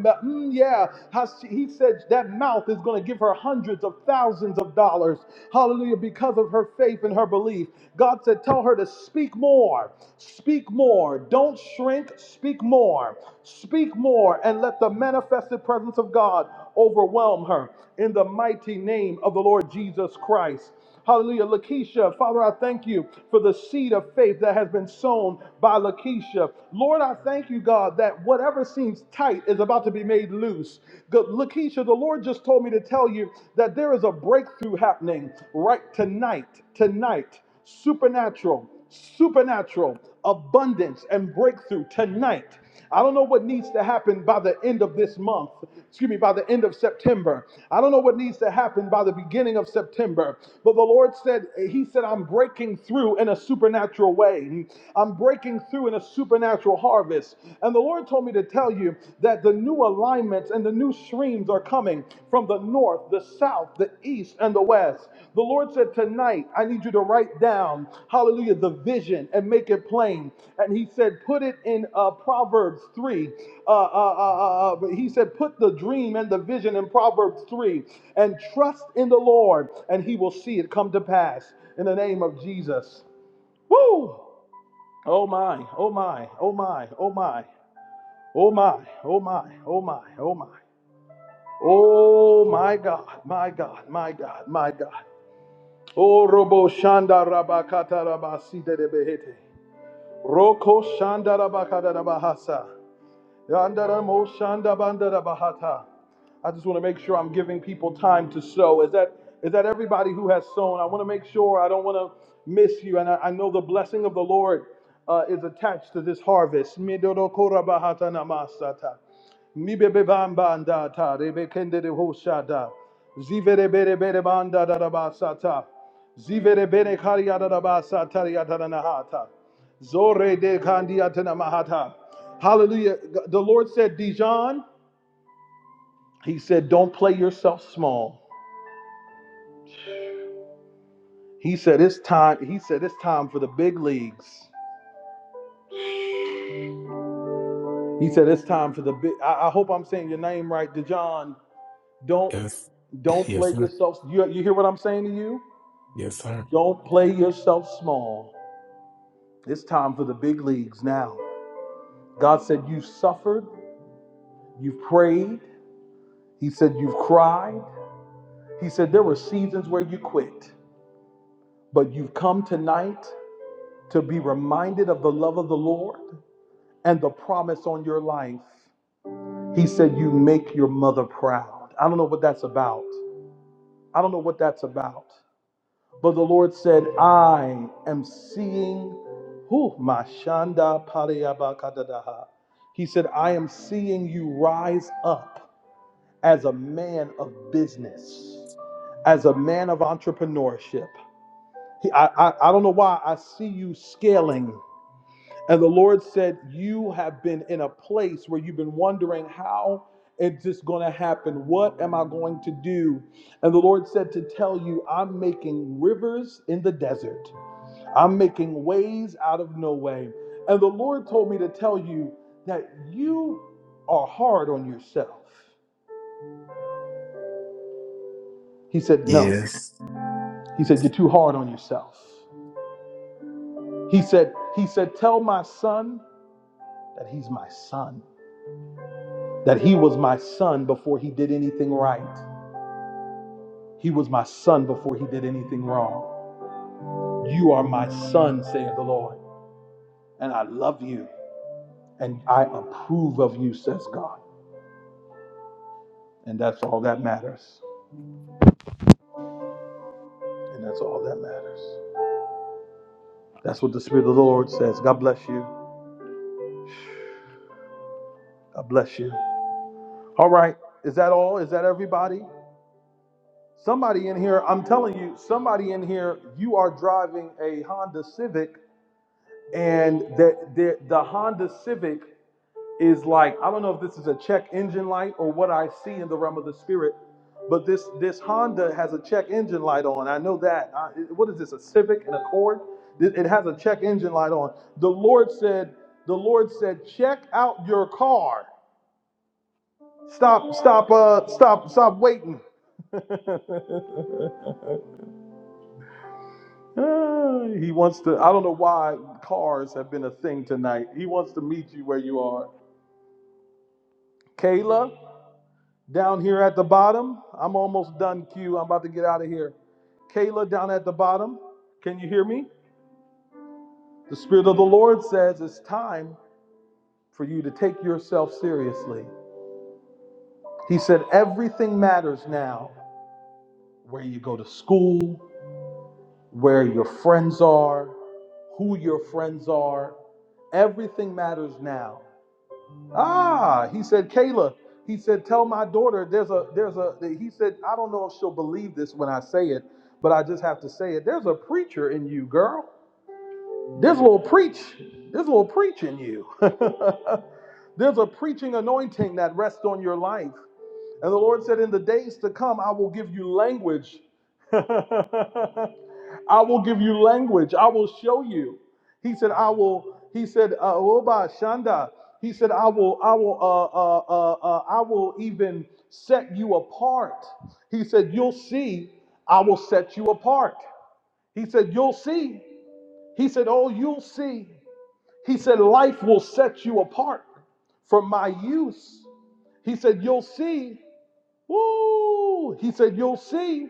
Speaker 2: mm, yeah, how she- he said that mouth is going to give her hundreds of thousands of dollars. Hallelujah, because of her faith and her belief. God said, tell her to speak more, speak more. Don't shrink, speak more, speak more, and let the manifested presence of God overwhelm her in the mighty name of the Lord Jesus Christ. Hallelujah. Lakeisha, Father, I thank you for the seed of faith that has been sown by Lakeisha. Lord, I thank you, God, that whatever seems tight is about to be made loose. Good. Lakeisha, the Lord just told me to tell you that there is a breakthrough happening right tonight, tonight, supernatural, supernatural abundance and breakthrough tonight. I don't know what needs to happen by the end of this month, excuse me, by the end of September. I don't know what needs to happen by the beginning of September. But the Lord said, He said, I'm breaking through in a supernatural way. I'm breaking through in a supernatural harvest. And the Lord told me to tell you that the new alignments and the new streams are coming from the north the south, the east, and the west. The Lord said, Tonight, I need you to write down, hallelujah, the vision and make it plain. And He said, Put it in uh, Proverbs 3. Uh, uh, uh, uh, uh, he said, Put the dream and the vision in Proverbs 3 and trust in the Lord, and He will see it come to pass in the name of Jesus. Woo! Oh my, oh my, oh my, oh my, oh my, oh my, oh my, oh my. Oh my God, my God, my God, my God. Oh Robo Shanda Rabakata Rabasita de Behete. Roko Shanda Rabakata Rabahasa. Yandara Mo Shanda Bandara Bahata. I just want to make sure I'm giving people time to sow. Is that is that everybody who has sown? I want to make sure I don't want to miss you. And I, I know the blessing of the Lord uh, is attached to this harvest. Midorokorabahatanamasata. Mibebebambandata, rebekenderehoshada. Ziverebereberebandadarabasata. Zivereberekariadarabasatariyadaranahata. Zoredekandiatanamahata. Hallelujah. The Lord said, Dijon. He said, Don't play yourself small. He said, It's time. He said, It's time for the big leagues. He said, It's time for the big. I, I hope I'm saying your name right, DeJohn. Don't
Speaker 10: Yes.
Speaker 2: don't
Speaker 10: Yes,
Speaker 2: play
Speaker 10: sir.
Speaker 2: yourself. You, you hear what I'm saying to you?
Speaker 10: Yes, sir.
Speaker 2: Don't play yourself small. It's time for the big leagues now. God said, You suffered, you prayed. He said, You've cried. He said, There were seasons where you quit, but you've come tonight to be reminded of the love of the Lord. and the promise on your life. He said, You make your mother proud. I don't know what that's about. I don't know what that's about. But the Lord said, I am seeing who Mashanda Pariyabakadadaha. He said, I am seeing you rise up as a man of business, as a man of entrepreneurship. He- I, I, I don't know why I see you scaling. And the Lord said, You have been in a place where you've been wondering how it's just going to happen. What am I going to do? And the Lord said to tell you, I'm making rivers in the desert, I'm making ways out of no way. And the Lord told me to tell you that you are hard on yourself. He said, No.
Speaker 10: Yes.
Speaker 2: He said, You're too hard on yourself. He said, He said, Tell my son that he's my son, that he was my son before he did anything right. He was my son before he did anything wrong. You are my son, saith the Lord, and I love you, and I approve of you, says God. And that's all that matters. And that's all that matters. That's what the Spirit of the Lord says. God bless you. God bless you. All right. Is that all? Is that everybody? Somebody in here, I'm telling you, somebody in here, you are driving a Honda Civic, and the, the, the Honda Civic is like I don't know if this is a check engine light or what I see in the realm of the spirit, but this this Honda has a check engine light on. I know that. I, what is this? A Civic and Accord? It, has a check engine light on. The Lord said. The Lord said, check out your car. Stop. Stop. Uh. Stop. Stop waiting. [laughs] he wants to. I don't know why cars have been a thing tonight. He wants to meet you where you are. Kayla. Down here at the bottom, I'm almost done, Q. I'm about to get out of here. Kayla, down at the bottom, can you hear me? The Spirit of the Lord says it's time for you to take yourself seriously. He said, Everything matters now where you go to school, where your friends are, who your friends are. Everything matters now. Ah, he said, Kayla, he said, tell my daughter there's a there's a he said, I don't know if she'll believe this when I say it, but I just have to say it. There's a preacher in you, girl. There's a little preach, there's a little preach in you. [laughs] there's a preaching anointing that rests on your life. And the Lord said, In the days to come, I will give you language. [laughs] I will give you language. I will show you. He said, I will, he said, uh, Oba Shanda. He said, I will, I will, uh, uh, uh, uh, I will even set you apart. He said, You'll see, I will set you apart. He said, You'll see. He said, Oh, you'll see. He said, Life will set you apart for my use. He said, You'll see. Woo! He said, You'll see.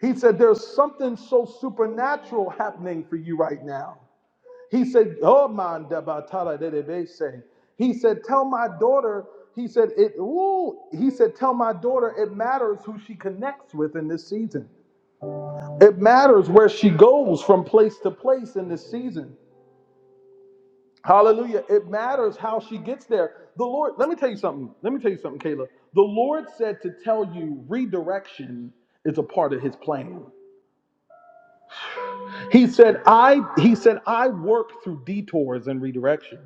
Speaker 2: He said, There's something so supernatural happening for you right now. He said, Oh man, debatala dedebese." He said, Tell my daughter, he said, it ooh, he said, Tell my daughter it matters who she connects with in this season. It matters where she goes from place to place in this season. Hallelujah. It matters how she gets there. The Lord, let me tell you something. Let me tell you something, Kayla. The Lord said to tell you redirection is a part of his plan. He said, I he said, I work through detours and redirection.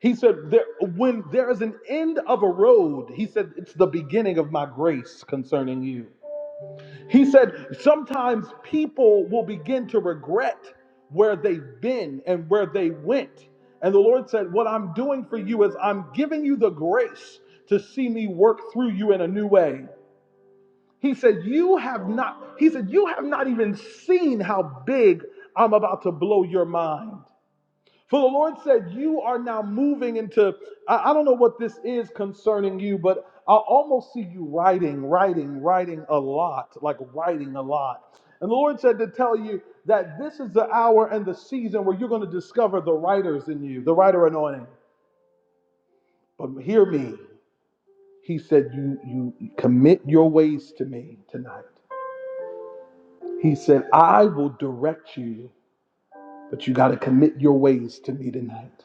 Speaker 2: He said, there, when there is an end of a road, he said, it's the beginning of my grace concerning you. He said, sometimes people will begin to regret where they've been and where they went. And the Lord said, What I'm doing for you is I'm giving you the grace to see me work through you in a new way. He said, You have not, he said, You have not even seen how big I'm about to blow your mind. For the Lord said, You are now moving into, I, I don't know what this is concerning you, but I almost see you writing, writing, writing a lot, like writing a lot. And the Lord said to tell you that this is the hour and the season where you're going to discover the writers in you, the writer anointing. But hear me. He said, You you commit your ways to me tonight. He said, I will direct you, but you got to commit your ways to me tonight.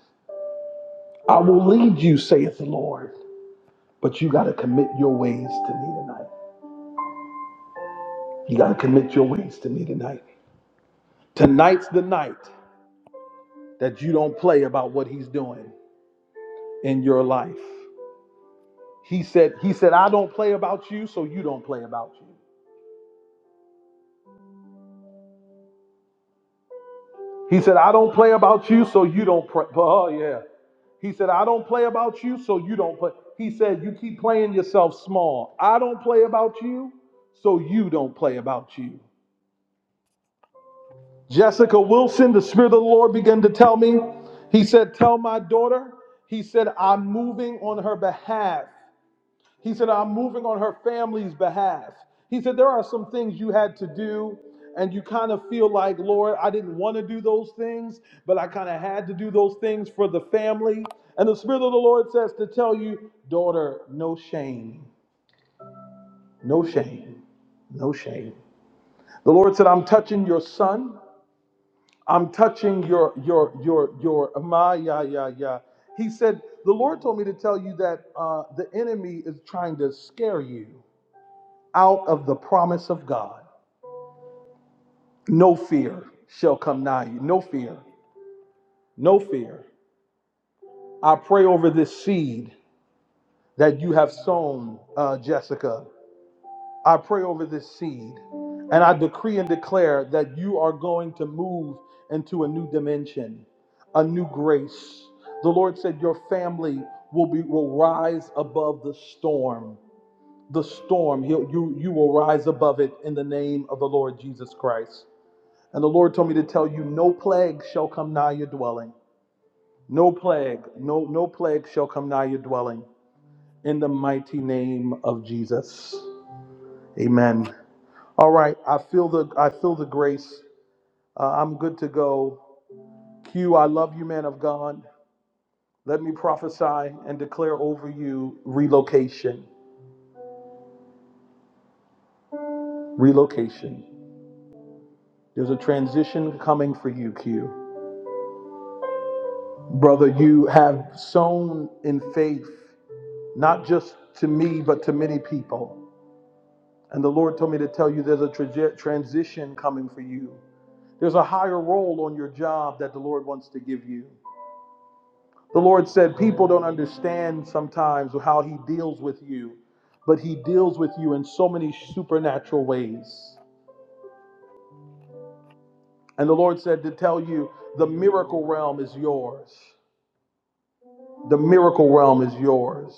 Speaker 2: I will lead you, saith the Lord. But you got to commit your ways to me tonight. You got to commit your ways to me tonight. Tonight's the night that you don't play about what he's doing in your life. He said, he said, I don't play about you, so you don't play about you. He said, I don't play about you, so you don't play. Oh, yeah. He said, I don't play about you, so you don't play. He said, You keep playing yourself small. I don't play about you, so you don't play about you. Jessica Wilson, the Spirit of the Lord began to tell me. He said, Tell my daughter, he said, I'm moving on her behalf. He said, I'm moving on her family's behalf. He said, There are some things you had to do, and you kind of feel like, Lord, I didn't want to do those things, but I kind of had to do those things for the family. And the Spirit of the Lord says to tell you, Daughter, no shame, no shame, no shame. The Lord said, I'm touching your son. I'm touching your your your your my yeah yeah yeah. He said the Lord told me to tell you that uh, the enemy is trying to scare you out of the promise of God. No fear shall come nigh you. No fear. No fear. I pray over this seed that you have sown, uh, Jessica. I pray over this seed and I decree and declare that you are going to move into a new dimension, a new grace. The Lord said your family will be will rise above the storm. The storm, he'll you, you will rise above it in the name of the Lord Jesus Christ. And the Lord told me to tell you, no plague shall come nigh your dwelling. No plague, no, no plague shall come nigh your dwelling. In the mighty name of Jesus. Amen. All right, I feel the I feel the grace. Uh, I'm good to go. Q, I love you, man of God. Let me prophesy and declare over you relocation. Relocation. There's a transition coming for you, Q. Brother, you have sown in faith, not just to me, but to many people. And the Lord told me to tell you there's a traje- transition coming for you. There's a higher role on your job that the Lord wants to give you. The Lord said, People don't understand sometimes how He deals with you, but He deals with you in so many supernatural ways. And the Lord said to tell you, the miracle realm is yours. The miracle realm is yours.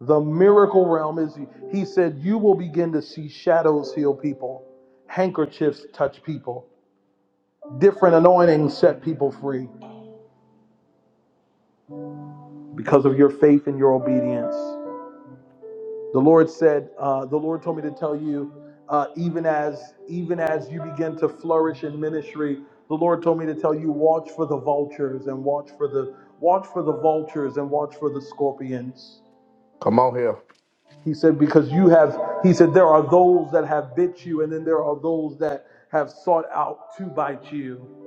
Speaker 2: The miracle realm is, He said, you will begin to see shadows heal people, handkerchiefs touch people, different anointings set people free because of your faith and your obedience. The Lord said, uh, the Lord told me to tell you, uh, even as even as you begin to flourish in ministry, the Lord told me to tell you, watch for the vultures and watch for the watch for the vultures and watch for the scorpions. He said, because you have, he said, there are those that have bit you, and then there are those that have sought out to bite you.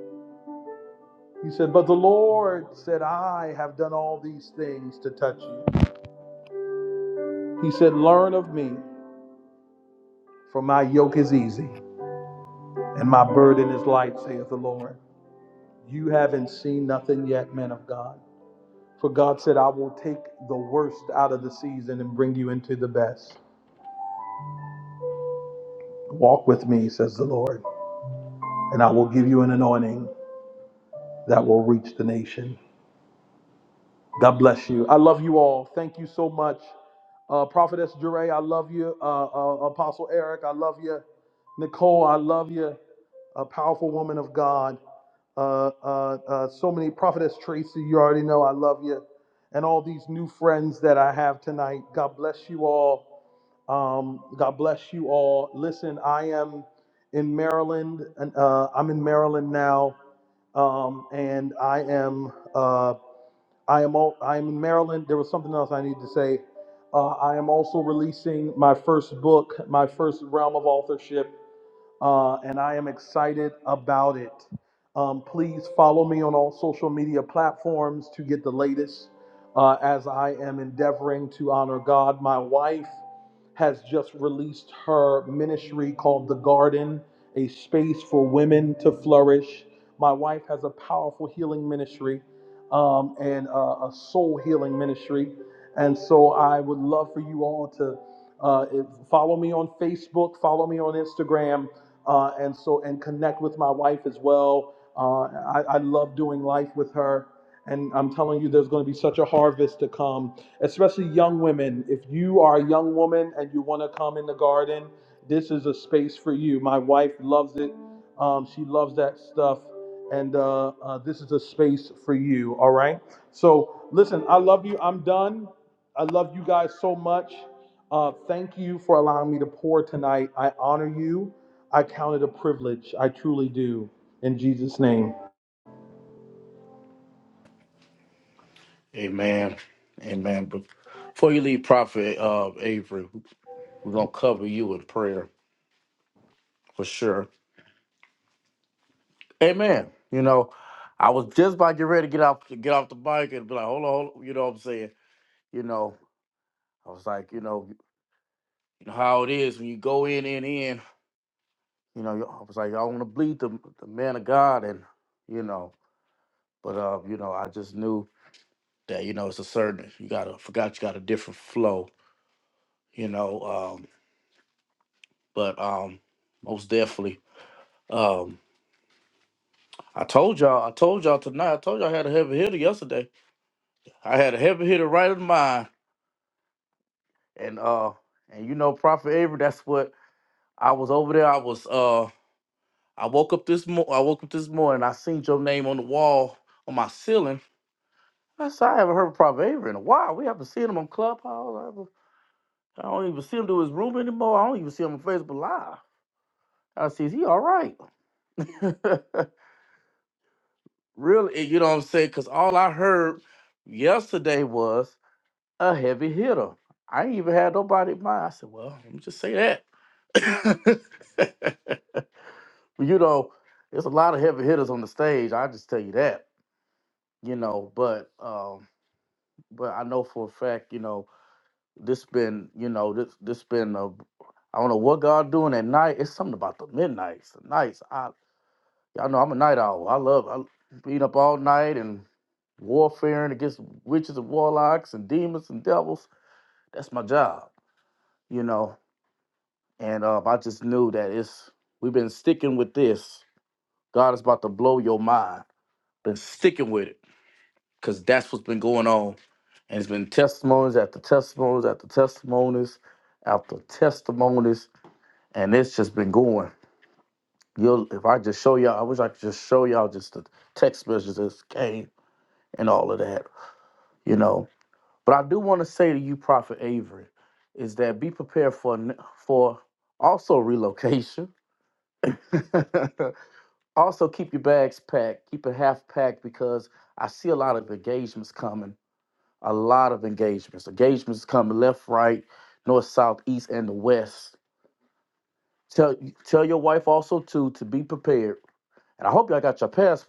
Speaker 2: He said, but the Lord said, I have done all these things to touch you. He said, learn of me, for my yoke is easy and my burden is light, saith the Lord. You haven't seen nothing yet, men of God. For God said, I will take the worst out of the season and bring you into the best. Walk with me, says the Lord, and I will give you an anointing that will reach the nation. God bless you. I love you all. Thank you so much. Uh, Prophetess Jure, I love you. Uh, uh, Apostle Eric, I love you. Nicole, I love you. A powerful woman of God. Uh, uh, uh, so many. Prophetess Tracy, you already know I love you. And all these new friends that I have tonight. God bless you all. Um, God bless you all. Listen, I am in Maryland, and uh, I'm in Maryland now, um, and I am. uh, I am all, I am in Maryland. There was something else I need to say. Uh, I am also releasing my first book, my first realm of authorship uh, and I am excited about it. Um, please follow me on all social media platforms to get the latest uh, as I am endeavoring to honor God. My wife has just released her ministry called The Garden, a space for women to flourish. My wife has a powerful healing ministry um, and uh, a soul healing ministry. And so I would love for you all to uh, if- follow me on Facebook, follow me on Instagram, uh, and so and connect with my wife as well. Uh, I, I love doing life with her, and I'm telling you, there's going to be such a harvest to come, especially young women. If you are a young woman and you want to come in the garden, this is a space for you. My wife loves it. Um, she loves that stuff, and uh, uh, this is a space for you. All right. So listen, I love you. I'm done. I love you guys so much. Uh, thank you for allowing me to pour tonight. I honor you. I count it a privilege. I truly do. In Jesus' name.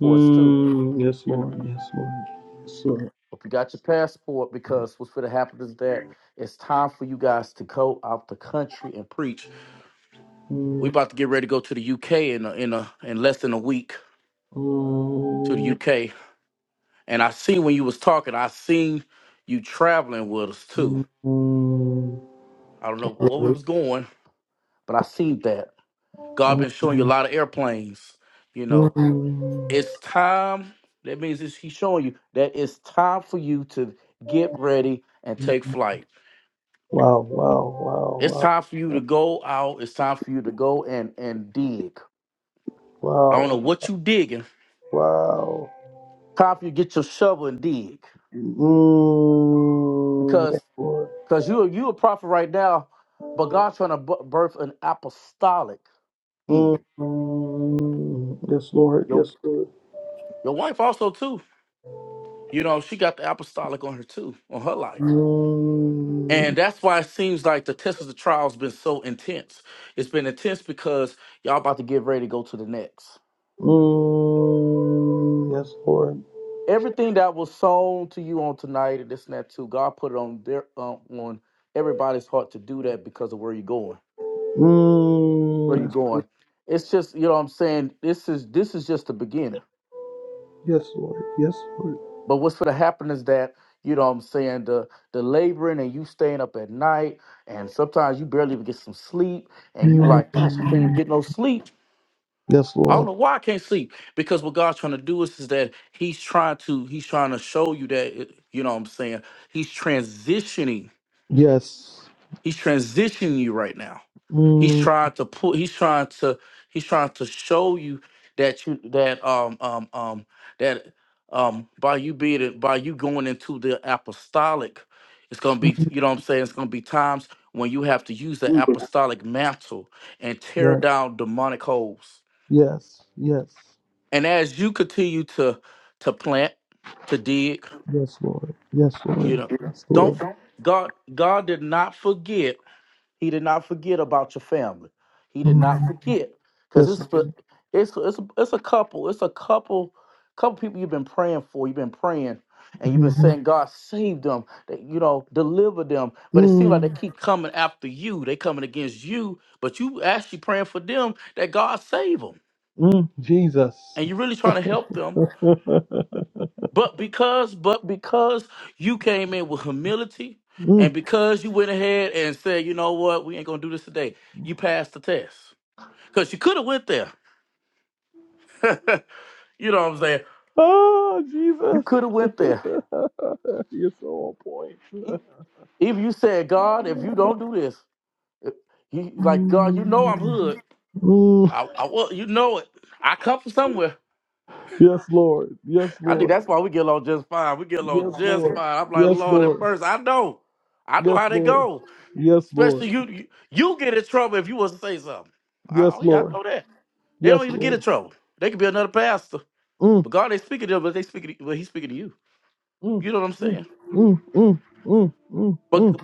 Speaker 2: Mm, yes, Lord. Yes, Lord. Yes, Lord. Mm, mm, mm, mm, mm, mm, mm. Wow, wow, wow, wow, wow, wow. Mm, yes, Lord. Mm, yes, Lord. Yes, Lord. Mm, mm, yes, Lord. Mm, yes, Lord. Yes, Lord. Mm, yes, Lord. Yes. Mm, yes. Yes. Yes. Yes, Lord. Yes, Lord. Yes, Lord. Mm, yes. Mhm. Mm, mm, Jesus. [laughs] mm. Oh, Jesus. [laughs] You're so on point. Mm, mm, yes, Lord. Yes, Lord. Yes, Lord. Yes, Lord. Yes, Lord. Yes, Lord. Yes, Lord. Yes, Lord. Mm, mm, mm, mm, mm, mm, mm.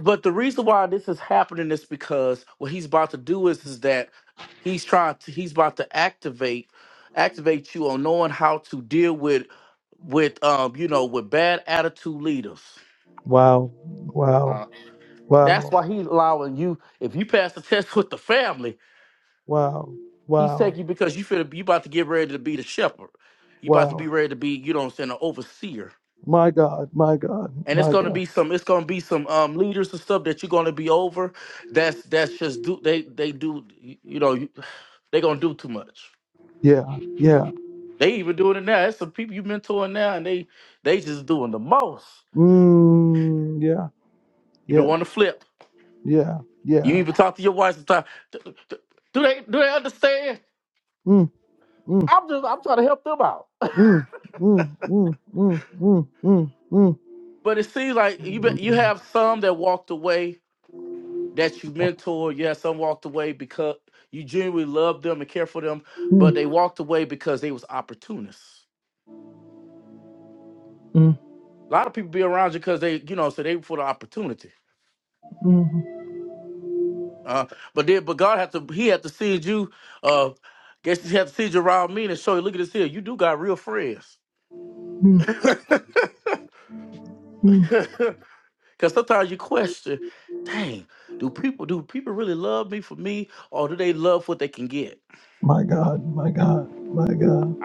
Speaker 2: Wow. Wow. Wow. Wow. Wow. Wow. My God. My God. My God. Yeah. Yeah. Mm, yeah. Yeah. Yeah. Yeah. Mm, mm, mm. Mm, mm, mm, mm, mm, mm, mm, mm, mm, mm, mm. My God, my God, my God.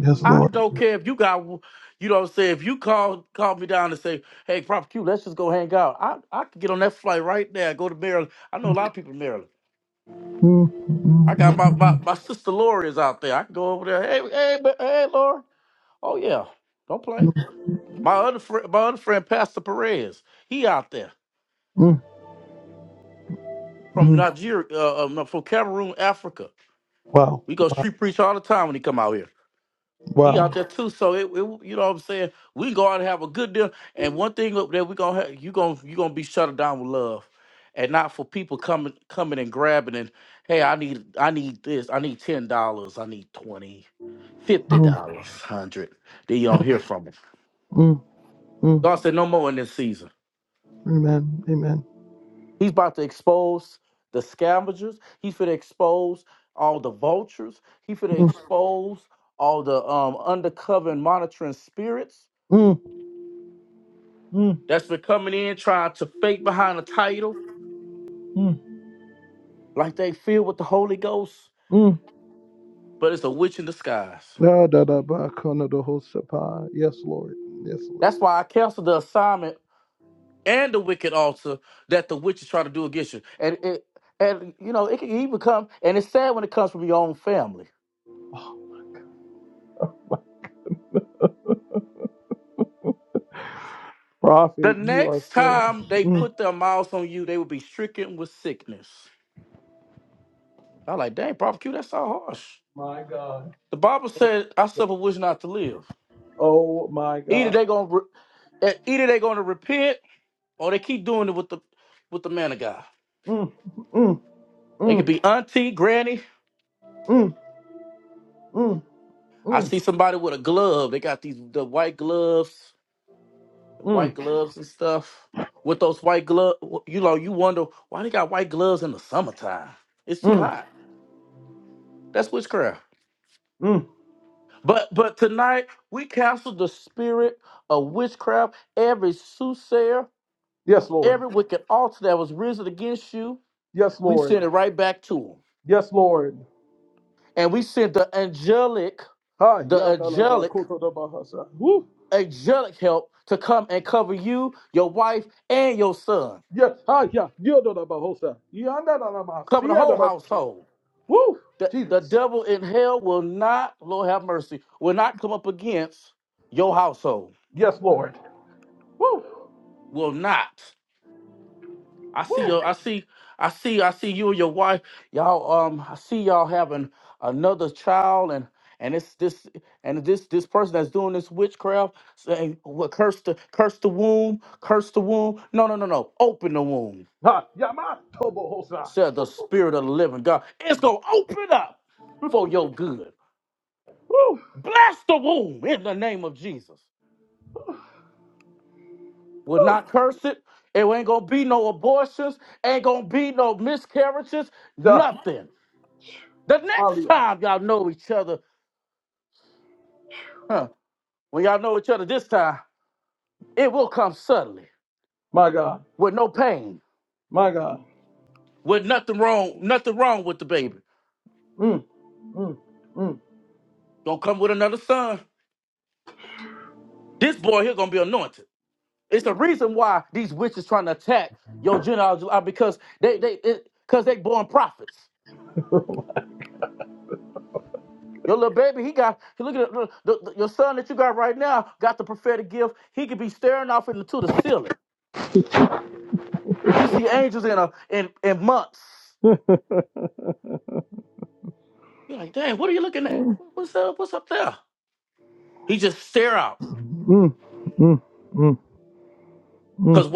Speaker 2: Yes, Lord. Mm, mm, mm, mm, mm, mm. Wow, wow, wow. Mm, mm, mm. Amen, amen. Mm, mm, mm, mm, mm. Da, da, da, ba, kona, da, ho, sapa. Yes, Lord. Yes, Lord. Prophet, you are so. Mm, my God. Oh, my God. Mm, mm, mm, mm, mm, mm, mm, mm, mm. Yes, Lord. Yes, Lord. Yes, Lord. Hi, ya, da, la, ba, koto, da, ba, hasa. Yes, ah, yeah, you do the hosta. You under the lama, see the know Woo, Jesus. Yes, Lord. Woo, woo. Ha, yama tobo hosta. Woo, woo. Da, alia. My God, my God. Mm, mm, mm. [laughs] mm, mm, mm, mm,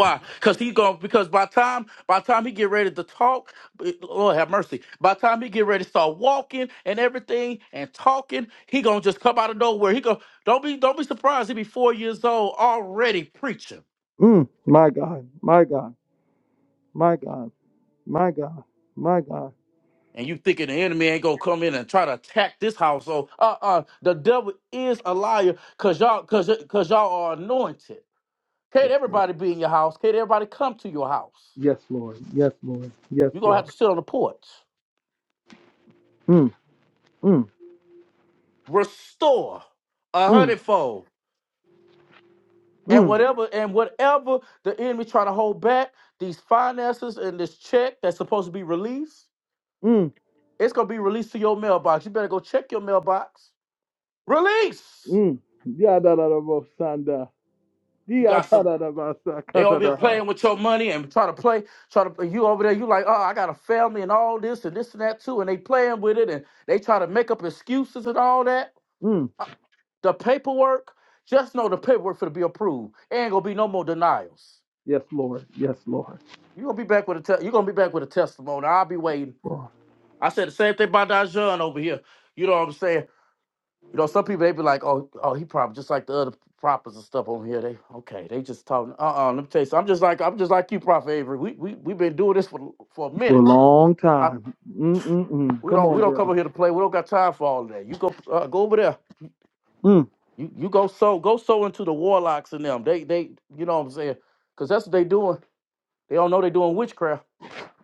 Speaker 2: mm. My God, my God, my God, my God, my God. Yes, Lord. Yes, Lord. Yes, Lord. Yes, Lord. Mm, mm, mm, mm, mm, Mm. Yadadadabosanda. Diyatadadabasakatadaha. Mm. Yes, Lord. Yes, Lord. Oh, For a long time. Mm-mm-mm. Come on, brother. Mm,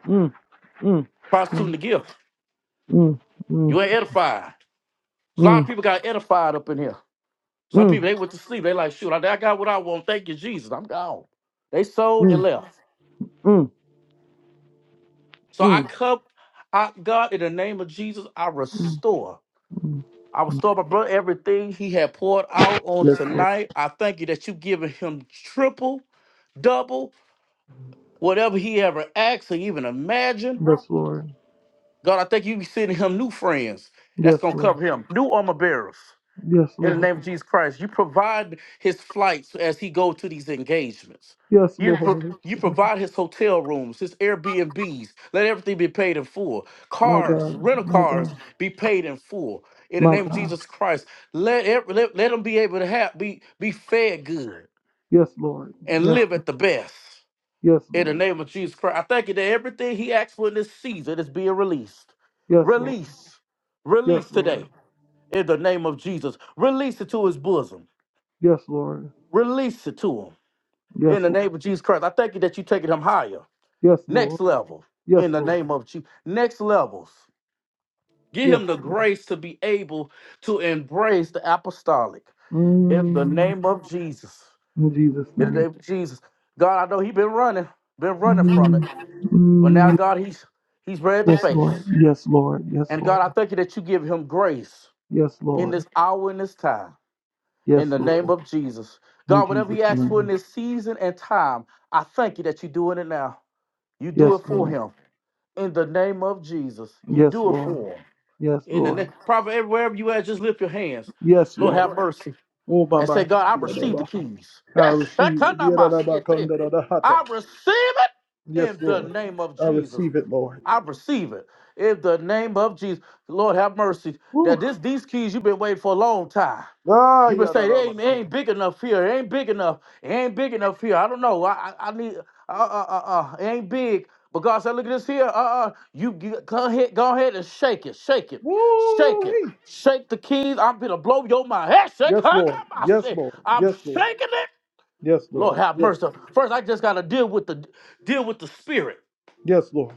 Speaker 2: mm, mm, mm, mm, mm, mm, mm, mm, mm, mm, mm, mm. Yes, Lord. Yes, Lord. Yes, Lord. Yes, Lord. Yes, Lord. My God. My God. My God. Yes, Lord. Yes. Yes, Lord. Yes, Lord. Yes, Lord. Yes, Lord. Yes, Lord. Yes, Lord. Yes, Lord. Yes, Lord. Mm, in Jesus' name. Mm, mm, yes, Lord. Yes, Lord. Yes, Lord. Yes, Lord. Yes, Lord. In Jesus' name. Yes, Lord. Yes, Lord. Yes, Lord. Yes, Lord. Oh, Baba. Shanda, Baba. I receive it. Yada, da, ba, kanda, da, da, hata. Yes, Lord. I receive it, Lord. Woo. Ah, yada, da, ba, kata. Woo. Yes, Lord. Yes, Lord. Yes, Lord. Yes, Lord. Yes, Yes, Lord.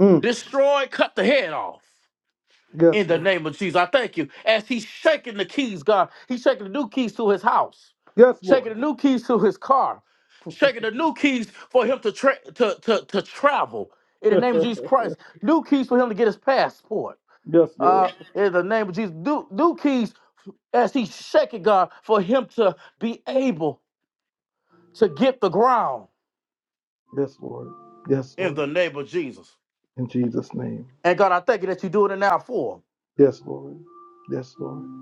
Speaker 2: Mm. Yes, Lord. Yes, Lord. [laughs] yes, Lord. Yes, Lord. Yes, Lord. In Jesus' name. Yes, Lord. Yes, Lord.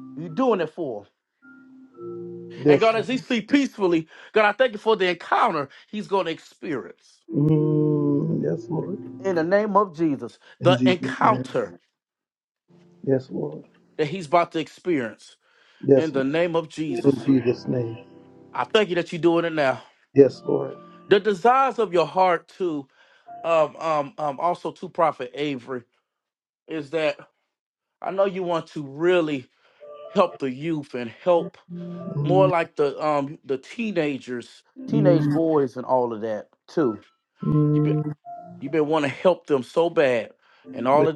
Speaker 2: Yes, Lord. Mm. Yes, Lord. In Jesus' name. Yes, Lord. Yes, Lord. In Jesus' name. Yes, Lord. Mm, mm, mm. Yes.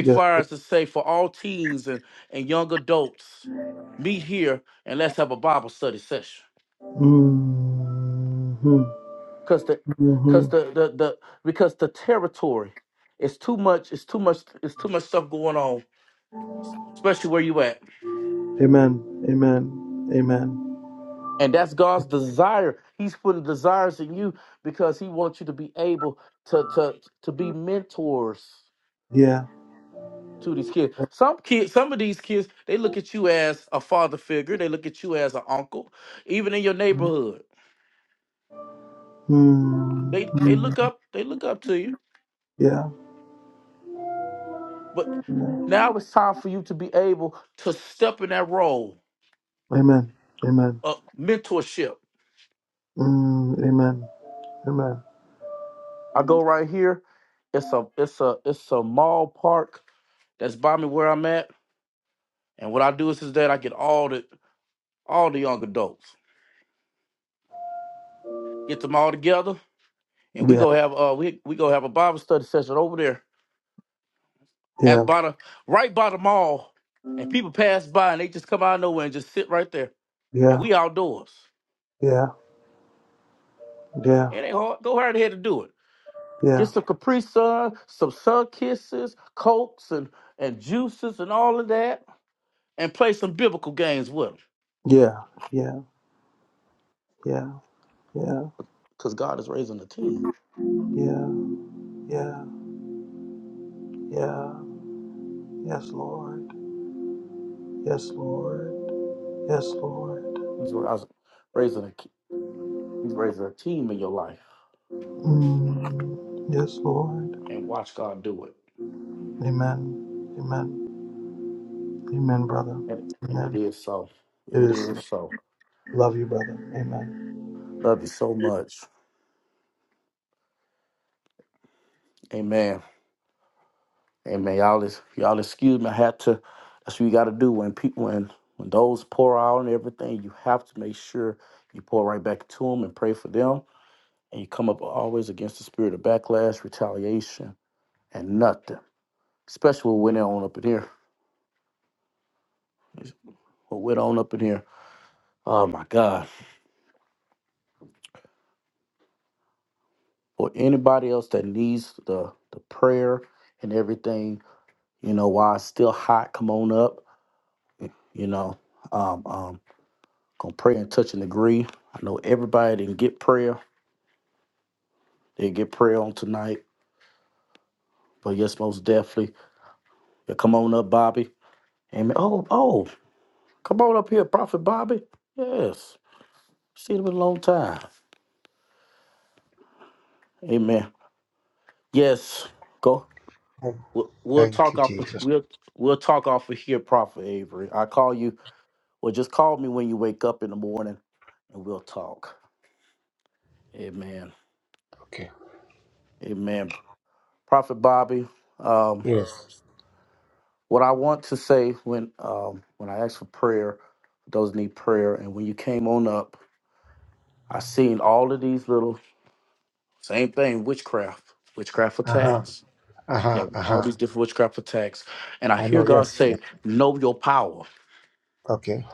Speaker 2: yes. Mm, mm, mm, mm. Amen. Amen. Amen. Yeah. Mm, mm. Yeah. Amen. Amen. Mm, amen. Amen. Yeah. Yeah. Yeah. Yeah. Yeah. Yeah. Yeah. Yeah. Yeah. Yeah. Yeah. Yeah. Yeah. Yes, Lord. Yes, Lord. Yes, Lord. Mm, yes, Lord. Amen. Amen. Amen, brother. Amen. It is. Love you, brother. Amen.
Speaker 11: Thank thank you, Jesus. Okay. Yes. Uh huh. Uh huh. Uh huh. I know. Yes. Yes. Okay.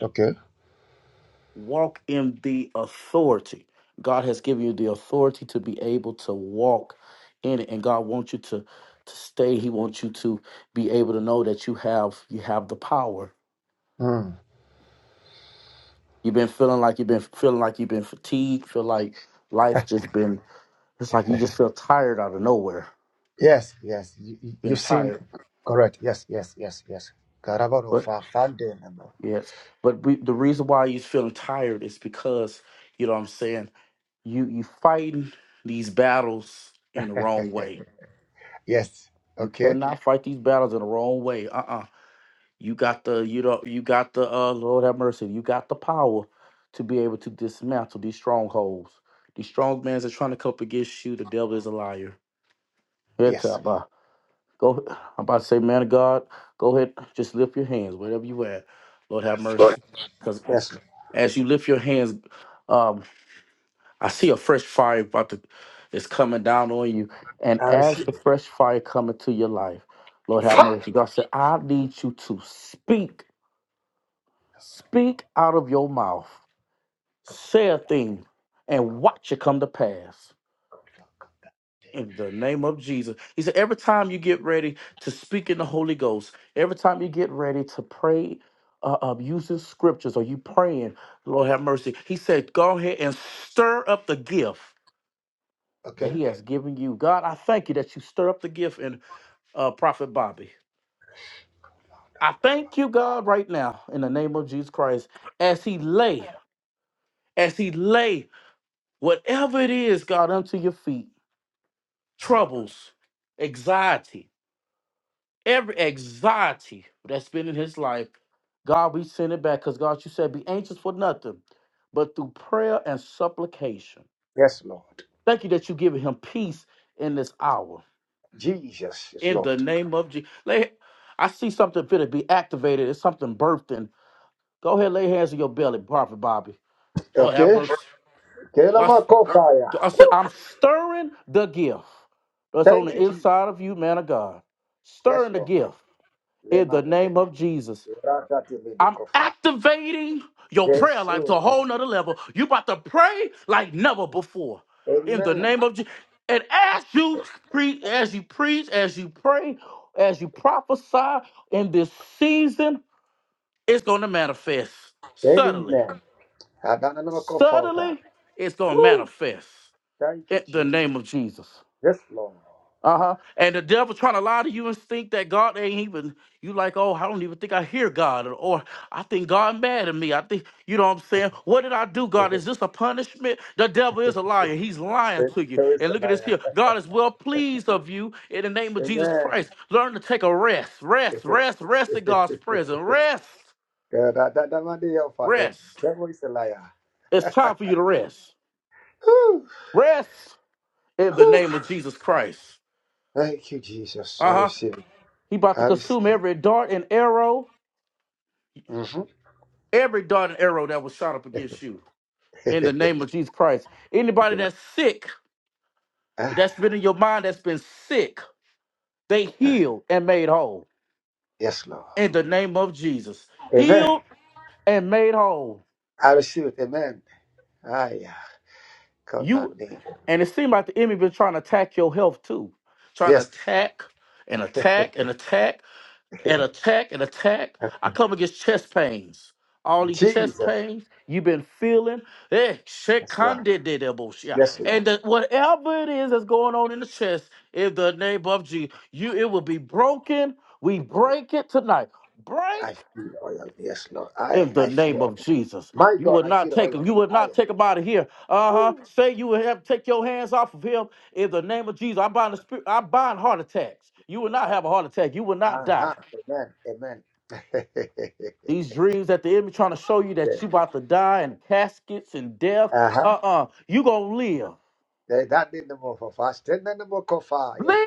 Speaker 11: Okay. Hmm. Yes. Yes. You, you- you've seen. Correct. Yes. Yes. Yes. Yes. Karabaro fa fande nemo. Yes. Okay. Yes. Lord. Yes. I receive it. Fire. Come down the fire, come down, Okay. Yes, Lord. Jesus is Lord. Okay. Kelama fire. Thank you, Jesus. Yes, Lord. Lemanema. Rakatibidikofa. Gesura. Amen. Amen. Adananokofota. Woo. Thank you, Jesus. Yes, Lord. [laughs] There is a liar. Amen. Yeah, that- that- that man there, Father, The devil is a liar. Woo. Woo. Thank you, Jesus. I receive it. I receive it. Mm-hmm. [laughs] You cannot- ah, ah, yes, Lord. Amen. I receive it. Amen. Ah, yeah. God, my name. Yes. [laughs] Jesus. Yes, Lord. Yes, Lord. I feel oil. Yes, Lord. I I feel oil. My God, I feel oil. I uh huh. Amen. Amen. [laughs] uh huh. They That did the more for fasting than the more for fire.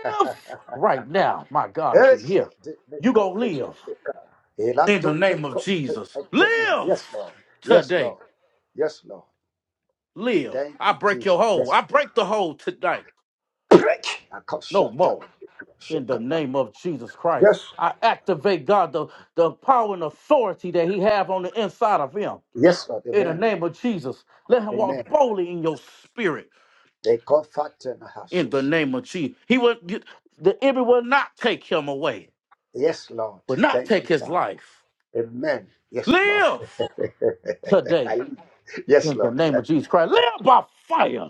Speaker 11: Yes, so did the coffee. the car. He liked to Lord. Yes, Lord. Yes, Lord. Yes, Lord. Thank you, Jesus. Yes. Break. I can't shut up. Shut up. Yes. Yes, Lord. Amen. Amen. They call fat in the houses. Yes, Lord. Thank you, Father. Amen. Yes, Lord. [laughs] I- yes, Lord. [laughs]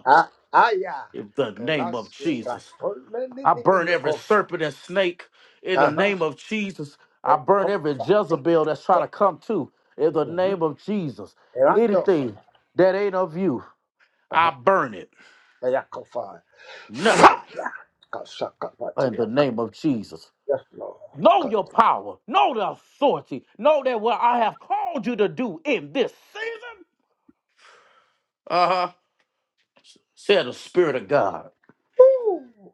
Speaker 11: Ah, ah, yeah. Colossians, right. Oh, me, me, me, me, no, go. Uh-huh. Eh, go, fa- take it, go. Mhm. Eh, and do, fa- Uh-huh. Eh, yeah, go, fa- Fire. Ka- sa- ka- pa- ti- ya- ka- Yes, Lord. Ka- Ooh.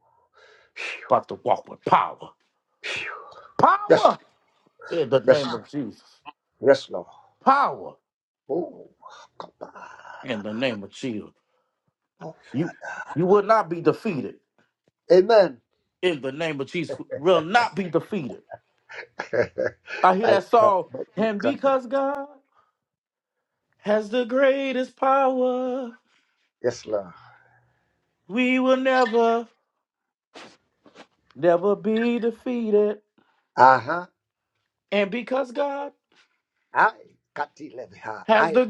Speaker 11: Phew, phew. Yes, yes, yes, Lord. Oh, God. Oh, Father. Amen. [laughs] I can't. Yes, Lord. Uh huh. I, Kati Leviha, I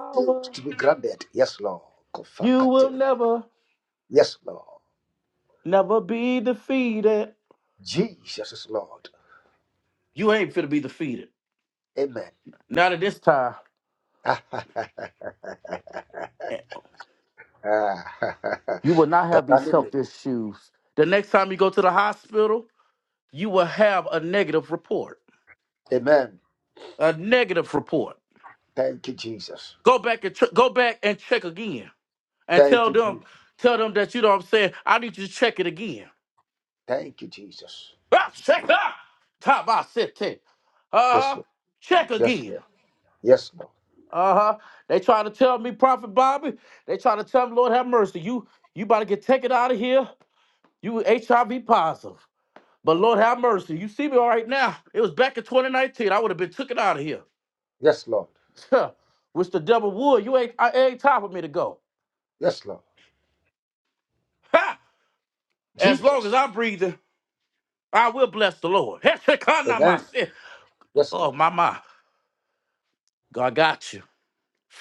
Speaker 11: refuse to be grounded. Yes, Lord. Kofa Kati. Yes, Lord. Jesus is Lord. Amen. [laughs] Concerning me. Amen. Thank you, Jesus. Thank you, Jesus. Thank you, Jesus. Yes, Lord. Yes, Lord. Yes, Lord. Yes, Lord. Yes, Lord. Jesus. Amen. Yes, Lord.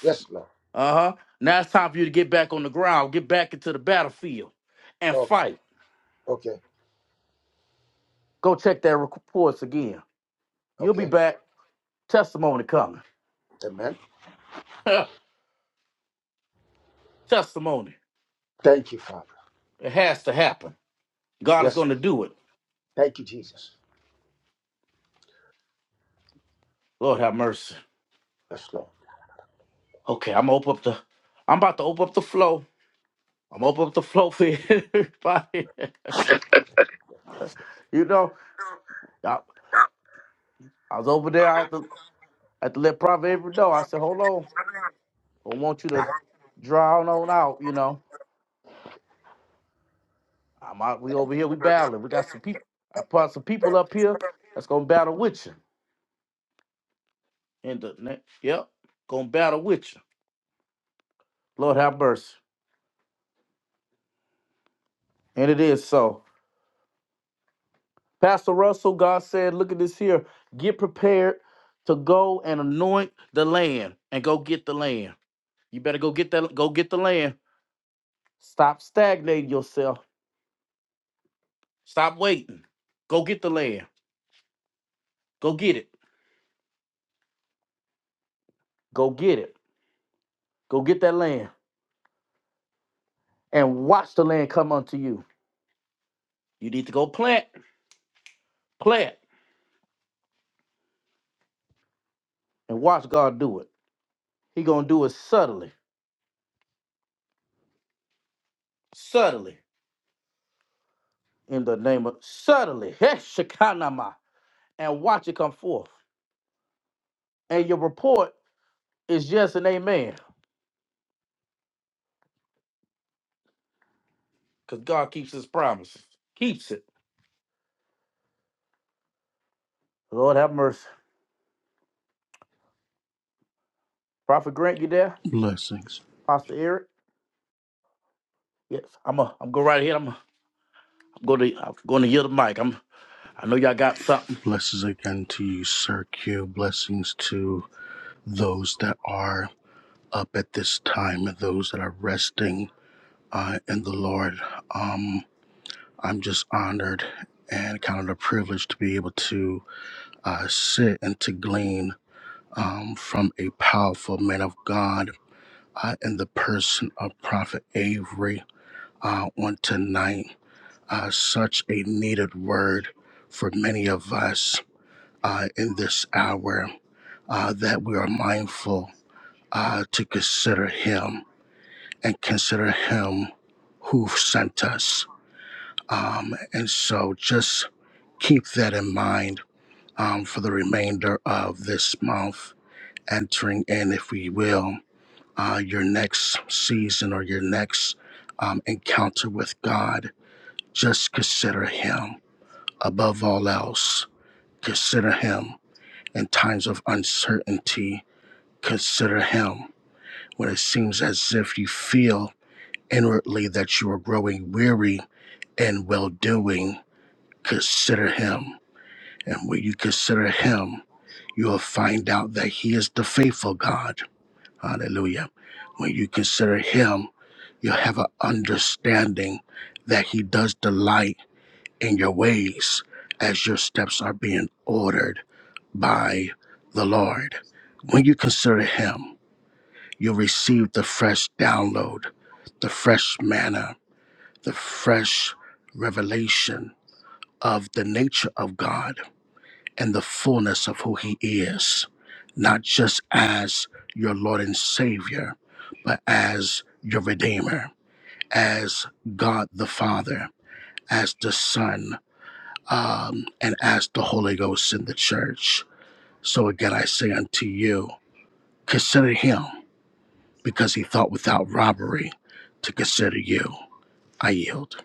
Speaker 11: Yes, Lord. Okay. Okay. Okay. Amen. Thank you, Father. Yes, Lord. Thank you, Jesus. Yes, Lord.
Speaker 12: Blessings. Blessings again to you, Sir Q. Blessings to those that are up at this time and those that are resting uh, in the Lord. Um, I'm just honored and kind of a privilege to be able to uh, sit and to glean um, from a powerful man of God uh, in the person of Prophet Avery uh, on tonight. Uh, such a needed word for many of us uh, in this hour. uh, that we are mindful uh, to consider Him and consider Him who sent us. Um, and so just keep that in mind um, for the remainder of this month, entering in, if we will, uh, your next season or your next um, encounter with God. Just consider Him above all else. Consider Him in times of uncertainty. Consider Him when it seems as if you feel inwardly that you are growing weary and well doing, consider Him. And when you consider Him, you will find out that He is the faithful God. Hallelujah. When you consider Him, you'll have an understanding that He does delight in your ways as your steps are being ordered by the Lord. When you consider Him, You'll receive the fresh download, the fresh manna, the fresh revelation of the nature of God and the fullness of who He is, not just as your Lord and Savior, but as your Redeemer, as God the Father, as the Son, um, and as the Holy Ghost in the church. So again, I say unto you, consider Him because He thought without robbery to consider you. I yield.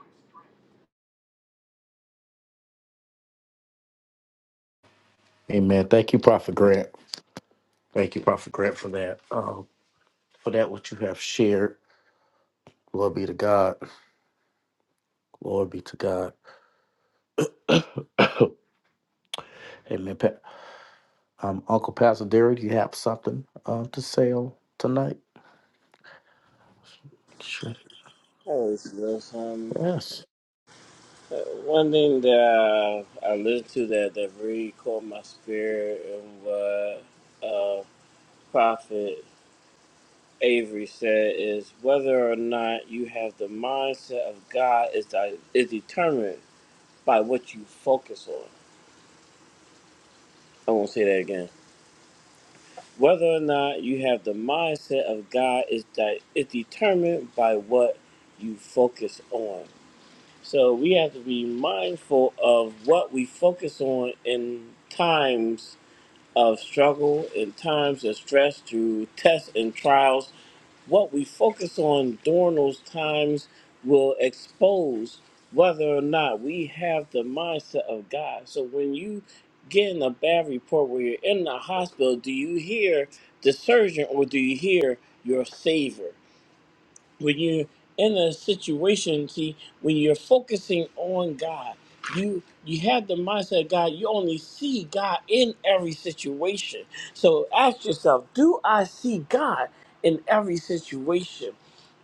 Speaker 4: Yes, listen. uh, One thing that uh, I listened to that that really caught my spirit and what uh, Prophet Avery said is whether or not you have the mindset of God is di- is determined by what you focus on. I won't say that again Whether or not you have the mindset of God is that is determined by what you focus on. So we have to be mindful of what we focus on in times of struggle, in times of stress, through tests and trials what we focus on during those times will expose whether or not we have the mindset of God. So when you get in a bad report where you're in the hospital, do you hear the surgeon or do you hear your savior? when you're in a situation, see, when you're focusing on God, you you have the mindset of God, you only see God in every situation. So ask yourself, do I see God in every situation?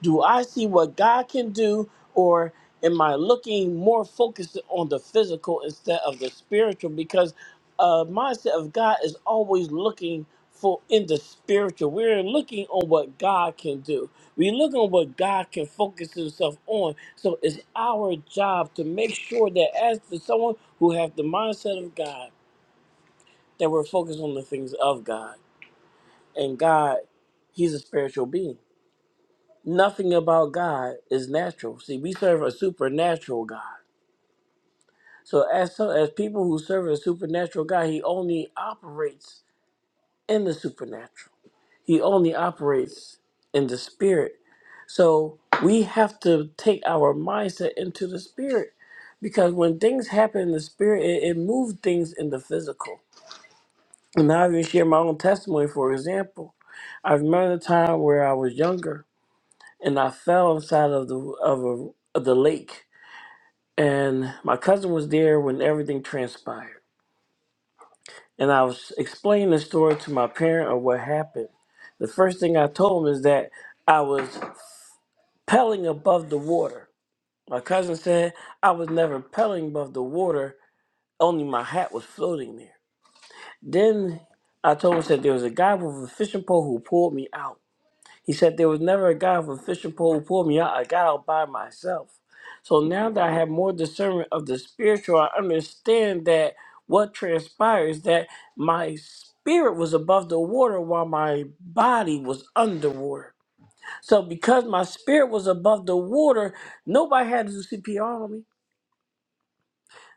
Speaker 4: Do I see what God can do, or am I looking more focused on the physical instead of the spiritual? Because a mindset of God is always looking for in the spiritual. We're looking on what God can do. We look on what God can focus himself on. So it's our job to make sure that as the someone who have the mindset of God, that we're focused on the things of God. And God, He's a spiritual being nothing about God is natural. See, we serve a supernatural God. So as so as people who serve a supernatural God, he only operates in the supernatural. He only operates in the spirit. So we have to take our mindset into the spirit. Because when things happen in the spirit, it, it moves things in the physical. And I'll even share my own testimony, for example. I remember the time where I was younger and I fell inside of the of a of the lake and my cousin was there when everything transpired. And I was explaining the story to my parent of what happened. The first thing I told him is that I was pelling above the water. My cousin said I was never pelling above the water, only my hat was floating there. Then I told him that there was a guy with a fishing pole who pulled me out. He said there was never a guy with a fishing pole who pulled me out. I got out by myself. So now that I have more discernment of the spiritual, I understand that what transpires that my spirit was above the water while my body was underwater. So because my spirit was above the water, nobody had to do CPR on me.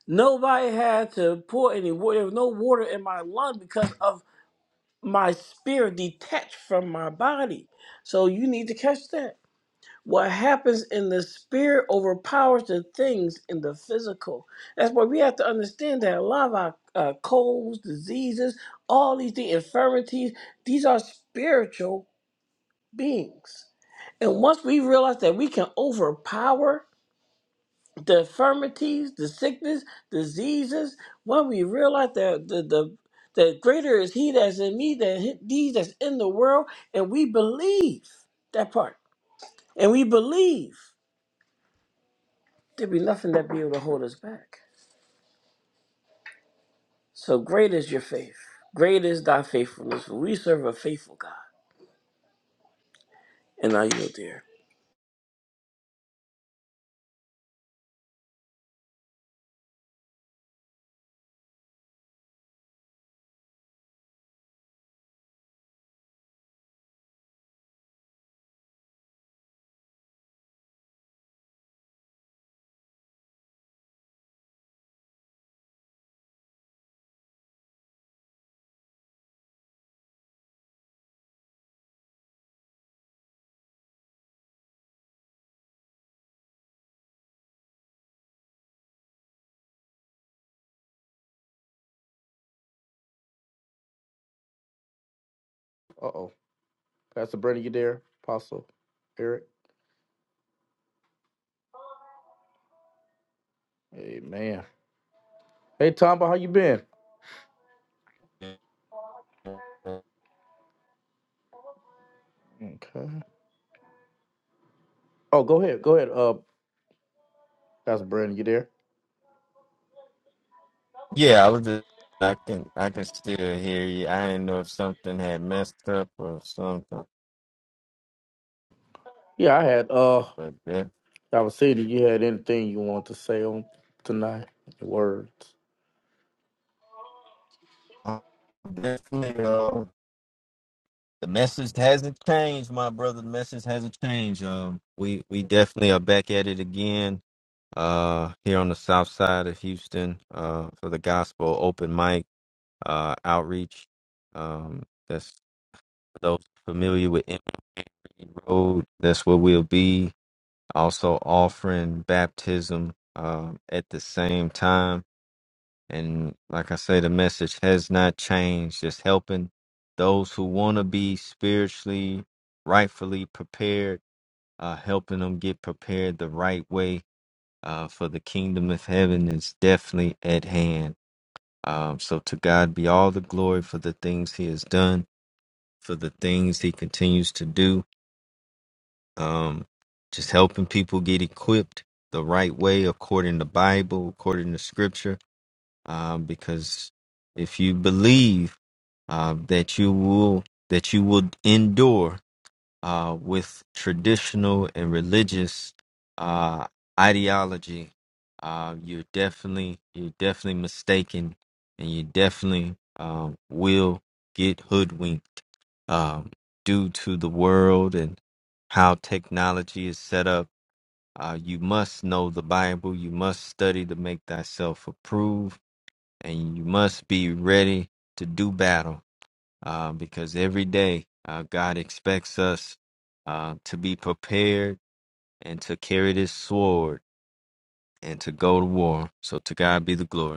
Speaker 4: Nobody had to pour any water. There was no water in my lung because of my spirit detached from my body. So you need to catch that. What happens in the spirit overpowers the things in the physical. That's why we have to understand that a lot of our uh, colds, diseases, all these the infirmities, these are spiritual beings. And once we realize that we can overpower the infirmities, the sickness, diseases, when we realize that the, the that greater is he that's in me than he- these that's in the world, and we believe that part, and we believe. There be nothing that be able to hold us back. So great is your faith. Great is thy faithfulness. For we serve a faithful God. And I yield there.
Speaker 13: Yeah, I was just I can I can still hear you. I didn't know if something had messed up or something, but that definitely uh, the message hasn't changed, my brother. The message hasn't changed. Um, we we definitely are back at it again. Uh, here on the south side of Houston, uh, for the gospel open mic, uh, outreach. Um, that's those familiar with Emory Road. That's where we'll be also offering baptism uh, at the same time. And like I say, the message has not changed, just helping those who want to be spiritually, rightfully prepared, uh, helping them get prepared the right way uh, for the kingdom of heaven is definitely at hand. Um, so to God be all the glory for the things he has done, for the things he continues to do um, just helping people get equipped the right way according to Bible, according to Scripture. Um, because if you believe uh, that you will that you will endure, uh, with traditional and religious uh, ideology, uh, you're definitely you're definitely mistaken, and you definitely um, will get hoodwinked um, due to the world and how technology is set up. Uh, you must know the Bible. You must study to make thyself approve, and you must be ready to do battle uh, because every day uh, God expects us uh, to be prepared and to carry this sword and to go to war. So to God be the glory.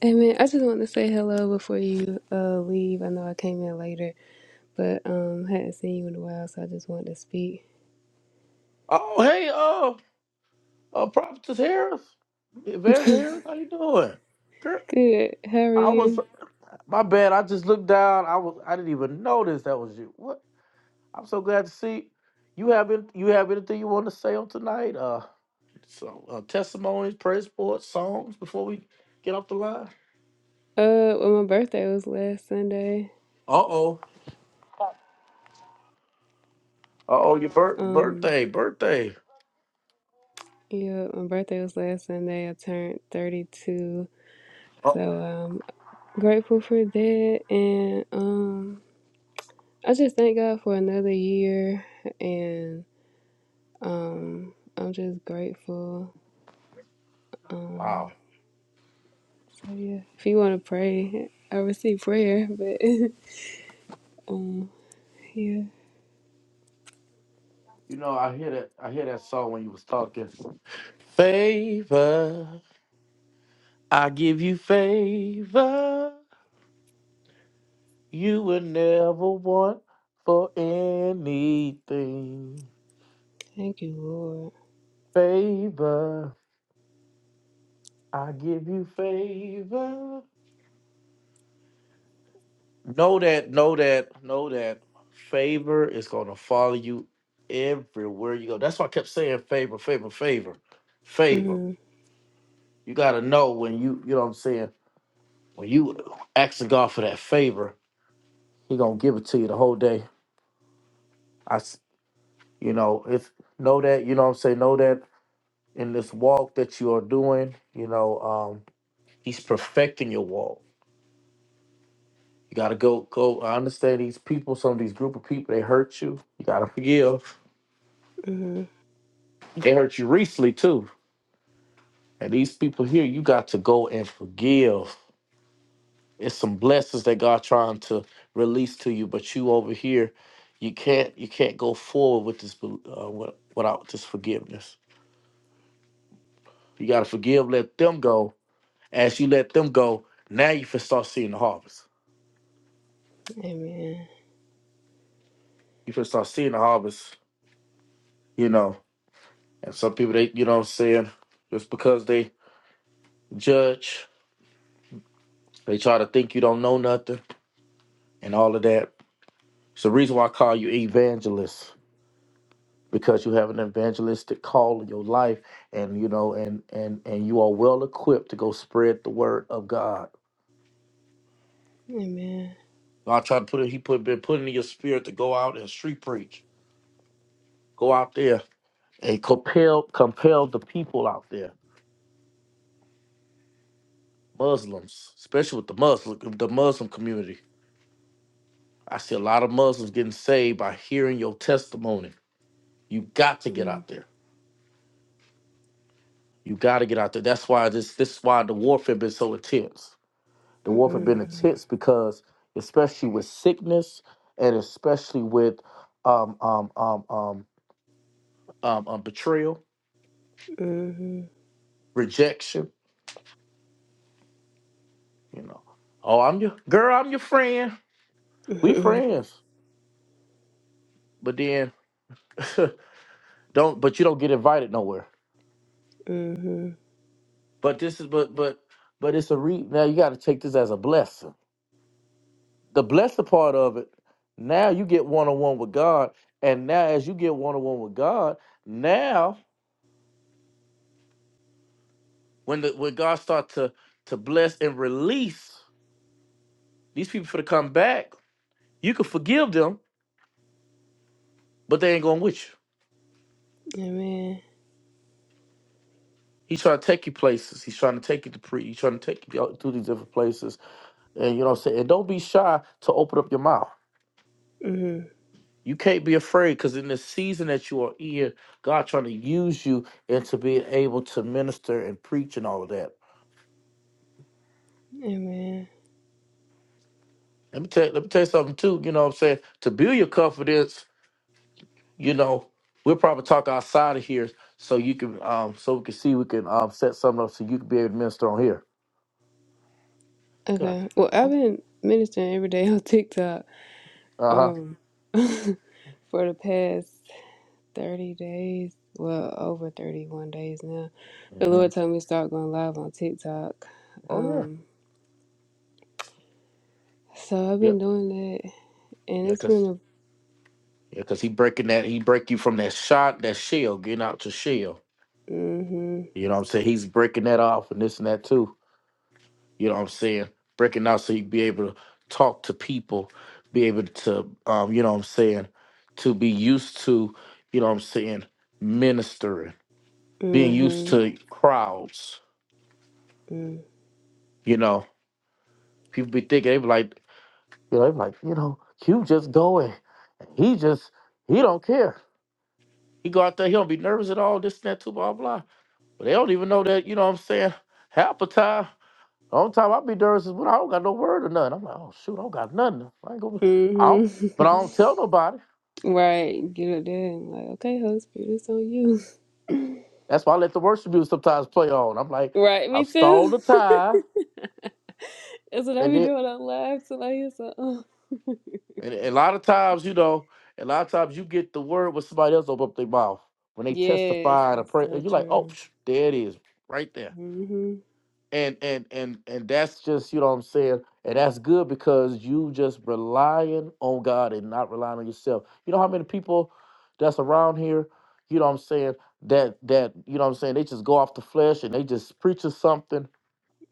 Speaker 14: Hey man, I just want to say hello before you uh, leave. I know I came in later, but um, hadn't seen you in a while, so I just wanted to speak. [laughs] Good. How are you? Uh, well, my birthday was last Sunday. Um, yeah, my birthday was last Sunday. I turned 32, so I'm grateful for that, and um, I just thank God for another year, and um, I'm just grateful. Um. So yeah, if you want to pray, I receive prayer, but [laughs] um, yeah, thank you, Lord. Mm-hmm, mm-hmm. Amen. Amen. Mm-hmm, mm-hmm, mm-hmm. Amen. Mm-hmm, amen. Okay. Well, I've been ministering every day [laughs] on TikTok um for the past thirty days. Well, over thirty-one days now. The Lord told me to start going live on TikTok. Um, so I've been doing that And it's been a mhm, mhm, mm, mhm. [laughs] right, get up there and like, okay, Holy Spirit, it's on you. [laughs] right, me too. [laughs] That's what I be doing on live till I hear something. Yes, it's so true. Mhm,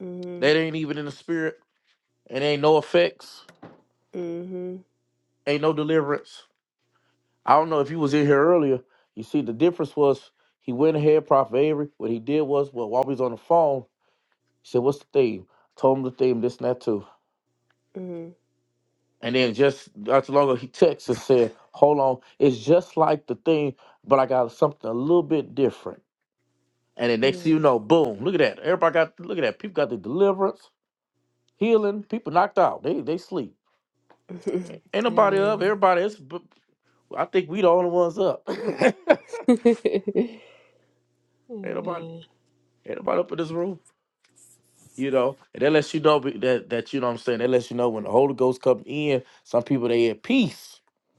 Speaker 14: mhm, mhm, mhm, mhm. mhm. [laughs] Amen. [laughs] Amen.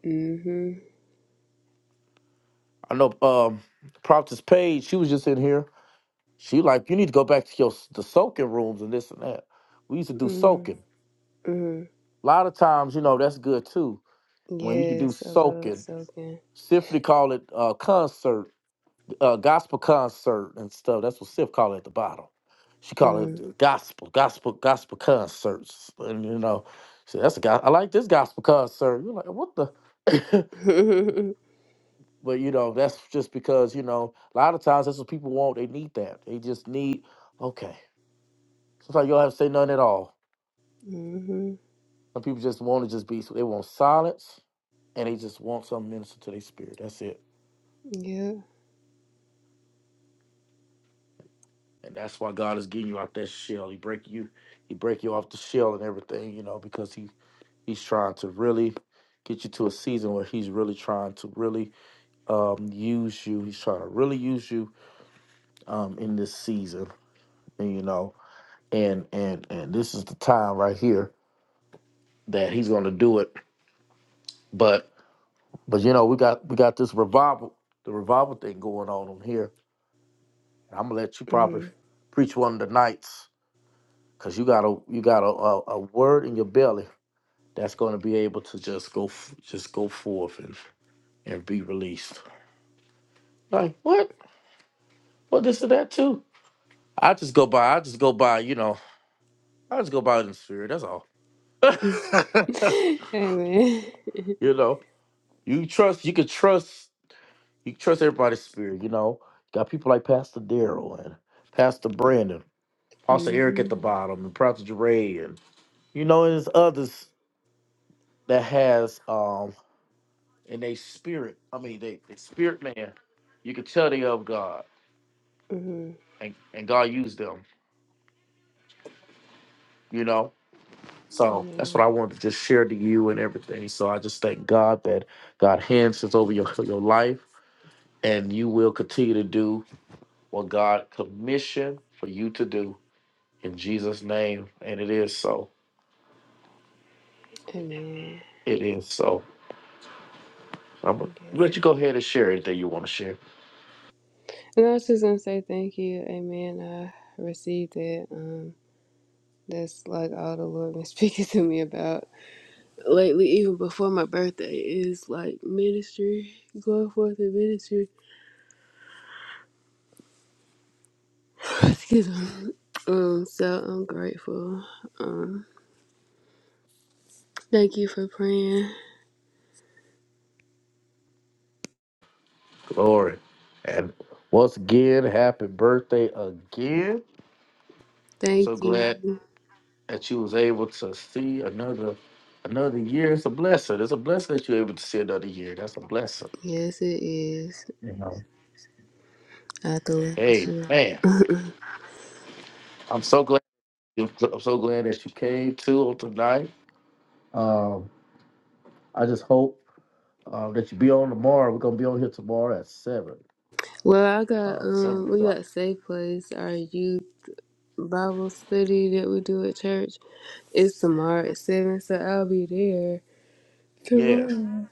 Speaker 14: Mhm, mhm, mhm. Yes, I love soaking. Mm. [laughs] Mm-hmm. Yeah. Mm-hmm. [laughs] Amen. Mm-hmm. Mm-hmm. Amen. Amen. Guess it. And I was just gonna say thank you. Amen. I received it. Um, that's like all the Lord been [laughs] speaking to me about lately, even before my birthday, is like ministry, going forth in ministry. [laughs] [sighs] Excuse me. Um, so I'm grateful. Um, thank you for praying. Thank you. Yes, it is. I thought year. [laughs] well, I got um, we got Safe Place, our youth Bible study that we do at church. It's tomorrow at seven, so I'll be there tomorrow.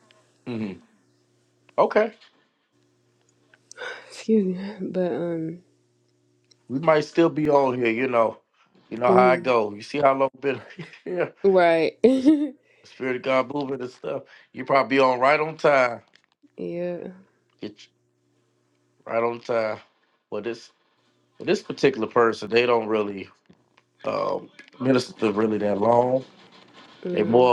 Speaker 14: Excuse me, but um, mm, right, [laughs] yeah, mm,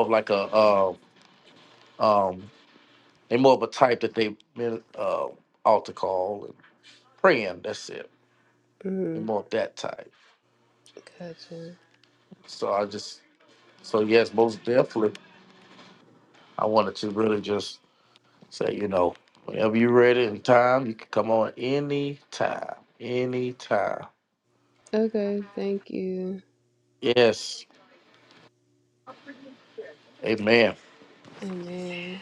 Speaker 14: mm, gotcha. Okay, thank you. Amen.